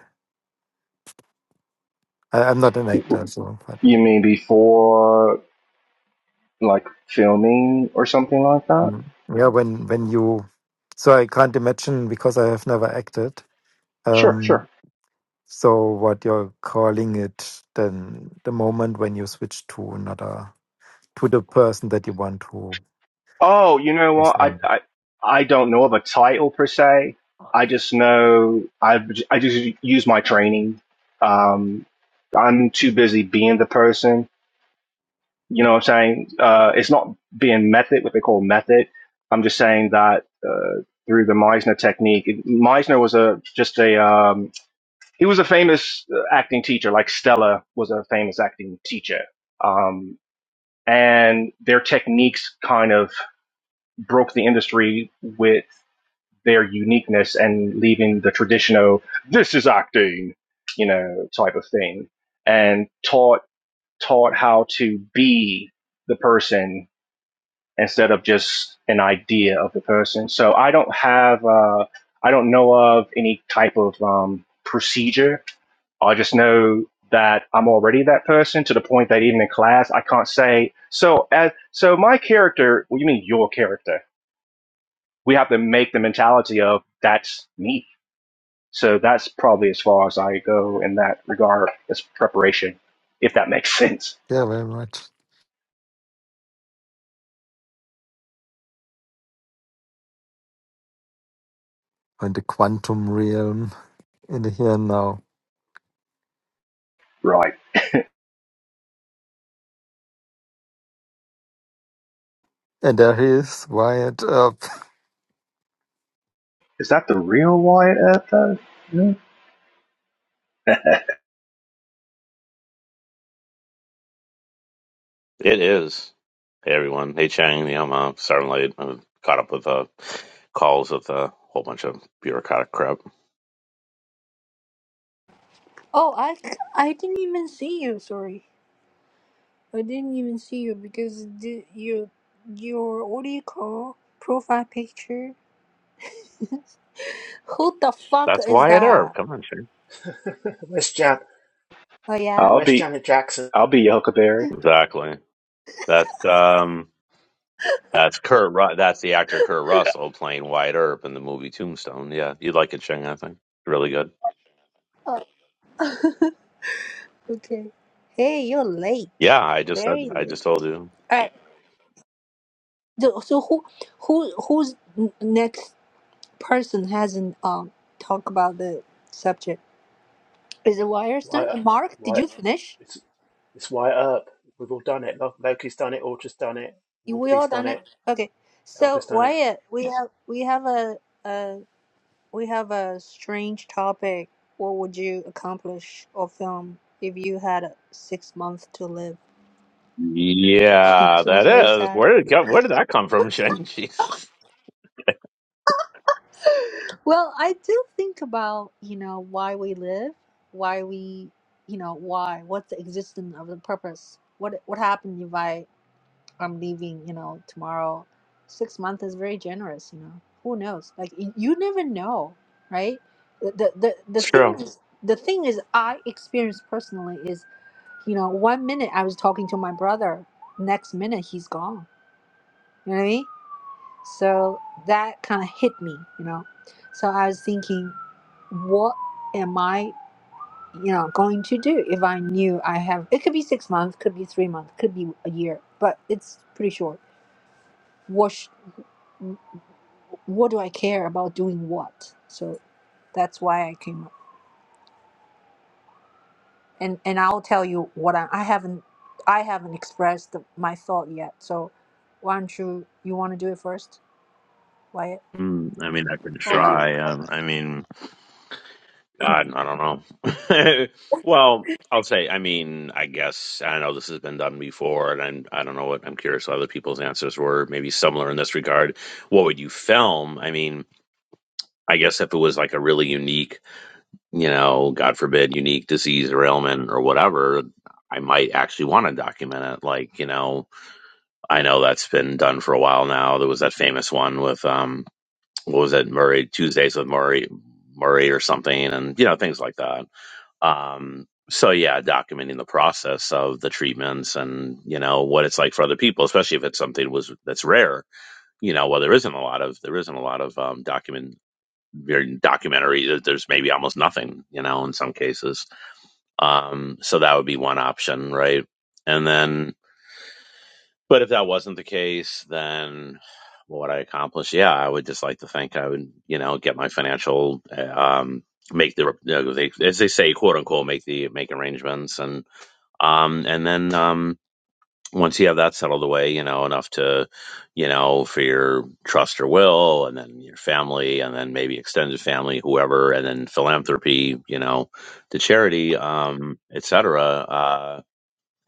Speaker 3: I, I'm not an actor, so but
Speaker 7: You mean before like filming or something like that?
Speaker 3: mm, yeah, when when you so I can't imagine because I have never acted.
Speaker 7: Sure, sure.
Speaker 3: Um, So what you're calling it then the moment when you switch to another to the person that you want to
Speaker 7: Oh, you know what? I
Speaker 3: present.
Speaker 7: I I don't know of a title per se. I just know I I just use my training. Um, I'm too busy being the person. You know what I'm saying? Uh, it's not being method, what they call method. I'm just saying that uh, through the Meisner technique. it- Meisner was a just a um, he was a famous uh, acting teacher. Like Stella was a famous acting teacher. Um, and their techniques kind of broke the industry with their uniqueness and leaving the traditional "this is acting," you know, type of thing, and taught taught how to be the person instead of just an idea of the person. So I don't have uh, I don't know of any type of um, procedure. I just know that I'm already that person to the point that even in class I can't say so as so my character. What do you mean your character? we have to make the mentality of that's me. So that's probably as far as I go in that regard as preparation, if that makes sense.
Speaker 3: Yeah, very much. In the quantum realm, in the here and now.
Speaker 7: Right.
Speaker 3: And there he is, wired up.
Speaker 7: Is that the real Wyatt Earp though? Yeah.
Speaker 8: It is. Hey everyone. Hey Chang. Yeah, I'm uh, sorry late. I'm caught up with uh, calls with a whole bunch of bureaucratic crap.
Speaker 1: Oh, I I didn't even see you. Sorry, I didn't even see you because the, your your what do you call profile picture? Who the fuck
Speaker 8: That's
Speaker 1: is
Speaker 8: Wyatt Earp.
Speaker 1: that?
Speaker 8: Come on, Chang.
Speaker 6: where's Jan
Speaker 1: Oh yeah.
Speaker 7: I'll
Speaker 6: where's
Speaker 7: be
Speaker 6: Janet Jackson?
Speaker 7: I'll be your Huckleberry.
Speaker 8: Exactly. That's um. That's Kurt. Ru- that's the actor Kurt Russell playing Wyatt Earp in the movie Tombstone. Yeah, you'd like it, Chang. I think really good.
Speaker 1: Okay. Hey, you're late.
Speaker 8: Yeah, I just said.
Speaker 1: Very
Speaker 8: I
Speaker 1: late.
Speaker 8: just told you.
Speaker 1: All right. So so who who who's n- next? person hasn't um talked about the subject. Is it
Speaker 6: Light up
Speaker 1: Wierstein? Mark, did
Speaker 6: light
Speaker 1: you finish?
Speaker 6: it's it's white up. We've all done it. Loki's done it, Ultra's done it,
Speaker 1: You we
Speaker 6: Wolfie's
Speaker 1: all
Speaker 6: done
Speaker 1: done it?
Speaker 6: it,
Speaker 1: Okay.
Speaker 6: Elga's
Speaker 1: So
Speaker 6: done it.
Speaker 1: Wyatt, we have we have a, a we have a strange topic. What would you accomplish or film if you had uh, six months to live?
Speaker 8: Yeah,
Speaker 1: Sounds
Speaker 8: that
Speaker 1: very
Speaker 8: is.
Speaker 1: sad.
Speaker 8: Where did it come, where did that come from, Chang? Jesus,
Speaker 1: well, I do think about, you know, why we live, why we you know, why, what's the existence of the purpose? What what happened if I I'm leaving, you know, tomorrow. Six months is very generous, you know. Who knows? Like y- you never know, right? The the the, the
Speaker 8: it's
Speaker 1: thing
Speaker 8: true.
Speaker 1: is the thing is I experienced personally is, you know, one minute I was talking to my brother, next minute he's gone. You know what I mean? So that kind of hit me, you know. So I was thinking, what am I, you know, going to do if I knew I have? It could be six months, could be three months, could be a year, but it's pretty short. What? what do I care about doing what? So that's why I came up. And and I'll tell you what I, I haven't I haven't expressed the, my thought yet. So why don't you you want to do it first, Wyatt?
Speaker 8: Mm, I mean, I could
Speaker 1: Hold on.
Speaker 8: try. Um, I mean. I, I don't know. well, I'll say. I mean, I guess I know this has been done before, and I'm, I don't know what I'm curious what other people's answers were. Maybe similar in this regard. What would you film? I mean, I guess if it was like a really unique, you know, God forbid, unique disease or ailment or whatever, I might actually want to document it. Like, you know, I know that's been done for a while now. There was that famous one with um, what was it, Murray Tuesdays with Murray, Murray or something, and you know, things like that. Um, so yeah, documenting the process of the treatments and you know what it's like for other people, especially if it's something was that's rare. You know, well there isn't a lot of there isn't a lot of um, document very documentary. There's maybe almost nothing. You know, in some cases. Um, so that would be one option, right? And then, but if that wasn't the case, then what would I accomplish? Yeah, I would just like to think I would you know get my financial uh, um make the uh, they, as they say quote unquote make the make arrangements and um, and then um, once you have that settled away, you know, enough to, you know, for your trust or will, and then your family, and then maybe extended family, whoever, and then philanthropy, you know, to charity, um, et cetera, uh,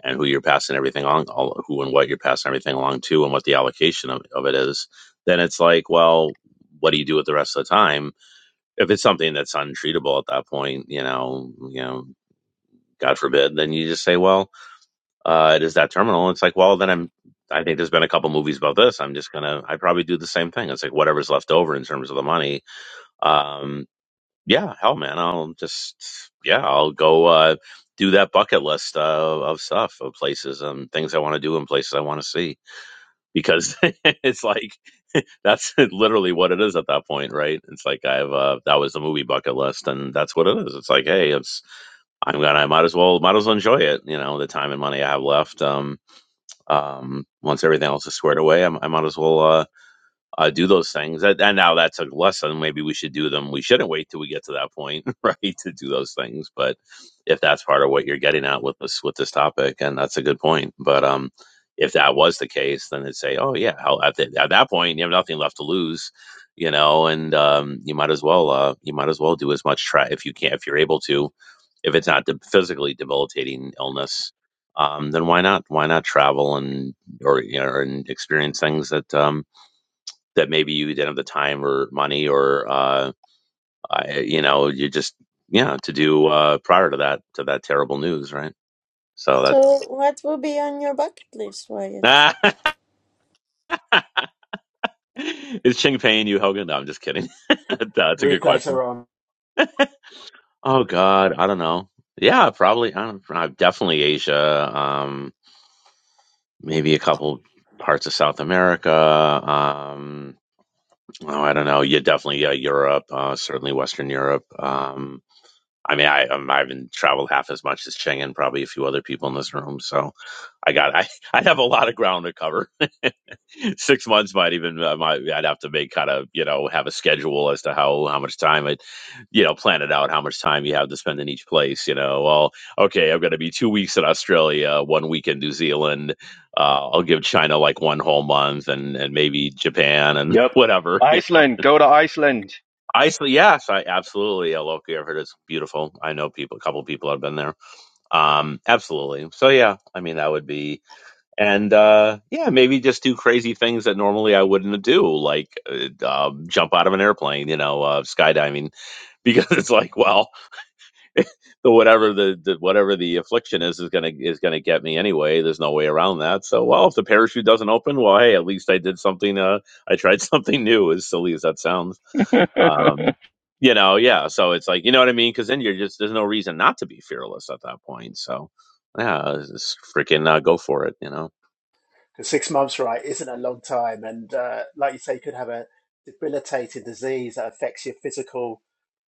Speaker 8: and who you're passing everything on, all, who and what you're passing everything along to, and what the allocation of, of it is, then it's like, well, what do you do with the rest of the time? If it's something that's untreatable at that point, you know, you know, God forbid, then you just say, well, uh, it is that terminal. It's like, well, then I'm. I think there's been a couple movies about this. I'm just gonna. I probably do the same thing. It's like whatever's left over in terms of the money. Um, yeah, hell, man, I'll just yeah, I'll go uh, do that bucket list uh, of stuff, of places and things I want to do and places I want to see because it's like that's literally what it is at that point, right? It's like I've uh, that was the movie bucket list, and that's what it is. It's like, hey, it's I'm gonna, I might as well, might as well enjoy it. You know, the time and money I have left. Um, um, once everything else is squared away, I, I might as well uh, uh, do those things. And, and now that's a lesson. Maybe we should do them. We shouldn't wait till we get to that point, right, to do those things. But if that's part of what you're getting at with this with this topic, and that's a good point. But um, if that was the case, then it'd say, oh yeah, how, at, the, at that point you have nothing left to lose, you know, and um, you might as well uh, you might as well do as much try if you can if you're able to, if it's not de- physically debilitating illness. Um, then why not? Why not travel and or you know and experience things that um, that maybe you didn't have the time or money or uh, I, you know you just yeah to do uh, prior to that to that terrible news, right? So
Speaker 2: So,
Speaker 8: that's
Speaker 2: what will be on your bucket list, Wyatt?
Speaker 8: ah, is Ching paying you, Hogan? No, I'm just kidding. that's a good
Speaker 6: Replays
Speaker 8: question.
Speaker 6: are on.
Speaker 8: Oh God, I don't know. Yeah, probably. I don't. uh, Definitely Asia. Um, maybe a couple parts of South America. Um, oh, I don't know. Yeah, definitely. Yeah, Europe. Uh, certainly Western Europe. Um. I mean, I um, I haven't traveled half as much as Cheng and probably a few other people in this room, so I got I I have a lot of ground to cover. Six months might even uh, might I'd have to make kind of you know have a schedule as to how how much time I you know plan it out how much time you have to spend in each place. You know, well, okay, I'm going to be two weeks in Australia, one week in New Zealand. Uh, I'll give China like one whole month, and and maybe Japan and
Speaker 7: Yep.
Speaker 8: whatever. You know
Speaker 7: Iceland, go to Iceland.
Speaker 8: Iceland, yes, I absolutely. Yeah, Loki, I've heard it's beautiful. I know people, a couple people have been there. Um, absolutely. So yeah, I mean that would be, and uh, yeah, maybe just do crazy things that normally I wouldn't do, like uh, um, jump out of an airplane, you know, uh, skydiving, because it's like, well, so whatever the, the whatever the affliction is is gonna is gonna get me anyway. There's no way around that. So well, if the parachute doesn't open, well, hey, at least I did something. Uh, I tried something new. As silly as that sounds, um, you know, yeah. So it's like you know what I mean, because then you're just there's no reason not to be fearless at that point. So yeah, just freaking uh, go for it. You know.
Speaker 6: Because six months, right, isn't a long time. And uh, like you say, you could have a debilitating disease that affects your physical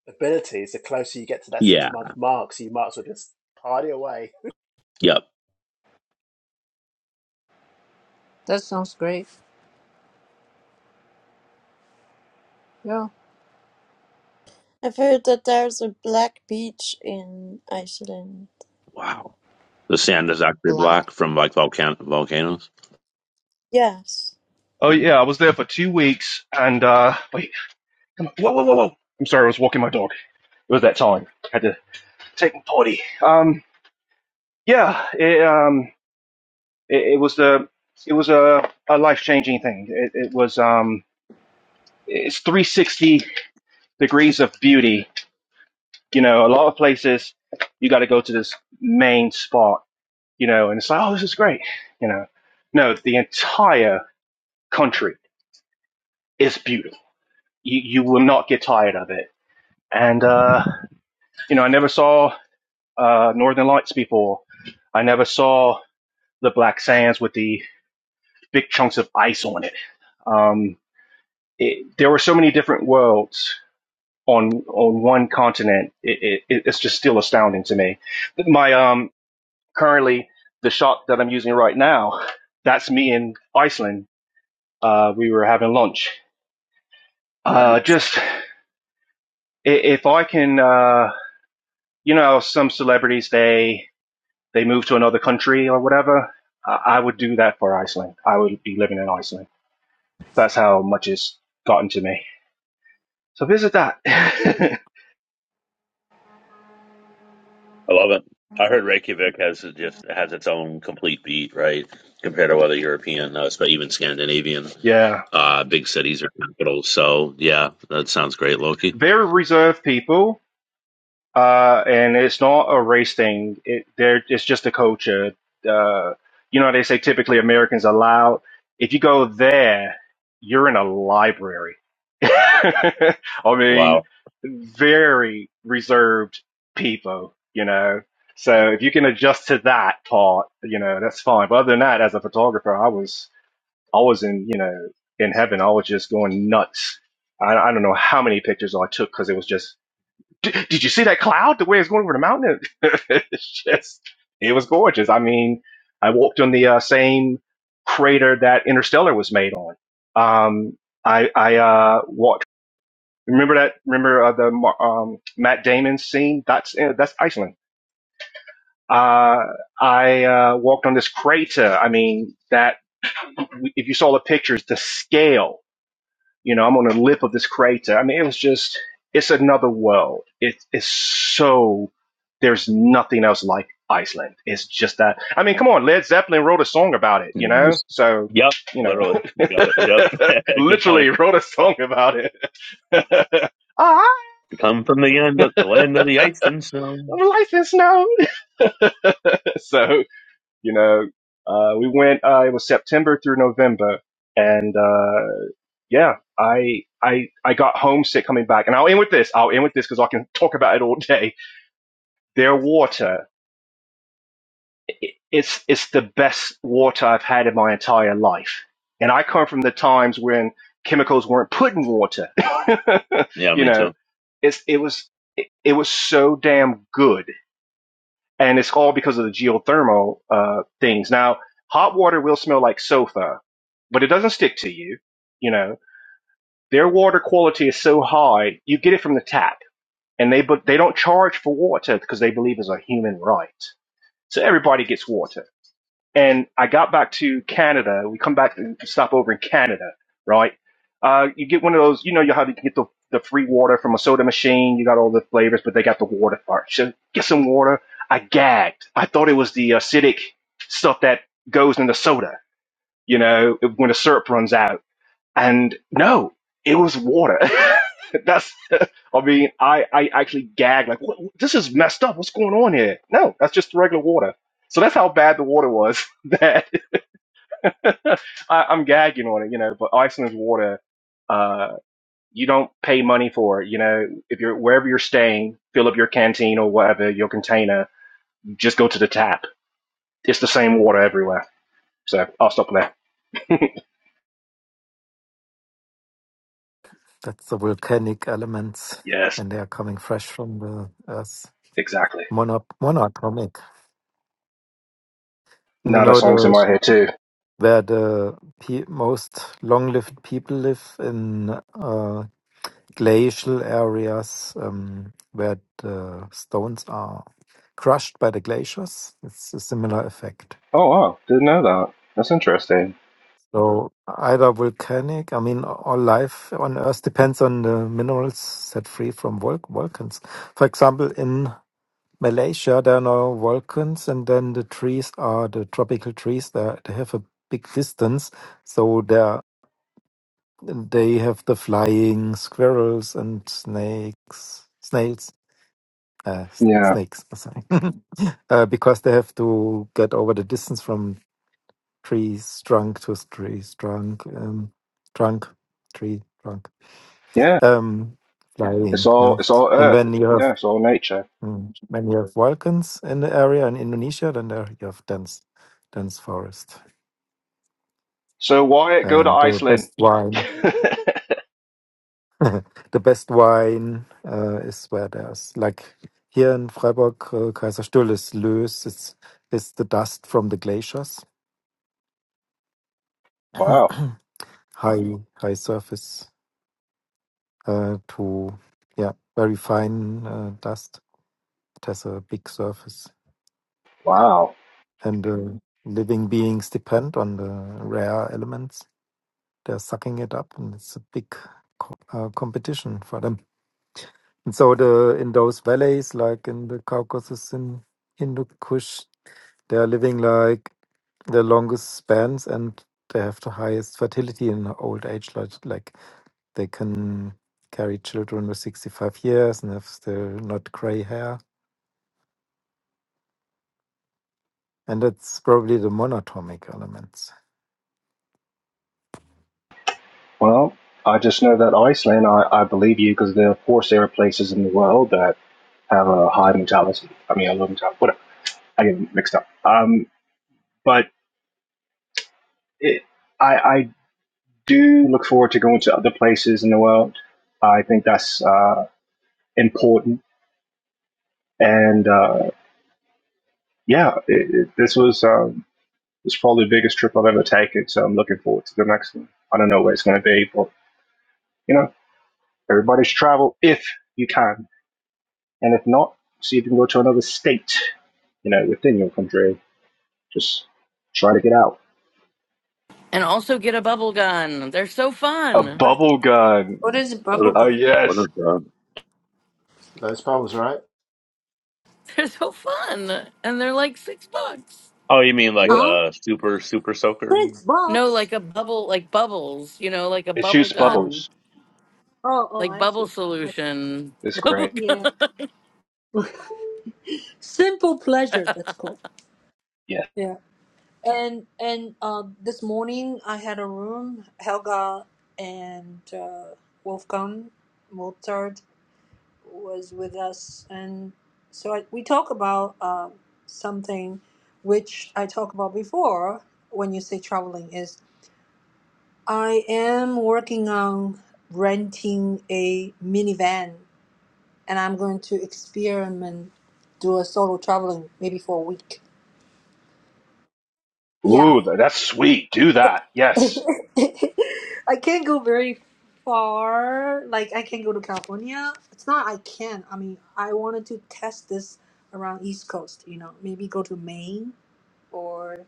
Speaker 6: abilities. The closer you get to that six
Speaker 8: Yeah.
Speaker 6: month mark, so you might as well just party away.
Speaker 8: Yep.
Speaker 1: That sounds great. Yeah.
Speaker 2: I've heard that there's a black beach in Iceland.
Speaker 8: Wow. The sand is actually
Speaker 1: Black.
Speaker 8: black from like volcan- volcanoes.
Speaker 2: Yes.
Speaker 7: oh yeah, I was there for two weeks and uh wait, come on. Whoa, whoa, whoa, whoa. I'm sorry, I was walking my dog. It was that time. I had to take my potty. Um yeah, it, um It, it was the it was a, a life changing thing. It, it was um it's 360 degrees of beauty. You know, a lot of places you got to go to this main spot. You know, and it's like, oh, this is great. You know, no, the entire country is beautiful. You you will not get tired of it. And uh, you know, I never saw uh, Northern Lights before. I never saw the Black Sands with the big chunks of ice on it. Um, it there were so many different worlds on on one continent, it, it, it's just still astounding to me. But My um currently the shot that I'm using right now, that's me in Iceland. Uh, we were having lunch. Uh, just if I can, uh, you know, some celebrities they they move to another country or whatever. I would do that for Iceland. I would be living in Iceland. That's how much it's gotten to me. So visit that.
Speaker 8: I love it. I heard Reykjavik has just has its own complete beat, right? Compared to other European, uh, but even Scandinavian
Speaker 7: yeah,
Speaker 8: uh, big cities or capitals. So yeah, that sounds great, Loki.
Speaker 7: very reserved people Uh, and it's not a race thing. It there it's just a culture. Uh, you know, they say typically Americans are loud. If you go there, you're in a library. I mean,
Speaker 8: Wow.
Speaker 7: very reserved people, you know. So if you can adjust to that part, you know, that's fine. But other than that, as a photographer, I was I was in, you know, in heaven. I was just going nuts. I, I don't know how many pictures I took because it was just did, did you see that cloud the way it's going over the mountain it's just it was gorgeous i mean i walked on the uh, same crater that interstellar was made on um i i uh walked remember that remember uh, the Mar- um matt damon scene that's uh, that's iceland uh i uh walked on this crater i mean that if you saw the pictures the scale you know, I'm on the lip of this crater. I mean, it was just, it's another world. It is so, there's nothing else like Iceland. It's just that. I mean, come on, Led Zeppelin wrote a song about it, you know?
Speaker 8: Nice.
Speaker 7: So,
Speaker 8: Yep,
Speaker 7: you know,
Speaker 8: literally, you got it. Yep, good point.
Speaker 7: literally wrote a song about it. ah,
Speaker 8: Come from the end of the land of the ice and snow.
Speaker 7: life is snow. so, you know, uh, we went, uh, it was September through November. And, uh, yeah, I I I got homesick coming back, and I'll end with this. I'll end with this because I can talk about it all day. Their water, it's it's the best water I've had in my entire life, and I come from the times when chemicals weren't put in water.
Speaker 8: Yeah,
Speaker 7: you
Speaker 8: me
Speaker 7: know,
Speaker 8: too.
Speaker 7: it's it was it, it was so damn good, and it's all because of the geothermal uh, things. Now, hot water will smell like sofa, but it doesn't stick to you. You know, Their water quality is so high, you get it from the tap, and they but they don't charge for water because they believe it's a human right. So everybody gets water. And I got back to Canada. We come back and stop over in Canada, right? Uh, you get one of those, you know, you how you can get the the free water from a soda machine. You got all the flavors, but they got the water part. So get some water. I gagged. I thought it was the acidic stuff that goes in the soda. You know, when the syrup runs out and no, it was water. that's, I mean, I, I actually gagged, like, what, this is messed up. What's going on here? No, that's just regular water. So that's how bad the water was that I, I'm gagging on it, you know, but Iceland's water, uh, you don't pay money for it. You know, if you're wherever you're staying, fill up your canteen or whatever, your container, just go to the tap. It's the same water everywhere. So I'll stop there.
Speaker 3: That's the volcanic elements
Speaker 7: yes,
Speaker 3: when they are coming fresh from the earth.
Speaker 7: exactly.
Speaker 3: Mono- monatomic. And You
Speaker 7: Now that
Speaker 3: know
Speaker 7: song's in my
Speaker 3: the
Speaker 7: head too.
Speaker 3: where the pe- most long-lived people live in. uh, glacial areas um, where the stones are crushed by the glaciers. It's a similar effect.
Speaker 7: Oh wow, didn't know that. That's interesting.
Speaker 3: So either volcanic, I mean, all life on Earth depends on the minerals set free from vol- volcans. For example, in Malaysia, there are no volcans, and then the trees are the tropical trees. They they have a big distance, so they they have the flying squirrels and snakes, snails uh, s-
Speaker 7: Yeah,
Speaker 3: snakes, sorry, uh, because they have to get over the distance from trees trunk to trees trunk, um, trunk, tree trunk,
Speaker 7: yeah.
Speaker 3: um,
Speaker 7: It's
Speaker 3: flying.
Speaker 7: all
Speaker 3: Yeah,
Speaker 7: it's all
Speaker 3: and
Speaker 7: Earth.
Speaker 3: when you have
Speaker 7: Yeah, it's all nature.
Speaker 3: mm, when you have volcans in the area in Indonesia, then there you have dense, dense forest,
Speaker 7: So why go to
Speaker 3: and the
Speaker 7: Iceland?
Speaker 3: best wine. the best wine uh, is where there's like here in Freiburg, uh, Kaiserstuhl is loose. It's it's the dust from the glaciers
Speaker 7: wow,
Speaker 3: high high surface uh, to yeah very fine uh, dust. It has a big surface,
Speaker 7: wow.
Speaker 3: and uh, living beings depend on the rare elements. They're sucking it up, and it's a big co- uh, competition for them. And so the in those valleys, like in the Caucasus in Hindu Kush, they are living like the longest spans, and they have the highest fertility in old age, like like They can carry children with 65 years and if they're not gray hair. And that's probably the monatomic elements.
Speaker 7: Well, I just know that Iceland. I, I believe you because there of course there are places in the world that have a high mentality. I mean, a low mentality. Whatever. I get mixed up. Um, but it, I I do look forward to going to other places in the world. I think that's uh important. And uh, yeah, it, it, this was. Um, It's probably the biggest trip I've ever taken, so I'm looking forward to the next one. I don't know where it's going to be, but you know, everybody should travel if you can, and if not, see if you can go to another state, you know, within your country. Just try to get out.
Speaker 4: And also get a bubble gun. They're so
Speaker 7: A
Speaker 4: fun.
Speaker 1: What is,
Speaker 7: bubble gun.
Speaker 1: what is
Speaker 8: What
Speaker 7: Oh
Speaker 8: a-
Speaker 1: bubblegum?
Speaker 8: what a
Speaker 7: yes.
Speaker 8: job.
Speaker 6: Those problems, right?
Speaker 4: They're so fun. And they're like six bucks.
Speaker 8: Oh, you mean like
Speaker 7: Yep.
Speaker 1: Huh?
Speaker 8: a super super soaker?
Speaker 1: It's
Speaker 4: No,
Speaker 1: box.
Speaker 4: like a bubble, like bubbles, you know, like a
Speaker 7: It
Speaker 4: bubble
Speaker 7: shoots
Speaker 1: Oh
Speaker 4: gun,
Speaker 7: bubbles.
Speaker 1: oh oh
Speaker 4: like
Speaker 1: I
Speaker 4: bubble
Speaker 1: see. I-
Speaker 4: solution.
Speaker 7: It's
Speaker 4: Bubble
Speaker 7: great.
Speaker 1: Yeah.
Speaker 4: gun.
Speaker 1: Simple pleasure. That's cool.
Speaker 7: Yeah.
Speaker 1: And and uh, this morning I had a room. Helga and uh, Wolfgang Mozart was with us, and so I, we talk about uh, something which I talked about before. When you say traveling, is I am working on renting a minivan, and I'm going to experiment do a solo traveling maybe for a week. Yeah,
Speaker 7: Ooh, that's sweet. Do that. Yes.
Speaker 1: I can't go very far. Like I can go to California. It's not I can. I mean, I wanted to test this around East Coast. You know, maybe go to Maine or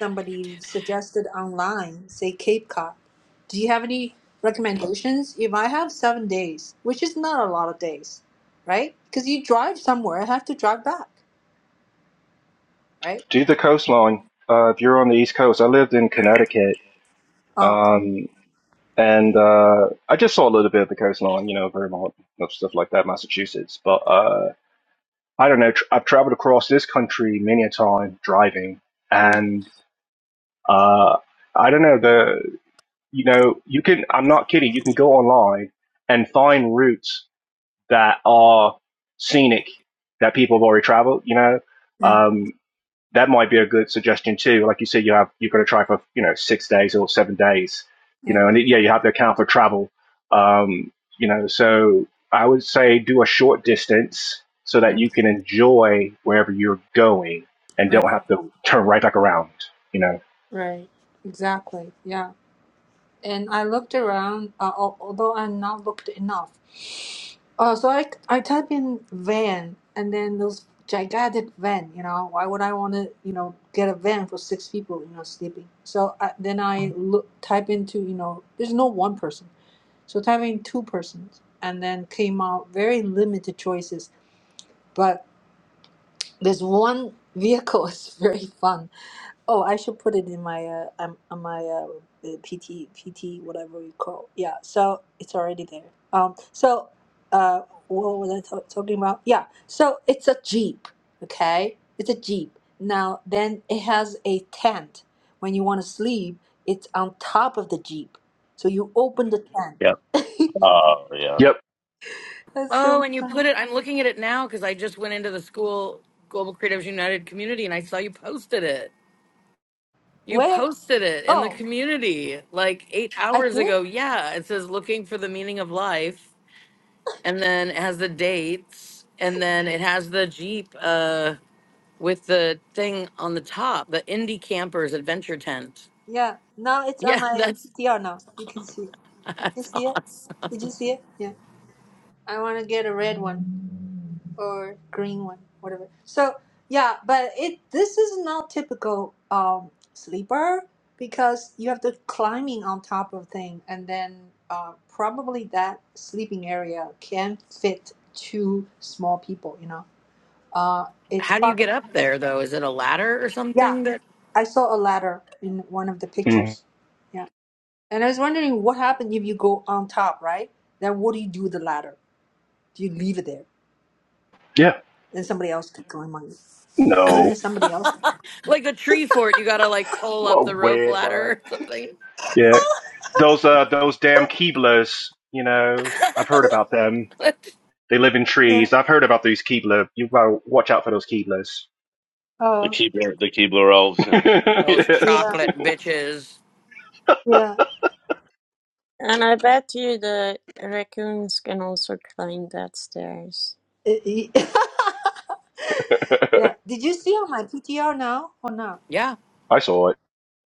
Speaker 1: somebody suggested online, say Cape Cod. Do you have any recommendations? If I have seven days, which is not a lot of days, right? Because you drive somewhere, I have to drive back, right?
Speaker 7: Do the coastline. Uh, if you're on the East Coast, I lived in Connecticut.
Speaker 1: Oh,
Speaker 7: Um, And uh, I just saw a little bit of the coastline, you know, Vermont, and stuff like that, Massachusetts. But uh, I don't know. Tr- I've traveled across this country many a time driving,
Speaker 1: yeah,
Speaker 7: and uh, I don't know the. You know, you can. I'm not kidding. You can go online and find routes that are scenic that people have already traveled. You know,
Speaker 1: yeah,
Speaker 7: um, that might be a good suggestion too. Like you said, you have you have got to try for you know six days or seven days, you
Speaker 1: yeah,
Speaker 7: know, and yeah, you have to account for travel, um, you know. So I would say do a short distance so
Speaker 1: yeah.
Speaker 7: that you can enjoy wherever you're going and
Speaker 1: right,
Speaker 7: don't have to turn right back around, you know.
Speaker 1: right, exactly, yeah. and I looked around, uh, al- although I'm not looked enough. Uh, so I, I type in van and then those gigantic van, you know, why would I want to, you know, get a van for six people, you know, sleeping? So I, then I look, type into, you know, there's no one person. So type in two persons and then came out very limited choices. But this one vehicle is very fun Oh, I should put it in my uh um, on my uh uh, PT PT whatever you call. Yeah, so it's already there. Um, so uh, what was I ta- talking about? Yeah, so it's a jeep. Okay, it's a jeep. Now then, it has a tent. When you want to sleep, it's on top of the jeep. So you open the
Speaker 8: Yep.
Speaker 1: tent.
Speaker 8: Oh yeah,
Speaker 7: Yep.
Speaker 1: That's
Speaker 4: Oh,
Speaker 1: so
Speaker 4: and you
Speaker 1: fun.
Speaker 4: put it, I'm looking at it now because I just went into the school Global Creatives United community and I saw you posted it. You
Speaker 1: Where?
Speaker 4: posted it in the
Speaker 1: Oh,
Speaker 4: community like eight
Speaker 1: I
Speaker 4: hours
Speaker 1: did.
Speaker 4: ago. Yeah, it says looking for the meaning of life, and then it has the dates, and then it has the Jeep uh, with the thing on the top, the Indie Campers Adventure Tent.
Speaker 1: Yeah. Now it's on
Speaker 4: Yeah,
Speaker 1: my
Speaker 4: that's
Speaker 1: PTR. Now you can see it. You
Speaker 4: that's
Speaker 1: see it?
Speaker 4: awesome.
Speaker 1: Did you see it? Yeah. I want to get a red one or green one, whatever. So yeah, but it this is not typical um, sleeper because you have to climbing on top of thing, and then uh, probably that sleeping area can fit two small people. You know, uh, it's
Speaker 4: How do you get
Speaker 1: probably
Speaker 4: up there though? Is it a ladder or
Speaker 1: yeah.
Speaker 4: something that,
Speaker 1: I saw a ladder in one of the
Speaker 7: Mhm.
Speaker 1: pictures. Yeah, and I was wondering what happened if you go on top, right? Then what do you do with the ladder? Do you leave it there?
Speaker 7: Yeah.
Speaker 1: Then somebody else could climb on it. Isn't
Speaker 7: No.
Speaker 1: there somebody else?
Speaker 4: like a tree fort? You gotta like pull
Speaker 6: What
Speaker 4: up
Speaker 6: a
Speaker 4: the rope
Speaker 6: weird
Speaker 4: ladder
Speaker 6: worry.
Speaker 4: or something.
Speaker 7: Yeah. Those uh those damn Keeblers, you know, I've heard about them. They live in
Speaker 1: Yeah.
Speaker 7: trees. I've heard about these Keebler. You gotta watch out for those Keeblers.
Speaker 8: the
Speaker 1: Oh,
Speaker 8: Keebler the Keebler elves. Yeah.
Speaker 4: Those
Speaker 7: yes.
Speaker 1: yeah,
Speaker 4: chocolate bitches.
Speaker 1: yeah.
Speaker 2: And I bet you the raccoons can also climb that stairs.
Speaker 1: Eh, eh. yeah. Did you see on my PTR now or not?
Speaker 4: Yeah.
Speaker 7: I saw it.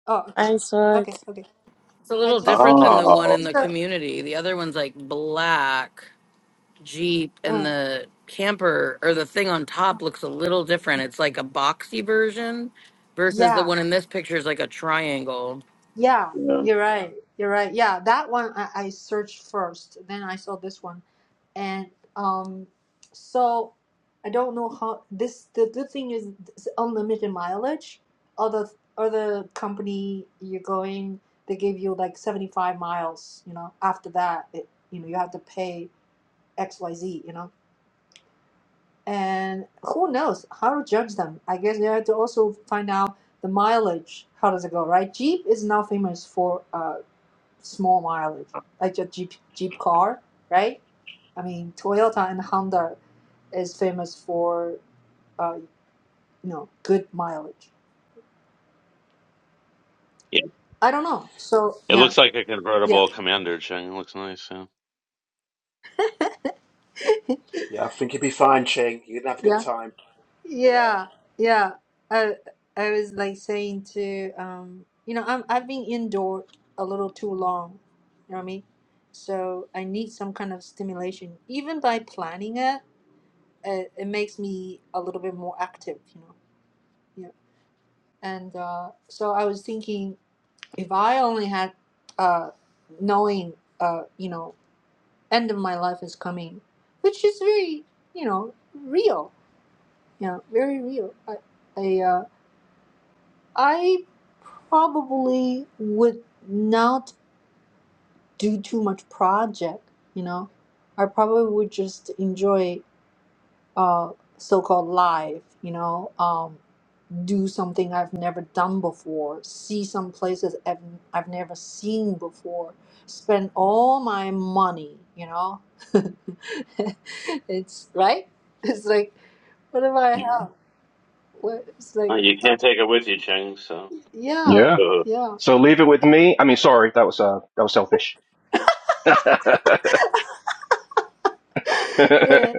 Speaker 1: Oh, okay,
Speaker 2: I saw it.
Speaker 1: okay. okay.
Speaker 4: It's a
Speaker 1: I
Speaker 4: little
Speaker 1: just
Speaker 4: different than the
Speaker 1: curious.
Speaker 4: one
Speaker 8: Oh
Speaker 4: in the
Speaker 1: So,
Speaker 4: community. The other one's like black Jeep, and
Speaker 1: uh,
Speaker 4: the camper or the thing on top looks a little different. It's like a boxy version versus the
Speaker 1: yeah,
Speaker 4: one in this picture is like a triangle.
Speaker 1: yeah.
Speaker 8: yeah.
Speaker 1: You're right. You're right. Yeah, that one I, I searched first. Then I saw this one. and um so i don't know how this the good thing is it's unlimited mileage other other company you're going they give you like 75 miles you know after that it, you know you have to pay xyz you know and who knows how to judge them i guess you have to also find out the mileage how does it go right jeep is now famous for uh small mileage like a jeep jeep car right I mean, Toyota and Honda is famous for uh, you know good mileage. I don't know. So
Speaker 8: It
Speaker 1: yeah,
Speaker 8: looks like a
Speaker 1: yeah,
Speaker 8: convertible commander, Cheng. It looks nice, yeah.
Speaker 6: Yeah, I think you'd be fine, Ching. You're going to have a good
Speaker 1: yeah,
Speaker 6: time. Yeah.
Speaker 1: yeah, yeah. I I was like saying to um, you know, I'm I've been indoor a little too long. You know what I mean? So I need some kind of stimulation. Even by planning it, it, it makes me a little bit more active. You know? Yeah. And uh, so I was thinking. if I only had uh, knowing, uh, you know, end of my life is coming, which is very, you know, real, you know, very real. I, I, uh, I probably would not do too much project, you know. I probably would just enjoy uh, so-called life, you know. Um, do something I've never done before, see some places I've, I've never seen before, spend all my money, you know? it's right? It's like, what do I have? What, it's
Speaker 8: Oh,
Speaker 1: like,
Speaker 8: you can't take it with you, Cheng, so.
Speaker 1: yeah,
Speaker 7: Yeah.
Speaker 8: Uh,
Speaker 1: yeah.
Speaker 7: So leave it with me. I mean, sorry, that was uh, that was selfish.
Speaker 1: yeah.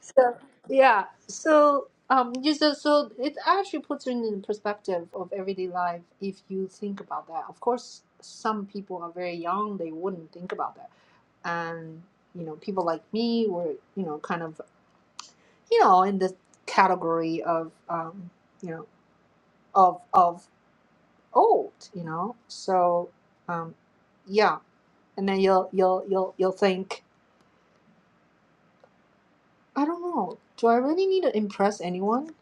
Speaker 1: So, yeah. So, um, you so, so it actually puts you in the perspective of everyday life if you think about that. Of course, some people are very young, they wouldn't think about that and you know people like me were you know kind of you know in this category of um, you know of of old you know so um, yeah and then you'll you'll you'll you'll think I don't know do I really need to impress anyone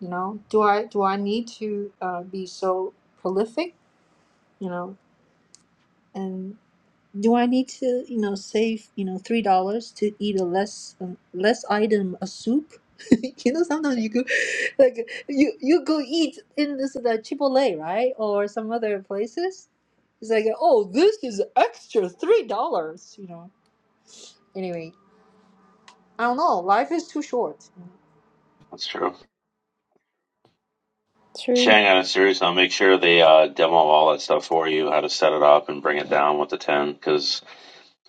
Speaker 1: you know do I do I need to uh, be so prolific you know and. Do I need to, you know, save, you know, three dollars to eat a less um, less item a soup? you know, sometimes you go, like you you go eat in this the Chipotle, right, or some other places. It's like, oh, this is extra three dollars. You know. Anyway, I don't know. Life is too short.
Speaker 8: That's true.
Speaker 2: True.
Speaker 8: Cheng, on a serious note, make sure they uh, demo all that stuff for you, how to set it up and bring it down with the 10, because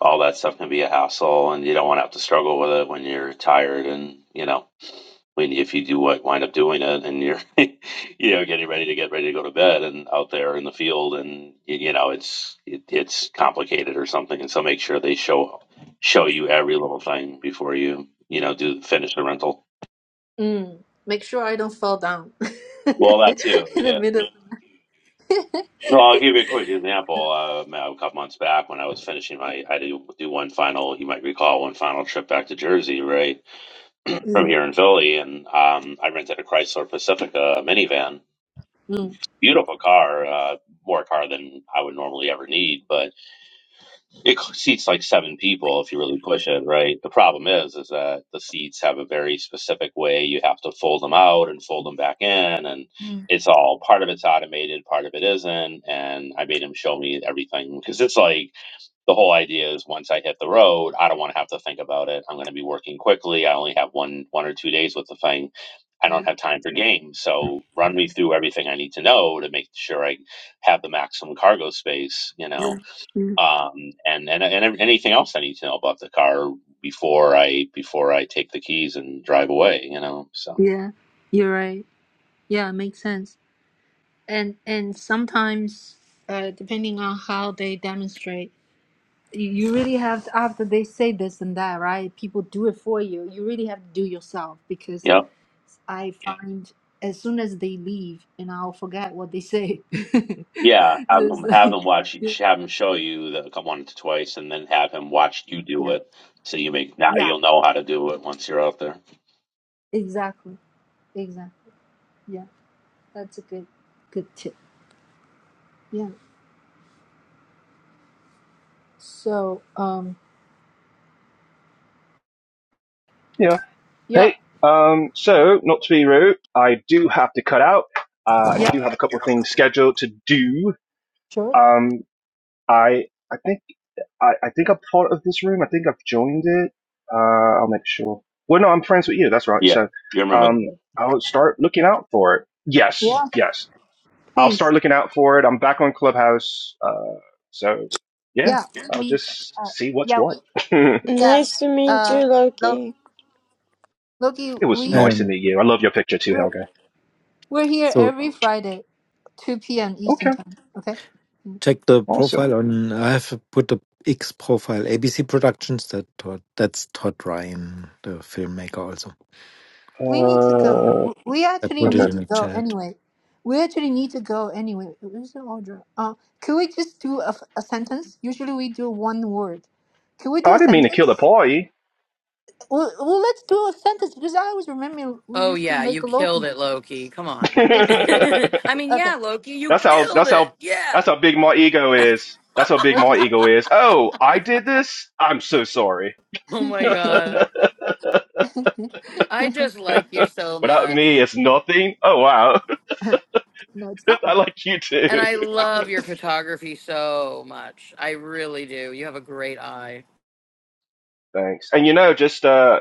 Speaker 8: all that stuff can be a hassle, and you don't want to have to struggle with it when you're tired and, you know. when if you do wi- wind up doing it and you're you know getting ready to get ready to go to bed and out there in the field and y- you know it's it, it's complicated or something and so make sure they show show you every little thing before you you know do finish the rental
Speaker 1: Mm. Make sure I don't fall down
Speaker 8: well that too
Speaker 1: in the
Speaker 8: yeah
Speaker 1: middle.
Speaker 8: no i'll give you a quick example uh, a couple months back when i was finishing my i do do one final you might recall one final trip back to jersey right from
Speaker 1: Mm.
Speaker 8: here in philly and um, i rented a chrysler pacifica minivan
Speaker 1: Mm.
Speaker 8: beautiful car, uh, more car than I would normally ever need, but it seats like seven people if you really push it, right? The problem is, is that the seats have a very specific way you have to fold them out and fold them back in, and
Speaker 1: Mm.
Speaker 8: it's all part of it's automated, part of it isn't, and I made him show me everything because it's like the whole idea is once I hit the road, I don't want to have to think about it. I'm going to be working quickly. I only have one one or two days with the thing. I don't have time for games, so run me through everything I need to know to make sure I have the maximum cargo space, you know, um, and, and and anything else I need to know about the car before I before I take the keys and drive away, you know. So
Speaker 1: Yeah, you're right. Yeah, makes sense. and and sometimes uh, depending on how they demonstrate you you really have to, after they say this and that right people do it for you you really have to do yourself because
Speaker 8: yeah.
Speaker 1: i Yeah. find as soon as they leave and i'll forget what they say so
Speaker 8: Yeah, have
Speaker 1: it's
Speaker 8: him have
Speaker 1: like,
Speaker 8: him watch you-
Speaker 1: yeah
Speaker 8: have him show you the come once or twice, and then have him watch you do
Speaker 1: yeah
Speaker 8: it. So you make now
Speaker 1: yeah,
Speaker 8: you'll know how to do it once you're out there.
Speaker 1: exactly exactly yeah that's a good good tip yeah so um
Speaker 7: yeah.
Speaker 1: yeah
Speaker 7: Hey. Um. So not to be rude, I do have to cut out. Uh, I
Speaker 1: yeah
Speaker 7: do have a couple of
Speaker 1: Uh,
Speaker 7: things scheduled to do.
Speaker 1: sure
Speaker 7: Um. I I think I, I think I'm part of this room. I think I've joined it. Uh. I'll make sure. Well, no, I'm friends with you. That's right.
Speaker 8: Yeah,
Speaker 7: So,
Speaker 8: you remember
Speaker 7: um,
Speaker 8: that.
Speaker 7: I'll start looking out for it. Yes.
Speaker 1: yeah
Speaker 7: Yes. I'll
Speaker 1: please
Speaker 7: start looking out for it. I'm back on Clubhouse, uh, so yeah,
Speaker 1: yeah we
Speaker 7: I'll
Speaker 1: meet
Speaker 7: just
Speaker 1: uh,
Speaker 7: see what's
Speaker 1: yeah
Speaker 7: what. it
Speaker 1: Yeah.
Speaker 2: Nice to meet
Speaker 1: Uh,
Speaker 2: you,
Speaker 1: Lo-
Speaker 2: Loki.
Speaker 1: Loki,
Speaker 7: was
Speaker 1: we
Speaker 7: nice to
Speaker 3: And
Speaker 7: meet you. I love your picture too,
Speaker 1: we're,
Speaker 7: Helga.
Speaker 1: we're here
Speaker 3: so
Speaker 1: every Friday, 2 p.m. Eastern
Speaker 7: Okay,
Speaker 1: time. Okay.
Speaker 3: check the
Speaker 7: awesome.
Speaker 3: profile on. I have put the X profile, ABC Productions. That Todd, that's Todd Ryan, the filmmaker. Also,
Speaker 1: We need to go.
Speaker 7: Uh,
Speaker 1: W- We
Speaker 3: I
Speaker 1: actually
Speaker 3: put it
Speaker 7: okay.
Speaker 1: need
Speaker 3: in
Speaker 1: to
Speaker 3: the
Speaker 1: go
Speaker 3: chat.
Speaker 1: anyway. We actually need to go anyway. Where's the order? Uh, can we just do a, a sentence? Usually we do one word. Can we
Speaker 7: Oh,
Speaker 1: do
Speaker 7: I
Speaker 1: a
Speaker 7: didn't mean to kill the
Speaker 1: sentence?
Speaker 7: party.
Speaker 1: Well, well, let's do a sentence because I always remember we
Speaker 4: Oh,
Speaker 1: used to
Speaker 4: yeah, you
Speaker 1: make
Speaker 4: killed
Speaker 1: Loki
Speaker 4: it, Loki. Come on.
Speaker 1: say something.
Speaker 4: I mean,
Speaker 1: Okay,
Speaker 4: yeah, Loki, you
Speaker 7: that's how.
Speaker 4: killed
Speaker 7: That's
Speaker 4: it.
Speaker 7: how. That's
Speaker 4: Yeah.
Speaker 7: how big my ego is. That's how big
Speaker 1: what you
Speaker 7: my
Speaker 1: say?
Speaker 7: ego is. Oh, I did this. I'm so sorry.
Speaker 4: Oh my God. I just like you so
Speaker 7: Without me,
Speaker 4: much.
Speaker 7: it's nothing. Oh wow.
Speaker 1: no, it's not
Speaker 7: I
Speaker 1: me.
Speaker 7: like you
Speaker 4: And
Speaker 7: too.
Speaker 4: I
Speaker 1: It's not me.
Speaker 4: love your photography so much. I really do. You have a great eye.
Speaker 7: Thanks. And you know, just uh,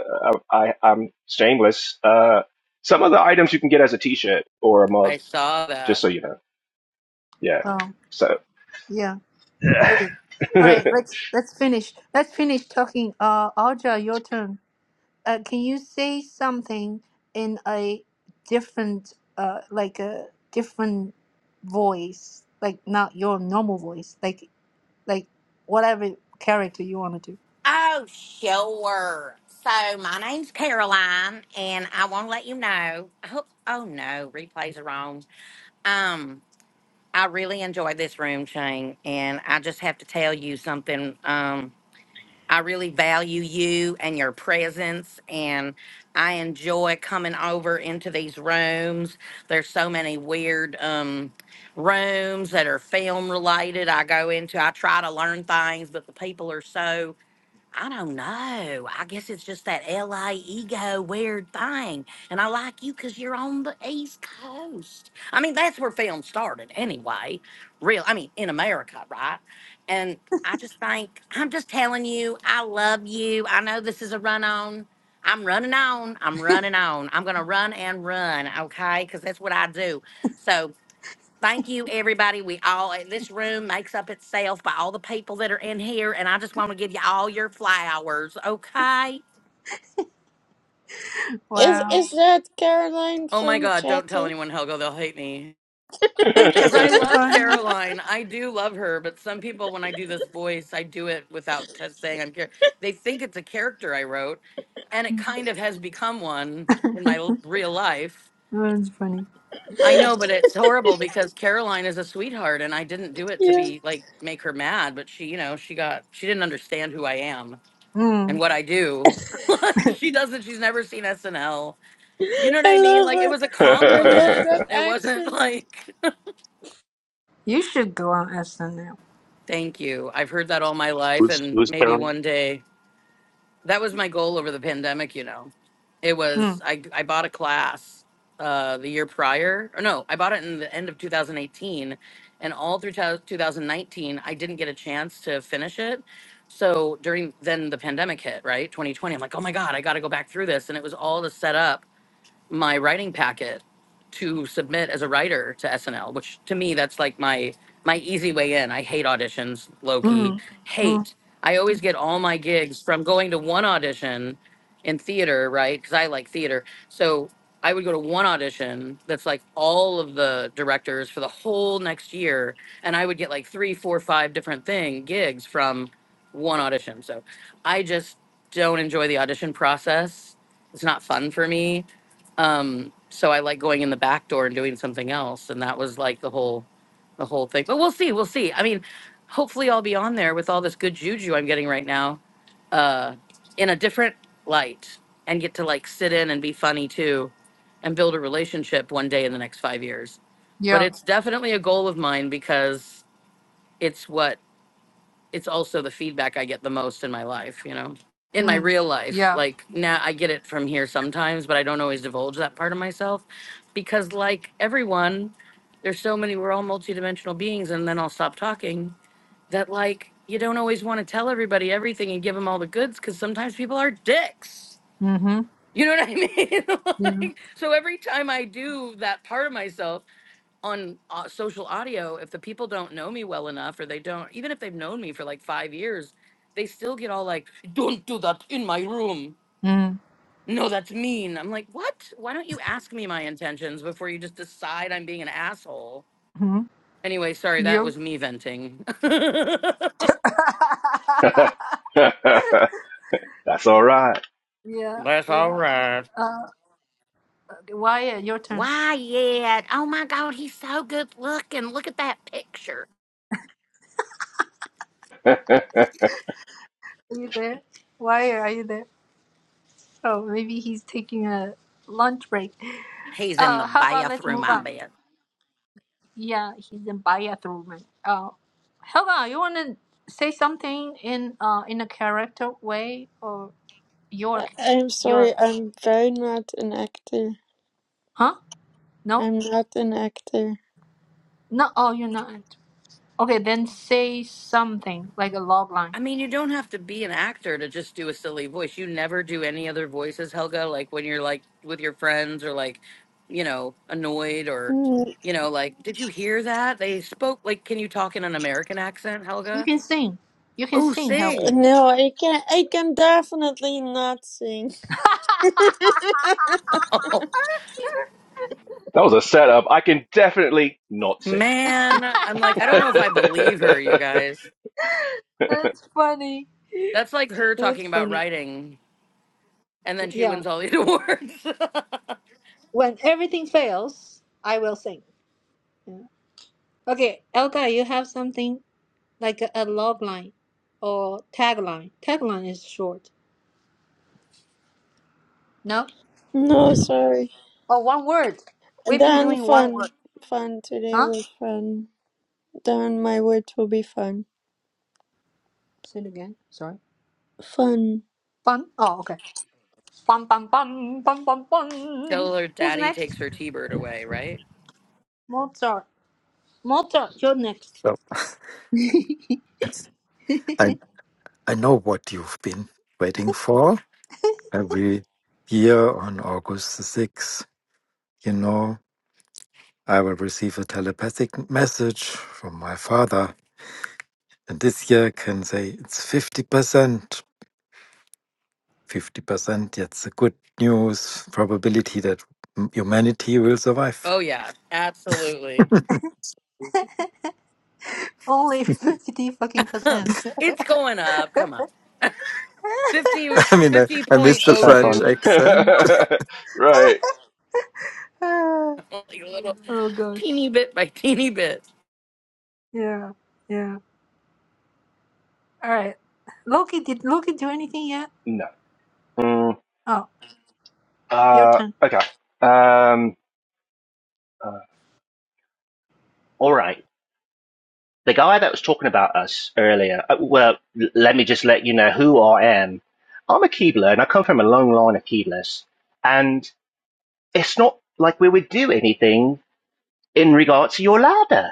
Speaker 7: I, I I'm shameless. Uh, some of the items you can get as a T-shirt or a mug,
Speaker 4: I saw
Speaker 7: just
Speaker 4: that.
Speaker 7: so you know. Yeah.
Speaker 1: Oh,
Speaker 7: So.
Speaker 1: yeah. Okay. All right, let's let's finish. Let's finish talking. Uh, Alja, your turn. Uh, can you say something in a different, uh, like a different voice, like not your normal voice, like like whatever character you want to do?
Speaker 4: Oh, sure. So my name's Caroline, and I want to let you know. I hope. Oh no, replays are on. Um, I really enjoy this room, Shane, and I just have to tell you something. Um, I really value you and your presence, and I enjoy coming over into these rooms. There's so many weird um rooms that are film related. I go into. I try to learn things, but the people are so I don't know. I guess it's just that LA ego weird thing. And I like you because you're on the East Coast. I mean, that's where film started anyway. Real, I mean, in America, right? And I just think, I'm just telling you, I love you. I know this is a run on. I'm running on. I'm running on. I'm going to run and run, okay? Because that's what I do. So Thank you, everybody. We all, this room makes up itself by all the people that are in here, and I just want to give you all your flowers, okay?
Speaker 2: Is
Speaker 1: Wow,
Speaker 2: is that Caroline
Speaker 4: Oh my
Speaker 2: from
Speaker 4: God, don't tell
Speaker 2: Chatty?
Speaker 4: anyone, Helga. They'll hate me.
Speaker 1: that's
Speaker 4: Because I
Speaker 1: so
Speaker 4: love
Speaker 1: funny.
Speaker 4: Caroline. I do love her, but some people, when I do this voice, I do it without t- saying I'm Car- They think it's a character I wrote, and it kind of has become one in my l- real life.
Speaker 1: that's funny.
Speaker 4: I know, but
Speaker 1: That's,
Speaker 4: it's horrible because Caroline is a sweetheart, and I didn't do it to
Speaker 2: yeah.
Speaker 4: be like make her mad. But she, you know, she got she didn't understand who I am and
Speaker 1: mm,
Speaker 4: what I do. like she doesn't. She's never seen SNL. You know what I
Speaker 2: I
Speaker 4: mean?
Speaker 2: love
Speaker 4: Like it
Speaker 2: her.
Speaker 4: was a
Speaker 2: And I love
Speaker 4: compliment.
Speaker 2: that
Speaker 4: It wasn't
Speaker 2: accent.
Speaker 4: like
Speaker 1: you should go on SNL.
Speaker 4: thank you. I've heard that all my life, and maybe one day that was my goal over the pandemic you know it
Speaker 1: Mm,
Speaker 4: was i i bought a class uh the year prior or no i bought it in the end of 2018 and all through to- 2019 i didn't get a chance to finish it so during then the pandemic hit right 2020 i'm like oh my god i got to go back through this and it was all to set up my writing packet to submit as a writer to SNL, which to me that's like my my easy way in. I hate auditions, low key.
Speaker 1: mm, mm,
Speaker 4: Hate. I always get all my gigs from going to one audition in theater, right? Cuz I like theater. So I would go to one audition that's like all of the directors for the whole next year, and I would get like three, four, five different thing gigs from one audition. So I just don't enjoy the audition process. It's not fun for me um, so I like going in the back door and doing something else, and that was like the whole, the whole thing. But we'll see, we'll see. I mean, hopefully I'll be on there with all this good juju I'm getting right now, uh, in a different light, and get to like sit in and be funny too, and build a relationship one day in the next five years. But
Speaker 1: yeah.
Speaker 4: it's definitely a goal of mine because it's what it's also the feedback I get the most in my life, you know, in my
Speaker 1: Mm,
Speaker 4: real life.
Speaker 1: yeah.
Speaker 4: Like now I get it from here sometimes, but I don't always divulge that part of myself because, like everyone, there's so many, we're all multidimensional beings. And then I'll stop talking that, like, you don't always want to tell everybody everything and give them all the goods because sometimes people are dicks.
Speaker 1: Mm-hmm.
Speaker 4: You know what I mean?
Speaker 1: Yeah.
Speaker 4: like, so every time I do that part of myself, on uh, social audio, if the people don't know me well enough, or they don't, even if they've known me for like five years, they still get all like, don't do that in my room.
Speaker 1: Mm-hmm.
Speaker 4: No, that's mean. I'm like, what? Why don't you ask me my intentions before you just decide I'm being an asshole? Anyway, sorry, that
Speaker 1: Yep.
Speaker 4: was me venting.
Speaker 7: That's all right.
Speaker 1: yeah.
Speaker 4: That's all
Speaker 1: Yeah.
Speaker 4: right.
Speaker 1: Uh, Why? your turn.
Speaker 4: Why yet? Oh my God, he's so good looking. Look at that picture.
Speaker 7: that
Speaker 1: Are you there? Why are you there? Oh, maybe he's taking a lunch break.
Speaker 4: He's in the
Speaker 1: Uh, how about let's
Speaker 4: bathroom,
Speaker 1: move
Speaker 4: I
Speaker 1: on?
Speaker 4: bet.
Speaker 1: Yeah, he's in bathroom. Uh, Helga, you wanna say something in uh in a character way or your
Speaker 2: I- I'm
Speaker 1: your
Speaker 2: sorry, I'm very not an actor.
Speaker 1: huh? No,
Speaker 2: I'm not an actor.
Speaker 1: no. Oh, you're not. Okay, then say something like a log line.
Speaker 4: I mean, you don't have to be an actor to just do a silly voice. You never do any other voices, Helga, like when you're like with your friends or like, you know, annoyed or,
Speaker 2: Mm,
Speaker 4: you know, like, did you hear that? They spoke like, can you talk in an American accent,
Speaker 1: You
Speaker 4: Helga?
Speaker 1: can sing. You can
Speaker 4: Oh,
Speaker 1: sing, Helga.
Speaker 4: sing.
Speaker 2: No, I can I can definitely not sing.
Speaker 4: Oh,
Speaker 7: was a setup. I can definitely not sing.
Speaker 4: man. I'm like, I don't know if I believe her, you guys.
Speaker 1: That's funny.
Speaker 4: That's like her
Speaker 1: That's
Speaker 4: talking about
Speaker 1: funny.
Speaker 4: writing and then she
Speaker 1: Yeah.
Speaker 4: wins all these awards.
Speaker 1: When everything fails, I will sing. Yeah. Okay, Elga, you have something like a, a log line or tagline. Tagline is short. No?
Speaker 2: no, sorry.
Speaker 1: Oh, one word.
Speaker 2: And
Speaker 1: We've been
Speaker 2: Then
Speaker 1: doing one
Speaker 2: fun.
Speaker 1: word.
Speaker 2: Fun. Today
Speaker 1: Huh?
Speaker 2: was fun. Then my words will be fun.
Speaker 1: Say it again. Sorry.
Speaker 2: Fun.
Speaker 1: Fun. Oh, okay. Bum, bum, bum, bum, bum, bum.
Speaker 4: Till her
Speaker 1: Who's
Speaker 4: daddy
Speaker 1: next?
Speaker 4: takes her T Bird away, right?
Speaker 1: Mozart. Mozart, you're next.
Speaker 3: So I, I know what you've been waiting for. Every year on August the 6th, you know, I will receive a telepathic message from my father And this year can say it's 50%. 50%, that's a good news probability that m- humanity will survive.
Speaker 4: Oh, yeah, absolutely.
Speaker 1: Only 50 fucking percent.
Speaker 4: it's going up. Come on. fifty
Speaker 3: I mean, I,
Speaker 4: fifty
Speaker 3: I miss
Speaker 4: point
Speaker 3: the
Speaker 7: She's
Speaker 4: oh
Speaker 7: had
Speaker 3: French
Speaker 7: fun.
Speaker 4: two.
Speaker 3: accent.
Speaker 7: right.
Speaker 1: oh
Speaker 4: Like a little
Speaker 1: gosh.
Speaker 4: teeny bit by teeny bit.
Speaker 1: Yeah. Yeah. All right. Loki, did Loki do anything yet?
Speaker 7: No. Mm,
Speaker 1: Oh, your
Speaker 7: uh.
Speaker 1: turn.
Speaker 7: Okay. Um. uh, all right. the guy that was talking about us earlier, uh, well, let me just let you know who I am. I'm a Keebler and I come from a long line of Keeblers. And it's not like we would do anything in regards to your ladder.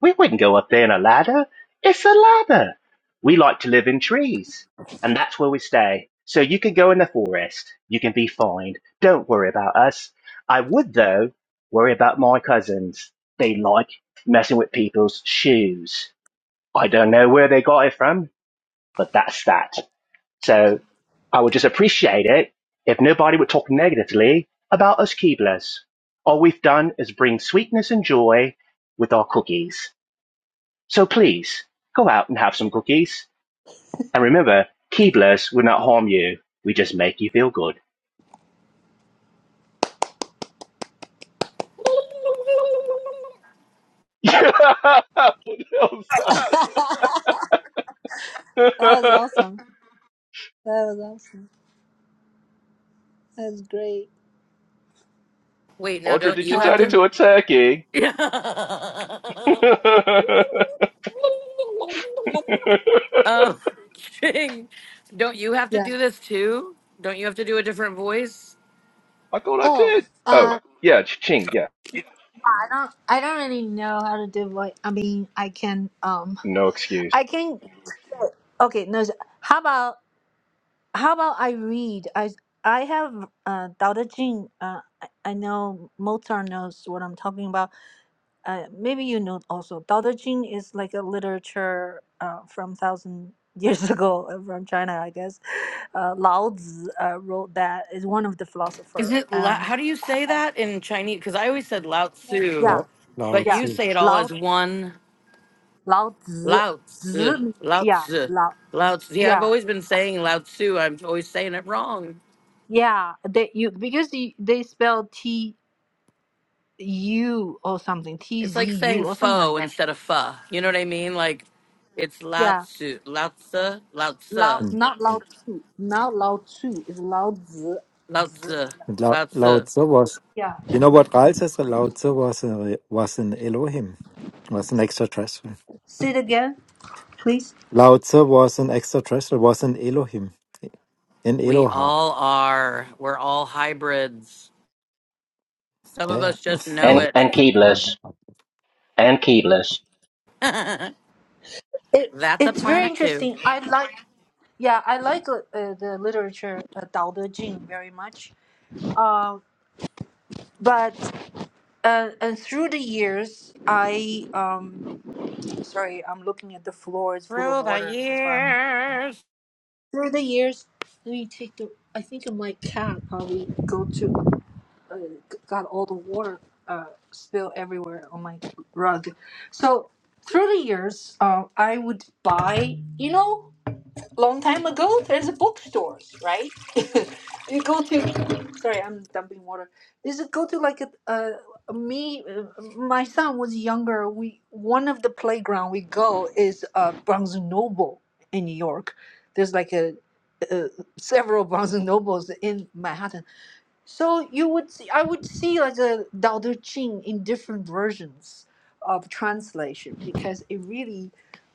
Speaker 7: We wouldn't go up there in a ladder. It's a ladder. We like to live in trees and that's where we stay. So you can go in the forest. You can be fine. Don't worry about us. I would though worry about my cousins. They like messing with people's shoes I don't know where they got it from, but that's that. So I would just appreciate it if nobody would talk negatively about us Keeblers. All we've done is bring sweetness and joy with our cookies. So please go out and have some cookies. And remember, Keeblers will not harm you. We just make you feel good. What else?
Speaker 1: that was awesome. That was awesome. That was great.
Speaker 4: Wait, now
Speaker 7: Audra,
Speaker 4: don't
Speaker 7: did you
Speaker 4: you have
Speaker 7: turn
Speaker 4: to?
Speaker 1: Um.
Speaker 7: into a turkey?
Speaker 4: Yeah.
Speaker 7: I
Speaker 4: Oh, King, don't you have to
Speaker 1: Yeah.
Speaker 4: do this too? Don't you have to do a different voice?
Speaker 7: thought I
Speaker 1: Oh.
Speaker 7: did. Oh,
Speaker 1: Uh.
Speaker 7: yeah, ching, yeah.
Speaker 1: I don't. I don't really know how to do voice. I mean, I can. Um.
Speaker 7: No excuse.
Speaker 1: I can. Okay. No. How about? how about I read? I I have uh Dao De Jing. Uh, I, I know Mozart knows what I'm talking about. Uh, maybe you know also. Dao De Jing is like a literature uh, from thousand years ago uh, from China, I guess. Uh, Lao Tzu uh, wrote that is one of the
Speaker 4: Is
Speaker 1: philosopher.
Speaker 4: it la-
Speaker 1: And
Speaker 4: how do you say that in Chinese? Because I always said Lao
Speaker 1: yeah,
Speaker 4: Tzu,
Speaker 3: Now, now
Speaker 4: but
Speaker 1: yeah,
Speaker 3: it's
Speaker 4: you say it all
Speaker 1: Lao
Speaker 4: as one.
Speaker 1: Lao Tzu,
Speaker 4: Lao Tzu,
Speaker 1: Tzu
Speaker 4: Lao
Speaker 1: yeah,
Speaker 4: Tzu,
Speaker 1: Lao,
Speaker 4: Lao Tzu. Yeah, I've
Speaker 1: yeah,
Speaker 4: always been saying Lao Tzu. I'm always saying it wrong.
Speaker 1: yeah. They you because they, they spell T U or something, T
Speaker 4: It's
Speaker 1: Z
Speaker 4: like saying
Speaker 1: U or something like
Speaker 4: foe
Speaker 1: that.
Speaker 4: instead of pho. You know what I mean? Like, it's Lao
Speaker 1: Yeah.
Speaker 4: Tzu, Lao Tzu, Lao
Speaker 1: Lao
Speaker 4: Tzu,
Speaker 3: And
Speaker 1: not Lao Tzu. Not Lao Tzu. is Lao Tzu.
Speaker 4: Lao Tzu,
Speaker 3: and Lao,
Speaker 4: Lao
Speaker 3: Lao
Speaker 4: Tzu.
Speaker 3: Tzu was,
Speaker 1: Yeah.
Speaker 3: you know what Ral says? Lao Tzu was, a, was an Elohim, was an extraterrestrial.
Speaker 1: Say it again, please.
Speaker 3: Lao Tzu was an extraterrestrial, was an Elohim, an
Speaker 4: We
Speaker 3: Eloha.
Speaker 4: all are. We're all hybrids. Some of
Speaker 3: Yeah,
Speaker 4: us just
Speaker 3: yeah.
Speaker 4: know
Speaker 7: and
Speaker 3: A
Speaker 4: it.
Speaker 7: and
Speaker 3: big part of
Speaker 7: keyless,
Speaker 3: that.
Speaker 7: and keyless.
Speaker 4: That's
Speaker 1: It
Speaker 4: a
Speaker 1: it's very
Speaker 4: planet too.
Speaker 1: interesting. I like yeah, I like uh, uh, the literature uh, Dao De Jing very much. Uh, but uh, and through the years, I um sorry, I'm looking at the floor. It's full of
Speaker 4: Through the
Speaker 1: water. That's why I'm
Speaker 4: years.
Speaker 1: through the years. Let me take the. I think my cat probably go to. uh, got all the water uh, spill everywhere on my rug. So through the years, uh, I would buy, you know, long time ago, there's a bookstores, right? you go to, sorry, I'm dumping water. Is it go to like a, uh, me, uh, my son was younger. We one of the playground we go is uh, Barnes and Noble in New York. There's like a, uh several Barnes and Nobles in Manhattan so you would see, I would see like the Dao De Jing in different versions of translation because it really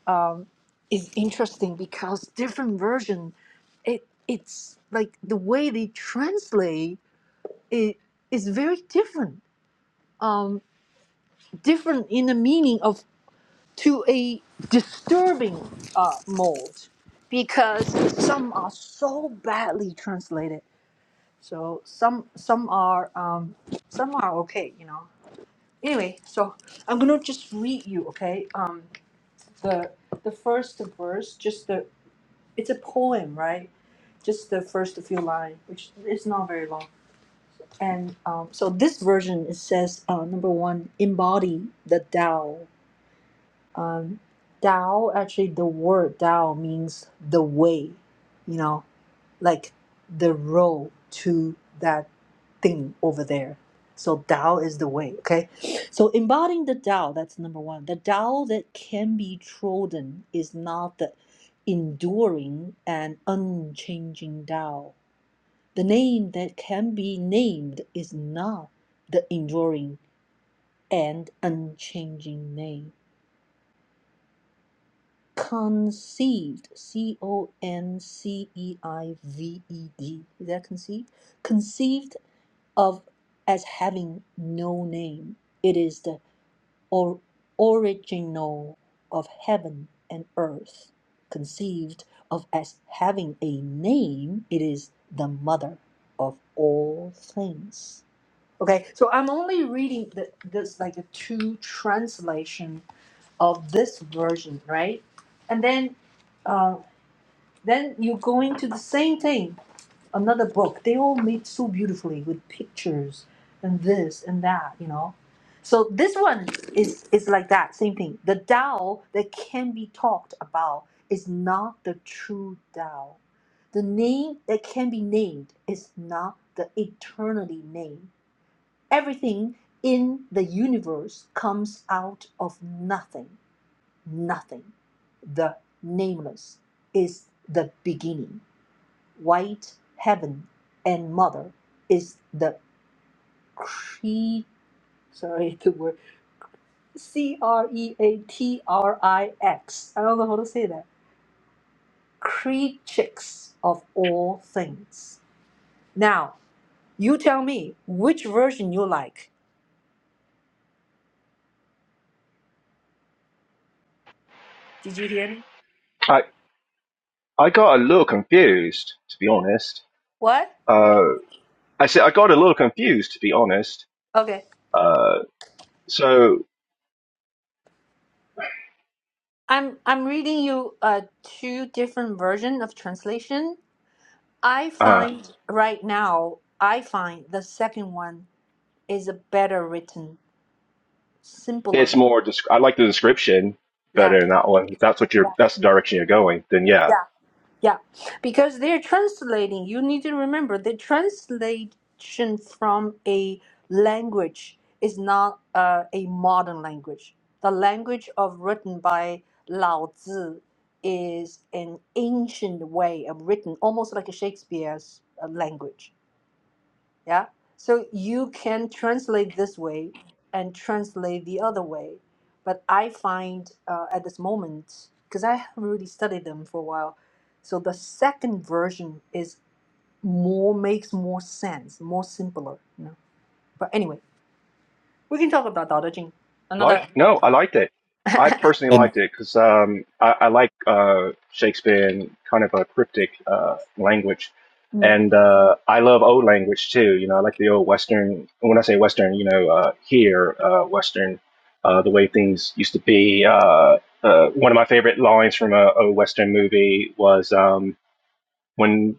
Speaker 1: um, is interesting because different version, it it's like the way they translate it is very different, um, different in the meaning of to a disturbing uh, mode because some are so badly translated so some some are um, some are okay, you know. Anyway, so I'm gonna just read you, okay? Um, the the first verse, just the it's a poem, right? Just the first few lines, which is not very long. And um, so this version it says uh, number one, embody the Tao um, Dao, actually, the word Dao means the way, you know, like the road to that thing over there. So Dao is the way, okay? So embodying the Dao, that's number one. The Dao that can be trodden is not the enduring and unchanging Dao. The name that can be named is not the enduring and unchanging name. conceived c-o-n-c-e-i-v-e-d is that conceived conceived of as having no name it is the or, original of heaven and earth conceived of as having a name it is the mother of all things okay so i'm only reading the, this like a two translation of this version, right? And then, uh, then you go into the same thing, another book. They all made so beautifully with pictures and this and that, you know. So this one is is like that same thing. The Tao that can be talked about is not the true Tao. The name that can be named is not the eternally name. Everything in the universe comes out of nothing nothing. The nameless is the beginning. White heaven and mother is the cre sorry the word C R E A T R I X. I don't know how to say that. Creatures of all things. Now you tell me which version you like. Did you hear me?
Speaker 7: I I got a little confused, to be honest.
Speaker 1: What?
Speaker 7: Uh, I said I got a little confused, to be honest.
Speaker 1: Okay.
Speaker 7: Uh, so
Speaker 1: I'm I'm reading you uh two different version of translation I
Speaker 7: uh,
Speaker 1: find right now, I find the second one is a better written, simpler.
Speaker 7: it's more. Desc- I like the description
Speaker 1: Yeah,
Speaker 7: better than that one. If that's what
Speaker 1: yeah,
Speaker 7: you're. That's the direction you're going. Then yeah,
Speaker 1: yeah, yeah. Because they're translating. You need to remember the translation from a language is not uh, a modern language. The language of written by Lao Tzu is an ancient way of written, almost like a Shakespeare's uh, language Yeah. So you can translate this way and translate the other way. But I find uh, at this moment, because I haven't really studied them for a while, so the second version is more makes more sense, more simpler. You know? But anyway, we can talk about Dao De Jing
Speaker 7: Like
Speaker 1: another.
Speaker 7: no, I liked it. I personally
Speaker 3: And
Speaker 7: liked it because um, I, I like uh, Shakespeare and kind of a cryptic uh, language,
Speaker 1: Mm.
Speaker 7: and uh, I love old language too. You know, I like the old Western. When I say Western, you know, uh, here uh, Western, uh, the way things used to be. Uh, uh, one of my favorite lines from a, a Western movie was um, when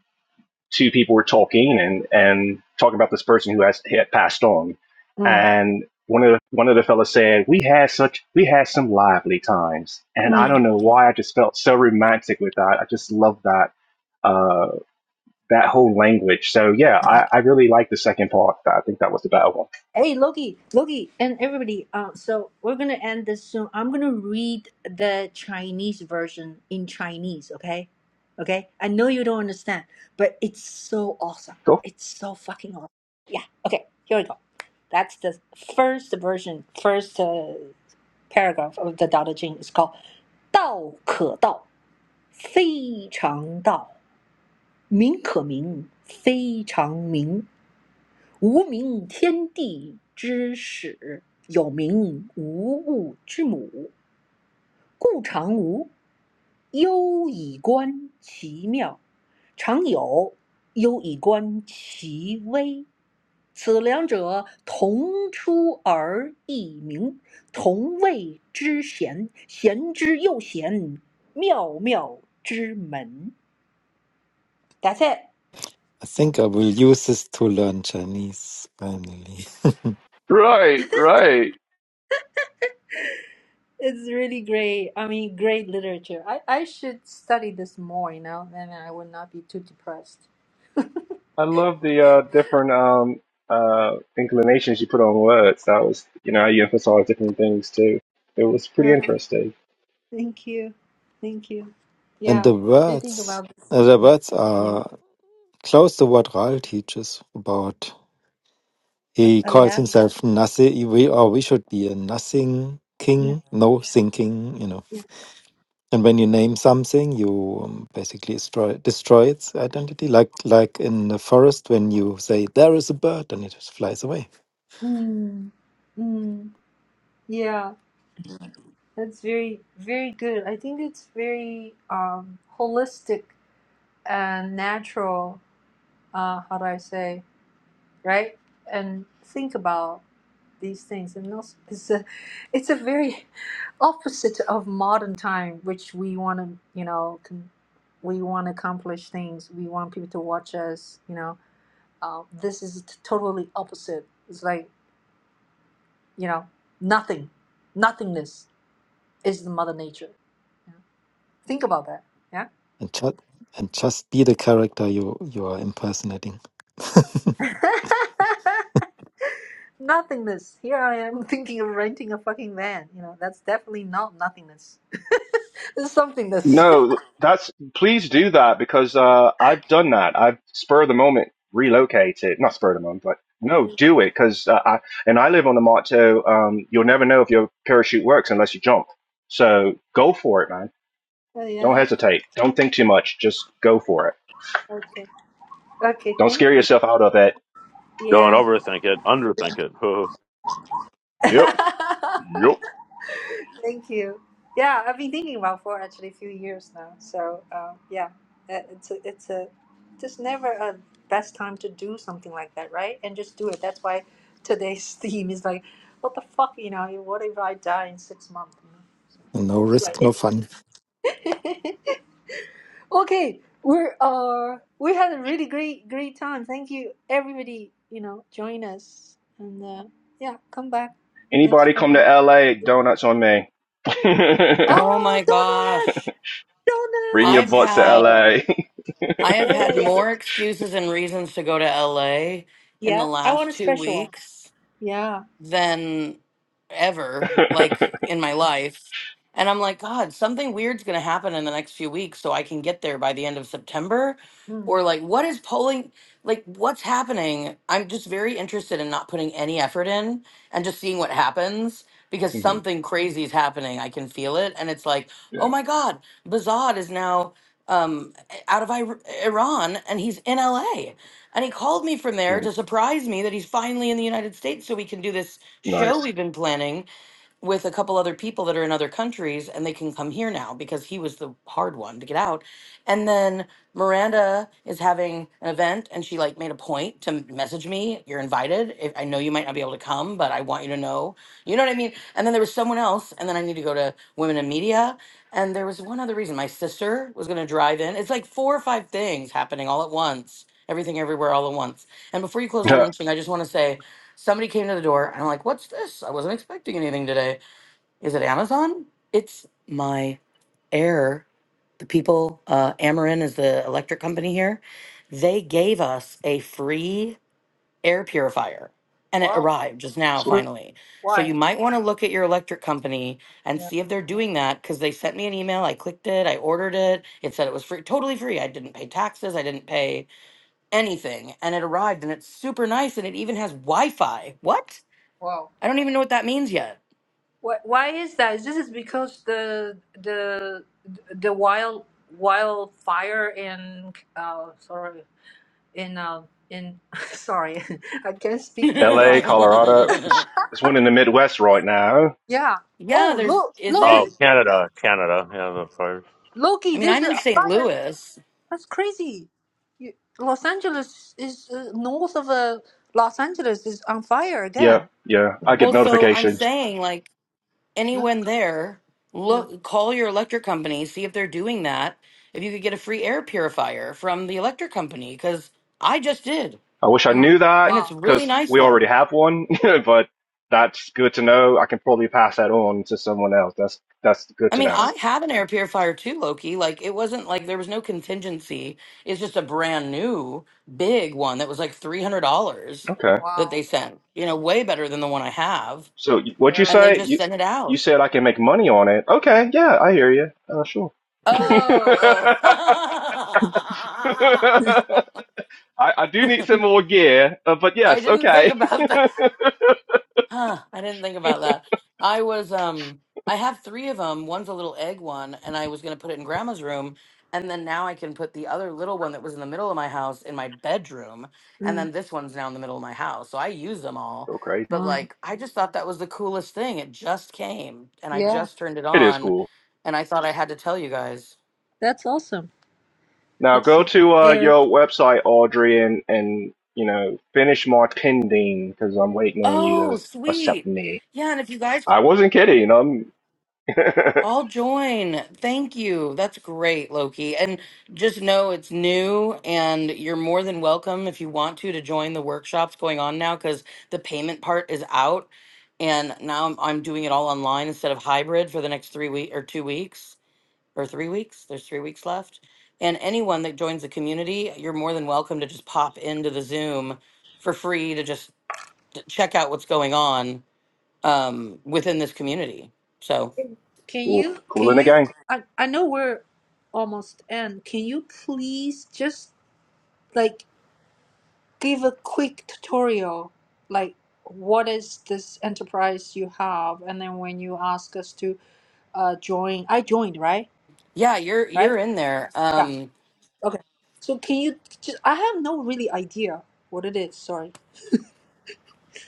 Speaker 7: two people were talking and and talking about this person who has had passed on,
Speaker 1: Mm.
Speaker 7: and one of the, one of the fellas said, "We had such we had some lively times," and I
Speaker 1: mm.
Speaker 7: don't know why I just felt so romantic with that. I just love that uh that whole language. So yeah, I, I really like the second part. I think that was the better one.
Speaker 1: Hey Loki, Loki, and everybody. Um, so we're gonna end this soon. I'm gonna read the Chinese version in Chinese. Okay, okay. I know you don't understand, but it's so awesome.
Speaker 7: Cool.
Speaker 1: It's so fucking awesome. Yeah. Okay. Here we go. That's the first version, first uh, paragraph of the Tao Te Ching. It's called 道可道，非常道；名可名，非常名。无名天地之始，有名无物之母。故常无，忧以观其妙；常有，忧以观其微。此两者，同出而异名，同谓之贤。贤之又贤，妙妙之门。That's it.
Speaker 3: I think I will use this to learn Chinese finally.
Speaker 7: Right, right.
Speaker 1: It's really great. I mean, great literature. I, I should study this more, you know, and I would not be too depressed.
Speaker 7: I love the uh, different um, uh, inclinations you put on words. That was, you know, you emphasize different things too. It was pretty
Speaker 1: Oh,
Speaker 7: interesting.
Speaker 1: thank you. Thank you.
Speaker 3: And
Speaker 1: Yeah.
Speaker 3: the
Speaker 1: You think
Speaker 3: words,
Speaker 1: about this.
Speaker 3: uh, the words
Speaker 1: Yeah.
Speaker 3: are close to what Ral teaches about. He
Speaker 1: Oh,
Speaker 3: calls
Speaker 1: yeah?
Speaker 3: himself nothing. We or we should be a nothing
Speaker 1: Yeah.
Speaker 3: king, no thinking. You know,
Speaker 1: Yeah.
Speaker 3: and when you name something, you um, basically destroy destroy its identity. Like like in the forest, when you say there is a bird, and it just flies away,
Speaker 1: Mm. Mm. Yeah. That's very, very good. I think it's very um, holistic and natural. Uh, how do I say? right? And think about these things. And also, it's a, it's a very opposite of modern time, which we want to, you know, con- we want to accomplish things. We want people to watch us. You know, uh, this is t- totally opposite. It's like, you know, nothing, nothingness is the mother nature. Yeah. Think about that. Yeah.
Speaker 3: and just and just be the character you you are impersonating.
Speaker 1: nothingness. Here I am thinking of renting a fucking van. You know, that's definitely not nothingness. It's somethingness.
Speaker 7: No, that's please do that because uh, I've done that. I've spur of the moment relocated, not spur of the moment, but no, do it because uh, I and I live on the motto: um, you'll never know if your parachute works unless you jump. So go for it, man.
Speaker 1: Oh
Speaker 7: Don't
Speaker 1: yeah.
Speaker 7: hesitate. Don't think too much. Just go for it.
Speaker 1: Okay. Okay.
Speaker 7: Don't
Speaker 1: Thank
Speaker 7: scare
Speaker 1: you.
Speaker 7: yourself out of it.
Speaker 8: Don't
Speaker 1: Yeah.
Speaker 8: overthink it. Underthink it.
Speaker 7: Yep, yep.
Speaker 1: thank you. Yeah, I've been thinking about for actually a few years now. So uh, yeah, Uh, it's a, it's a just never a best time to do something like that, right? And just do it. That's why today's theme is like, what the fuck, you know? What if I die in six months?
Speaker 3: no
Speaker 1: You know?
Speaker 3: risk, no fun.
Speaker 1: Anyway. Okay, we're uh we had a really great great time. Thank you everybody. You know, join us and uh, yeah, come back next
Speaker 7: Anybody come to
Speaker 1: Friday.
Speaker 7: LA? Donuts on me.
Speaker 4: Oh
Speaker 1: Oh,
Speaker 4: my
Speaker 1: donuts,
Speaker 4: gosh.
Speaker 7: Bring your
Speaker 4: I've
Speaker 1: donuts!
Speaker 7: butts to
Speaker 4: had
Speaker 7: LA.
Speaker 1: Yeah,
Speaker 7: yeah,
Speaker 4: I have
Speaker 1: yeah, yeah,
Speaker 4: had
Speaker 1: yeah.
Speaker 4: more excuses and reasons to go to LA in the
Speaker 1: Yeah, I want
Speaker 4: last
Speaker 1: a
Speaker 4: two
Speaker 1: special one.
Speaker 4: weeks
Speaker 1: Yeah.
Speaker 4: than ever, like in my life. And I'm like, God, something weird's going to happen in the next few weeks so I can get there by the end of September.
Speaker 1: Mm.
Speaker 4: Or like, what is polling? Like, what's happening? I'm just very interested in not putting any effort in and just seeing what happens because something crazy is happening. I can feel it. And it's like, oh
Speaker 7: yeah,
Speaker 4: my God, Bazad is now um, out of Ir- Iran and he's in LA. And he called me from there
Speaker 7: Mm-hmm.
Speaker 4: to surprise me that he's finally in the United States so we can do this show
Speaker 7: nice.
Speaker 4: we've been planning with a couple other people that are in other countries and they can come here now because he was the hard one to get out. And then Miranda is having an event and she like made a point to message me, you're invited. If, I know you might not be able to come, but I want you to know. You know what I mean? And then there was someone else and then I need to go to Women in Media and there was one other reason my sister was going to drive in. It's like four or five things happening all at once. Everything everywhere all at once. And before you close the room, Ching, I just want to say somebody came to the door and I'm like, what's this? I wasn't expecting anything today is it Amazon? It's my air. The people, uh, Amarin is the electric company here. They gave us a free air purifier and it arrived just now,
Speaker 7: So
Speaker 4: finally. So you
Speaker 1: Why?
Speaker 4: might want to look at your electric company and see if they're doing that because they sent me an email. I clicked it, I ordered it. It said it was free, totally free. I didn't pay taxes, I didn't pay anything. And it arrived and it's super nice and it even has Wi Fi. What?
Speaker 1: Wow.
Speaker 4: I don't even know what that means yet.
Speaker 1: Why? Why is that? This is because the the the wild wildfire in uh sorry in uh in sorry I can't speak very well
Speaker 7: LA, Colorado. It's, it's one in the Midwest right now.
Speaker 1: Yeah.
Speaker 4: Yeah,
Speaker 1: Oh,
Speaker 4: there's
Speaker 1: look,
Speaker 4: is there?
Speaker 8: oh,
Speaker 1: Loki,
Speaker 8: Canada, Canada. Yeah, the fires.
Speaker 4: I
Speaker 1: Loki.
Speaker 4: mean,
Speaker 1: There's
Speaker 4: I'm
Speaker 1: a
Speaker 4: in St.
Speaker 1: fire.
Speaker 4: Louis.
Speaker 1: That's crazy. You, Los Angeles is uh, north of uh, Los Angeles is on fire
Speaker 7: Yeah,
Speaker 1: again.
Speaker 7: yeah. I get
Speaker 4: Well, so I'm
Speaker 7: notifications.
Speaker 4: saying like
Speaker 1: Yeah.
Speaker 4: anyone there,
Speaker 1: Yeah.
Speaker 4: look call your electric company, see if they're doing that. If you could get a free air purifier from the electric company cuz I just did
Speaker 7: I wish I
Speaker 1: Uh,
Speaker 7: knew that
Speaker 4: and it's
Speaker 1: wow.
Speaker 4: a really
Speaker 7: because
Speaker 4: nice
Speaker 7: we already
Speaker 4: one.
Speaker 7: have one, but that's good to know. I can probably pass that on to someone else. That's that's good
Speaker 4: I
Speaker 7: to
Speaker 4: mean,
Speaker 7: know.
Speaker 4: I had an air purifier too, Loki. Like it wasn't like there was no contingency. It's just a brand new big one that was like $300
Speaker 7: Okay.
Speaker 4: that they sent. You know, way better than the one I have
Speaker 7: So y- what'd you
Speaker 4: and they
Speaker 7: say?
Speaker 4: just
Speaker 7: You
Speaker 4: sent it out.
Speaker 7: you said I can make money on it. Okay. Yeah, I hear you. Uh, sure.
Speaker 4: Oh, oh.
Speaker 7: I, I do need some more gear, uh, but
Speaker 4: I
Speaker 7: yes,
Speaker 4: didn't think
Speaker 7: okay.
Speaker 4: about that. Huh, I didn't think about that. I was um I have 3 of them. One's a little egg one and I was going to put it in grandma's room and then now I can put the other little one that was in the middle of my house in my bedroom and then this one's now in the middle of my house. So I use them all.
Speaker 7: Go crazy.
Speaker 4: But like I just thought that was the coolest thing. It just came and I just turned it
Speaker 7: It is
Speaker 4: on
Speaker 7: cool.
Speaker 4: and I thought I had to tell you guys.
Speaker 1: Awesome.
Speaker 7: Now go to uh,
Speaker 1: Air,
Speaker 7: your website, Audrey, and and you know finish my pending because I'm waiting on you
Speaker 4: Oh,
Speaker 7: to accept
Speaker 4: sweet.
Speaker 7: me.
Speaker 4: Yeah, and if you guys
Speaker 7: I wasn't kidding. I'm
Speaker 4: I'll join. Thank you. That's great, Loki. And just know it's new and you're more than welcome if you want to to join the workshops going on now cuz the payment part is out and now I'm, I'm doing it all online instead of hybrid for the next 3 week or 2 weeks or 3 weeks. There's 3 weeks left. And anyone that joins the community, you're more than welcome to just pop into the Zoom for free to just check out what's going on um, within this community. So,
Speaker 1: can
Speaker 7: cool,
Speaker 1: you
Speaker 7: cool
Speaker 1: can
Speaker 7: in the
Speaker 1: you?
Speaker 7: gang.
Speaker 1: I I know we're almost end. Can you please just like give a quick tutorial, like what is this enterprise you have, and then when you ask us to uh join, I joined, right?
Speaker 4: Yeah, you're
Speaker 1: Right?
Speaker 4: you're in there.
Speaker 1: Yeah.
Speaker 4: Um,
Speaker 1: Okay. So can you just I have no really idea what it is, sorry.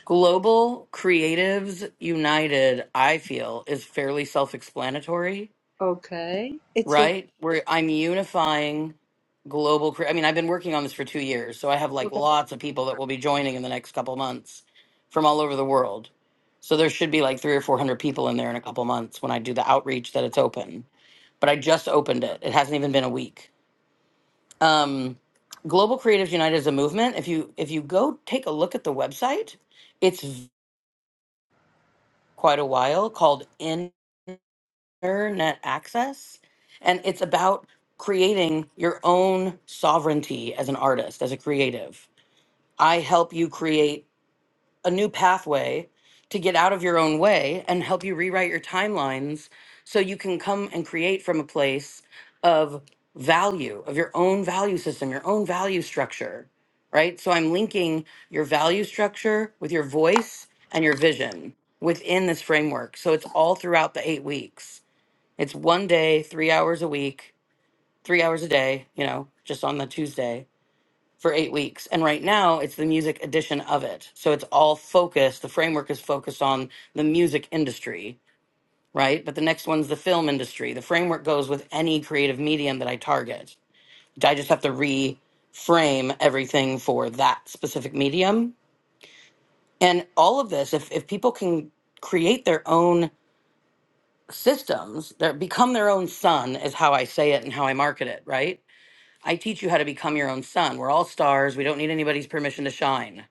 Speaker 4: Global Creatives United, I feel, is fairly self-explanatory,
Speaker 1: Okay. It's a
Speaker 4: right? Where I'm unifying global. cre- I mean, I've been working on this for two years, so I have like lots of people that will be joining in the next couple months from all over the world. So there should be like three or four hundred people in there in a couple months when I do the outreach that it's open. But I just opened it; it hasn't even been a week. um, Global Creatives United is a movement. If you if you go take a look at the website, it's v- quite a while called Internet Access, and it's about creating your own sovereignty as an artist, as a creative. I help you create a new pathway to get out of your own way and help you rewrite your timelines so you can come and create from a place of value, of your own value system, your own value structure, right? So I'm linking your value structure with your voice and your vision within this framework. So it's all throughout the eight weeks. It's one day, three hours a week, three hours a day, you know, just on the Tuesday for eight weeks. And right now, it's the music edition of it. So it's all focused. The framework is focused on the music industry, right? But the next one's the film industry. The framework goes with any creative medium that I target. I just have to reframe everything for that specific medium. And all of this, if, if people can create their own systems, they become their own sun, is how I say it and how I market it, right? I teach you how to become your own sun. We're all stars. We don't need anybody's permission to shine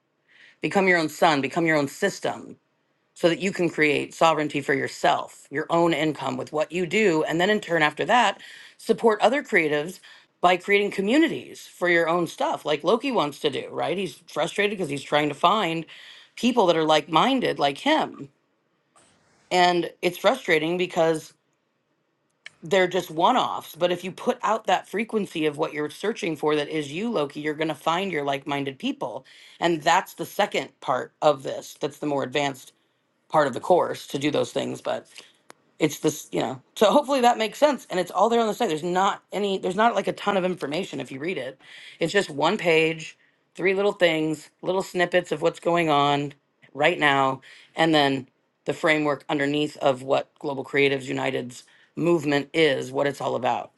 Speaker 4: Become your own son, become your own system so that you can create sovereignty for yourself, your own income with what you do. And then in turn, after that, support other creatives by creating communities for your own stuff, like Loki wants to do, right? He's frustrated because he's trying to find people that are like minded, like him. And it's frustrating because they're just one offs. But if you put out that frequency of what you're searching for that is you, Loki, you're going to find your like minded people. And that's the second part of this that's the more advanced part of the course to do those things but it's this you know so hopefully that makes sense and it's all there on the site there's not any there's not like a ton of information if you read it it's just one page three little things little snippets of what's going on right now and then the framework underneath of what global creatives united's movement is what it's all about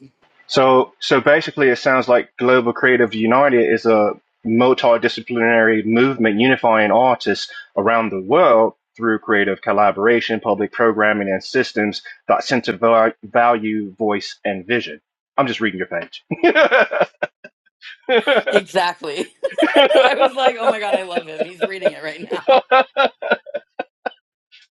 Speaker 7: So so basically, it sounds like Global Creative United is a multidisciplinary movement unifying artists around the world through creative collaboration, public programming, and systems that center val- value, voice, and vision. I'm just reading your page.
Speaker 4: exactly i was like oh my god i love him he's reading it right now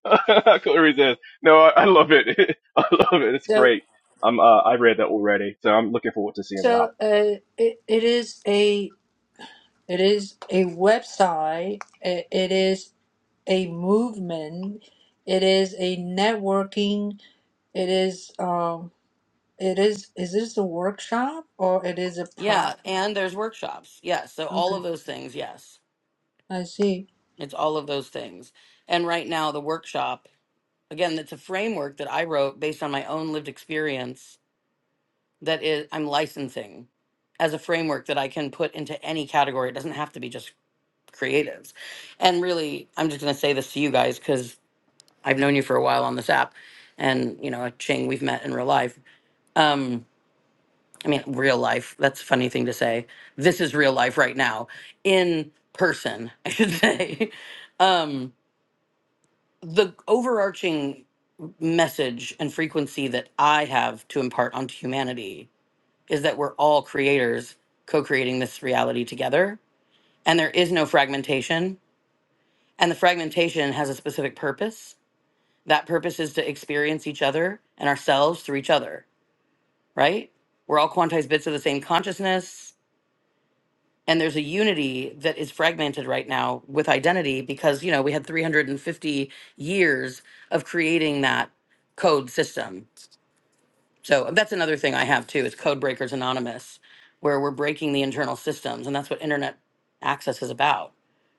Speaker 7: I couldn't resist. No, I, I love it. I love it. It's
Speaker 1: so
Speaker 7: great. I'm, uh, I read that already, so I'm looking forward to seeing what
Speaker 1: so
Speaker 7: happens.
Speaker 1: uh it, it is a it is a website. It, it is a movement. It is a networking. It is um it is is this a workshop or it is a
Speaker 4: yeah
Speaker 1: prompt?
Speaker 4: and there's workshops yes so all
Speaker 1: Okay.
Speaker 4: of those things yes
Speaker 1: I see.
Speaker 4: It's all of those things. And right now, the workshop, again, that's a framework that I wrote based on my own lived experience that is, I'm licensing as a framework that I can put into any category. It doesn't have to be just creatives. And really, I'm just going to say this to you guys because I've known you for a while on this app. And, you know, Ching, we've met in real life. Um, I mean, real life. That's a funny thing to say. This is real life right now in person, I should say. Um, the overarching message and frequency that I have to impart onto humanity is that we're all creators co creating this reality together. And there is no fragmentation. And the fragmentation has a specific purpose. That purpose is to experience each other and ourselves through each other, right? We're all quantized bits of the same consciousness. And there's a unity that is fragmented right now with identity because, you know, we had 350 years of creating that code system So that's another thing I have too is Code Breakers Anonymous, where we're breaking the internal systems, and that's what internet access is about.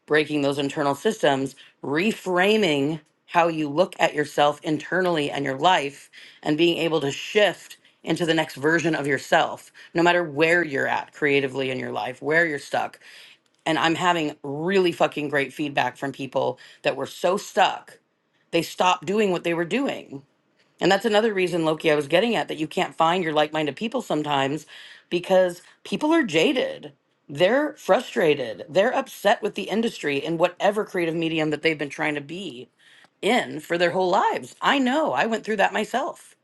Speaker 4: Breaking those internal systems, reframing how you look at yourself internally and your life, and being able to shift into the next version of yourself, no matter where you're at creatively in your life, where you're stuck. And I'm having really fucking great feedback from people that were so stuck, they stopped doing what they were doing and that's another reason, Loki, I was getting at that you can't find your like minded people sometimes because people are jaded. They're frustrated. They're upset with the industry in whatever creative medium that they've been trying to be in for their whole lives. I know, I went through that myself.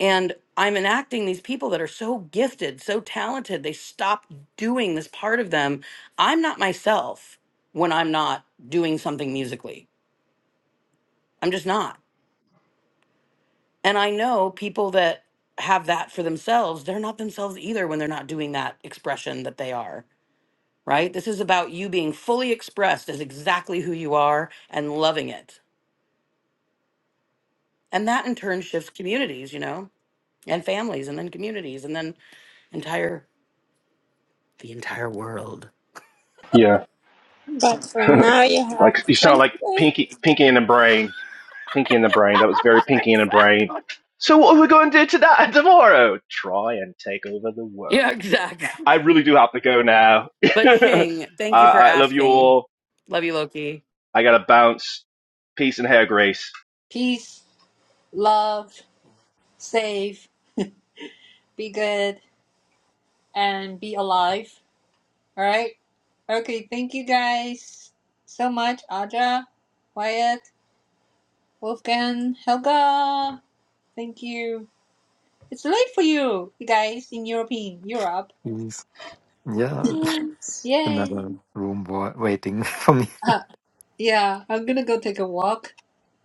Speaker 4: And I'm enacting these people that are so gifted, so talented. They stop doing this part of them. I'm not myself when I'm not doing something musically. I'm just not And I know people that have that for themselves, they're not themselves either when they're not doing that expression that they are, right? This is about you being fully expressed as exactly who you are and loving it. And that in turn shifts communities, you know, and families and then communities and then entire the entire world.
Speaker 7: Yeah,
Speaker 2: But for now you have
Speaker 7: like you sound like
Speaker 2: 28
Speaker 7: Pinky, Pinky in the Brain, Pinky in the Brain. That was very Pinky in the Brain.
Speaker 4: exactly.
Speaker 7: So what are we going to do today, tomorrow? Try and take over the world.
Speaker 4: Yeah,
Speaker 7: I
Speaker 4: exactly.
Speaker 7: really do have to go now.
Speaker 4: But
Speaker 7: I,
Speaker 4: Ching, thank you for
Speaker 7: I love you
Speaker 4: asking.
Speaker 7: all.
Speaker 4: Love you, Loki.
Speaker 7: I gotta bounce. Peace and hair, Grace.
Speaker 1: Peace, love, safe, be good and be alive. All right. Okay. Thank you guys so much, Aja, Wyatt, Wolfgang, Helga. Thank you. It's late for you, you guys in European Europe.
Speaker 3: Yes. Yeah,
Speaker 2: minutes.
Speaker 1: Yay.
Speaker 3: another room wa- waiting for me.
Speaker 1: Uh, yeah, I'm gonna go take a walk.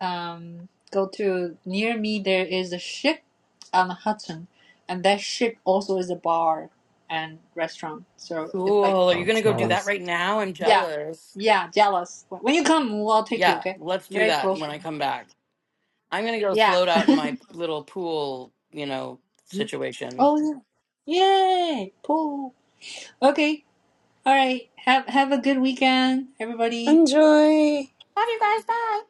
Speaker 1: Um, go to near me. There is a ship on the Hudson, and that ship also is a bar and restaurant. So it's like
Speaker 4: Cool. Are you gonna
Speaker 3: Sounds
Speaker 4: go do
Speaker 1: yeah,
Speaker 4: that
Speaker 3: nice.
Speaker 4: right now? I'm
Speaker 1: yeah,
Speaker 4: jealous.
Speaker 1: yeah jealous. When you come, I'll take you.
Speaker 4: Yeah,
Speaker 1: Okay,
Speaker 4: let's do
Speaker 1: very
Speaker 4: that
Speaker 1: close.
Speaker 4: when I come
Speaker 1: Yeah,
Speaker 4: back. I'm gonna go
Speaker 1: yeah.
Speaker 4: float out in my little pool, you know,
Speaker 1: Mm.
Speaker 4: situation.
Speaker 1: Oh yeah. Yay. Cool. Okay. All right. Have have a good weekend, everybody.
Speaker 2: Enjoy.
Speaker 4: Love you guys. Bye.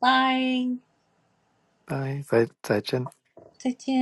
Speaker 1: Bye.
Speaker 3: Bye. Bye, Zai
Speaker 1: 再见.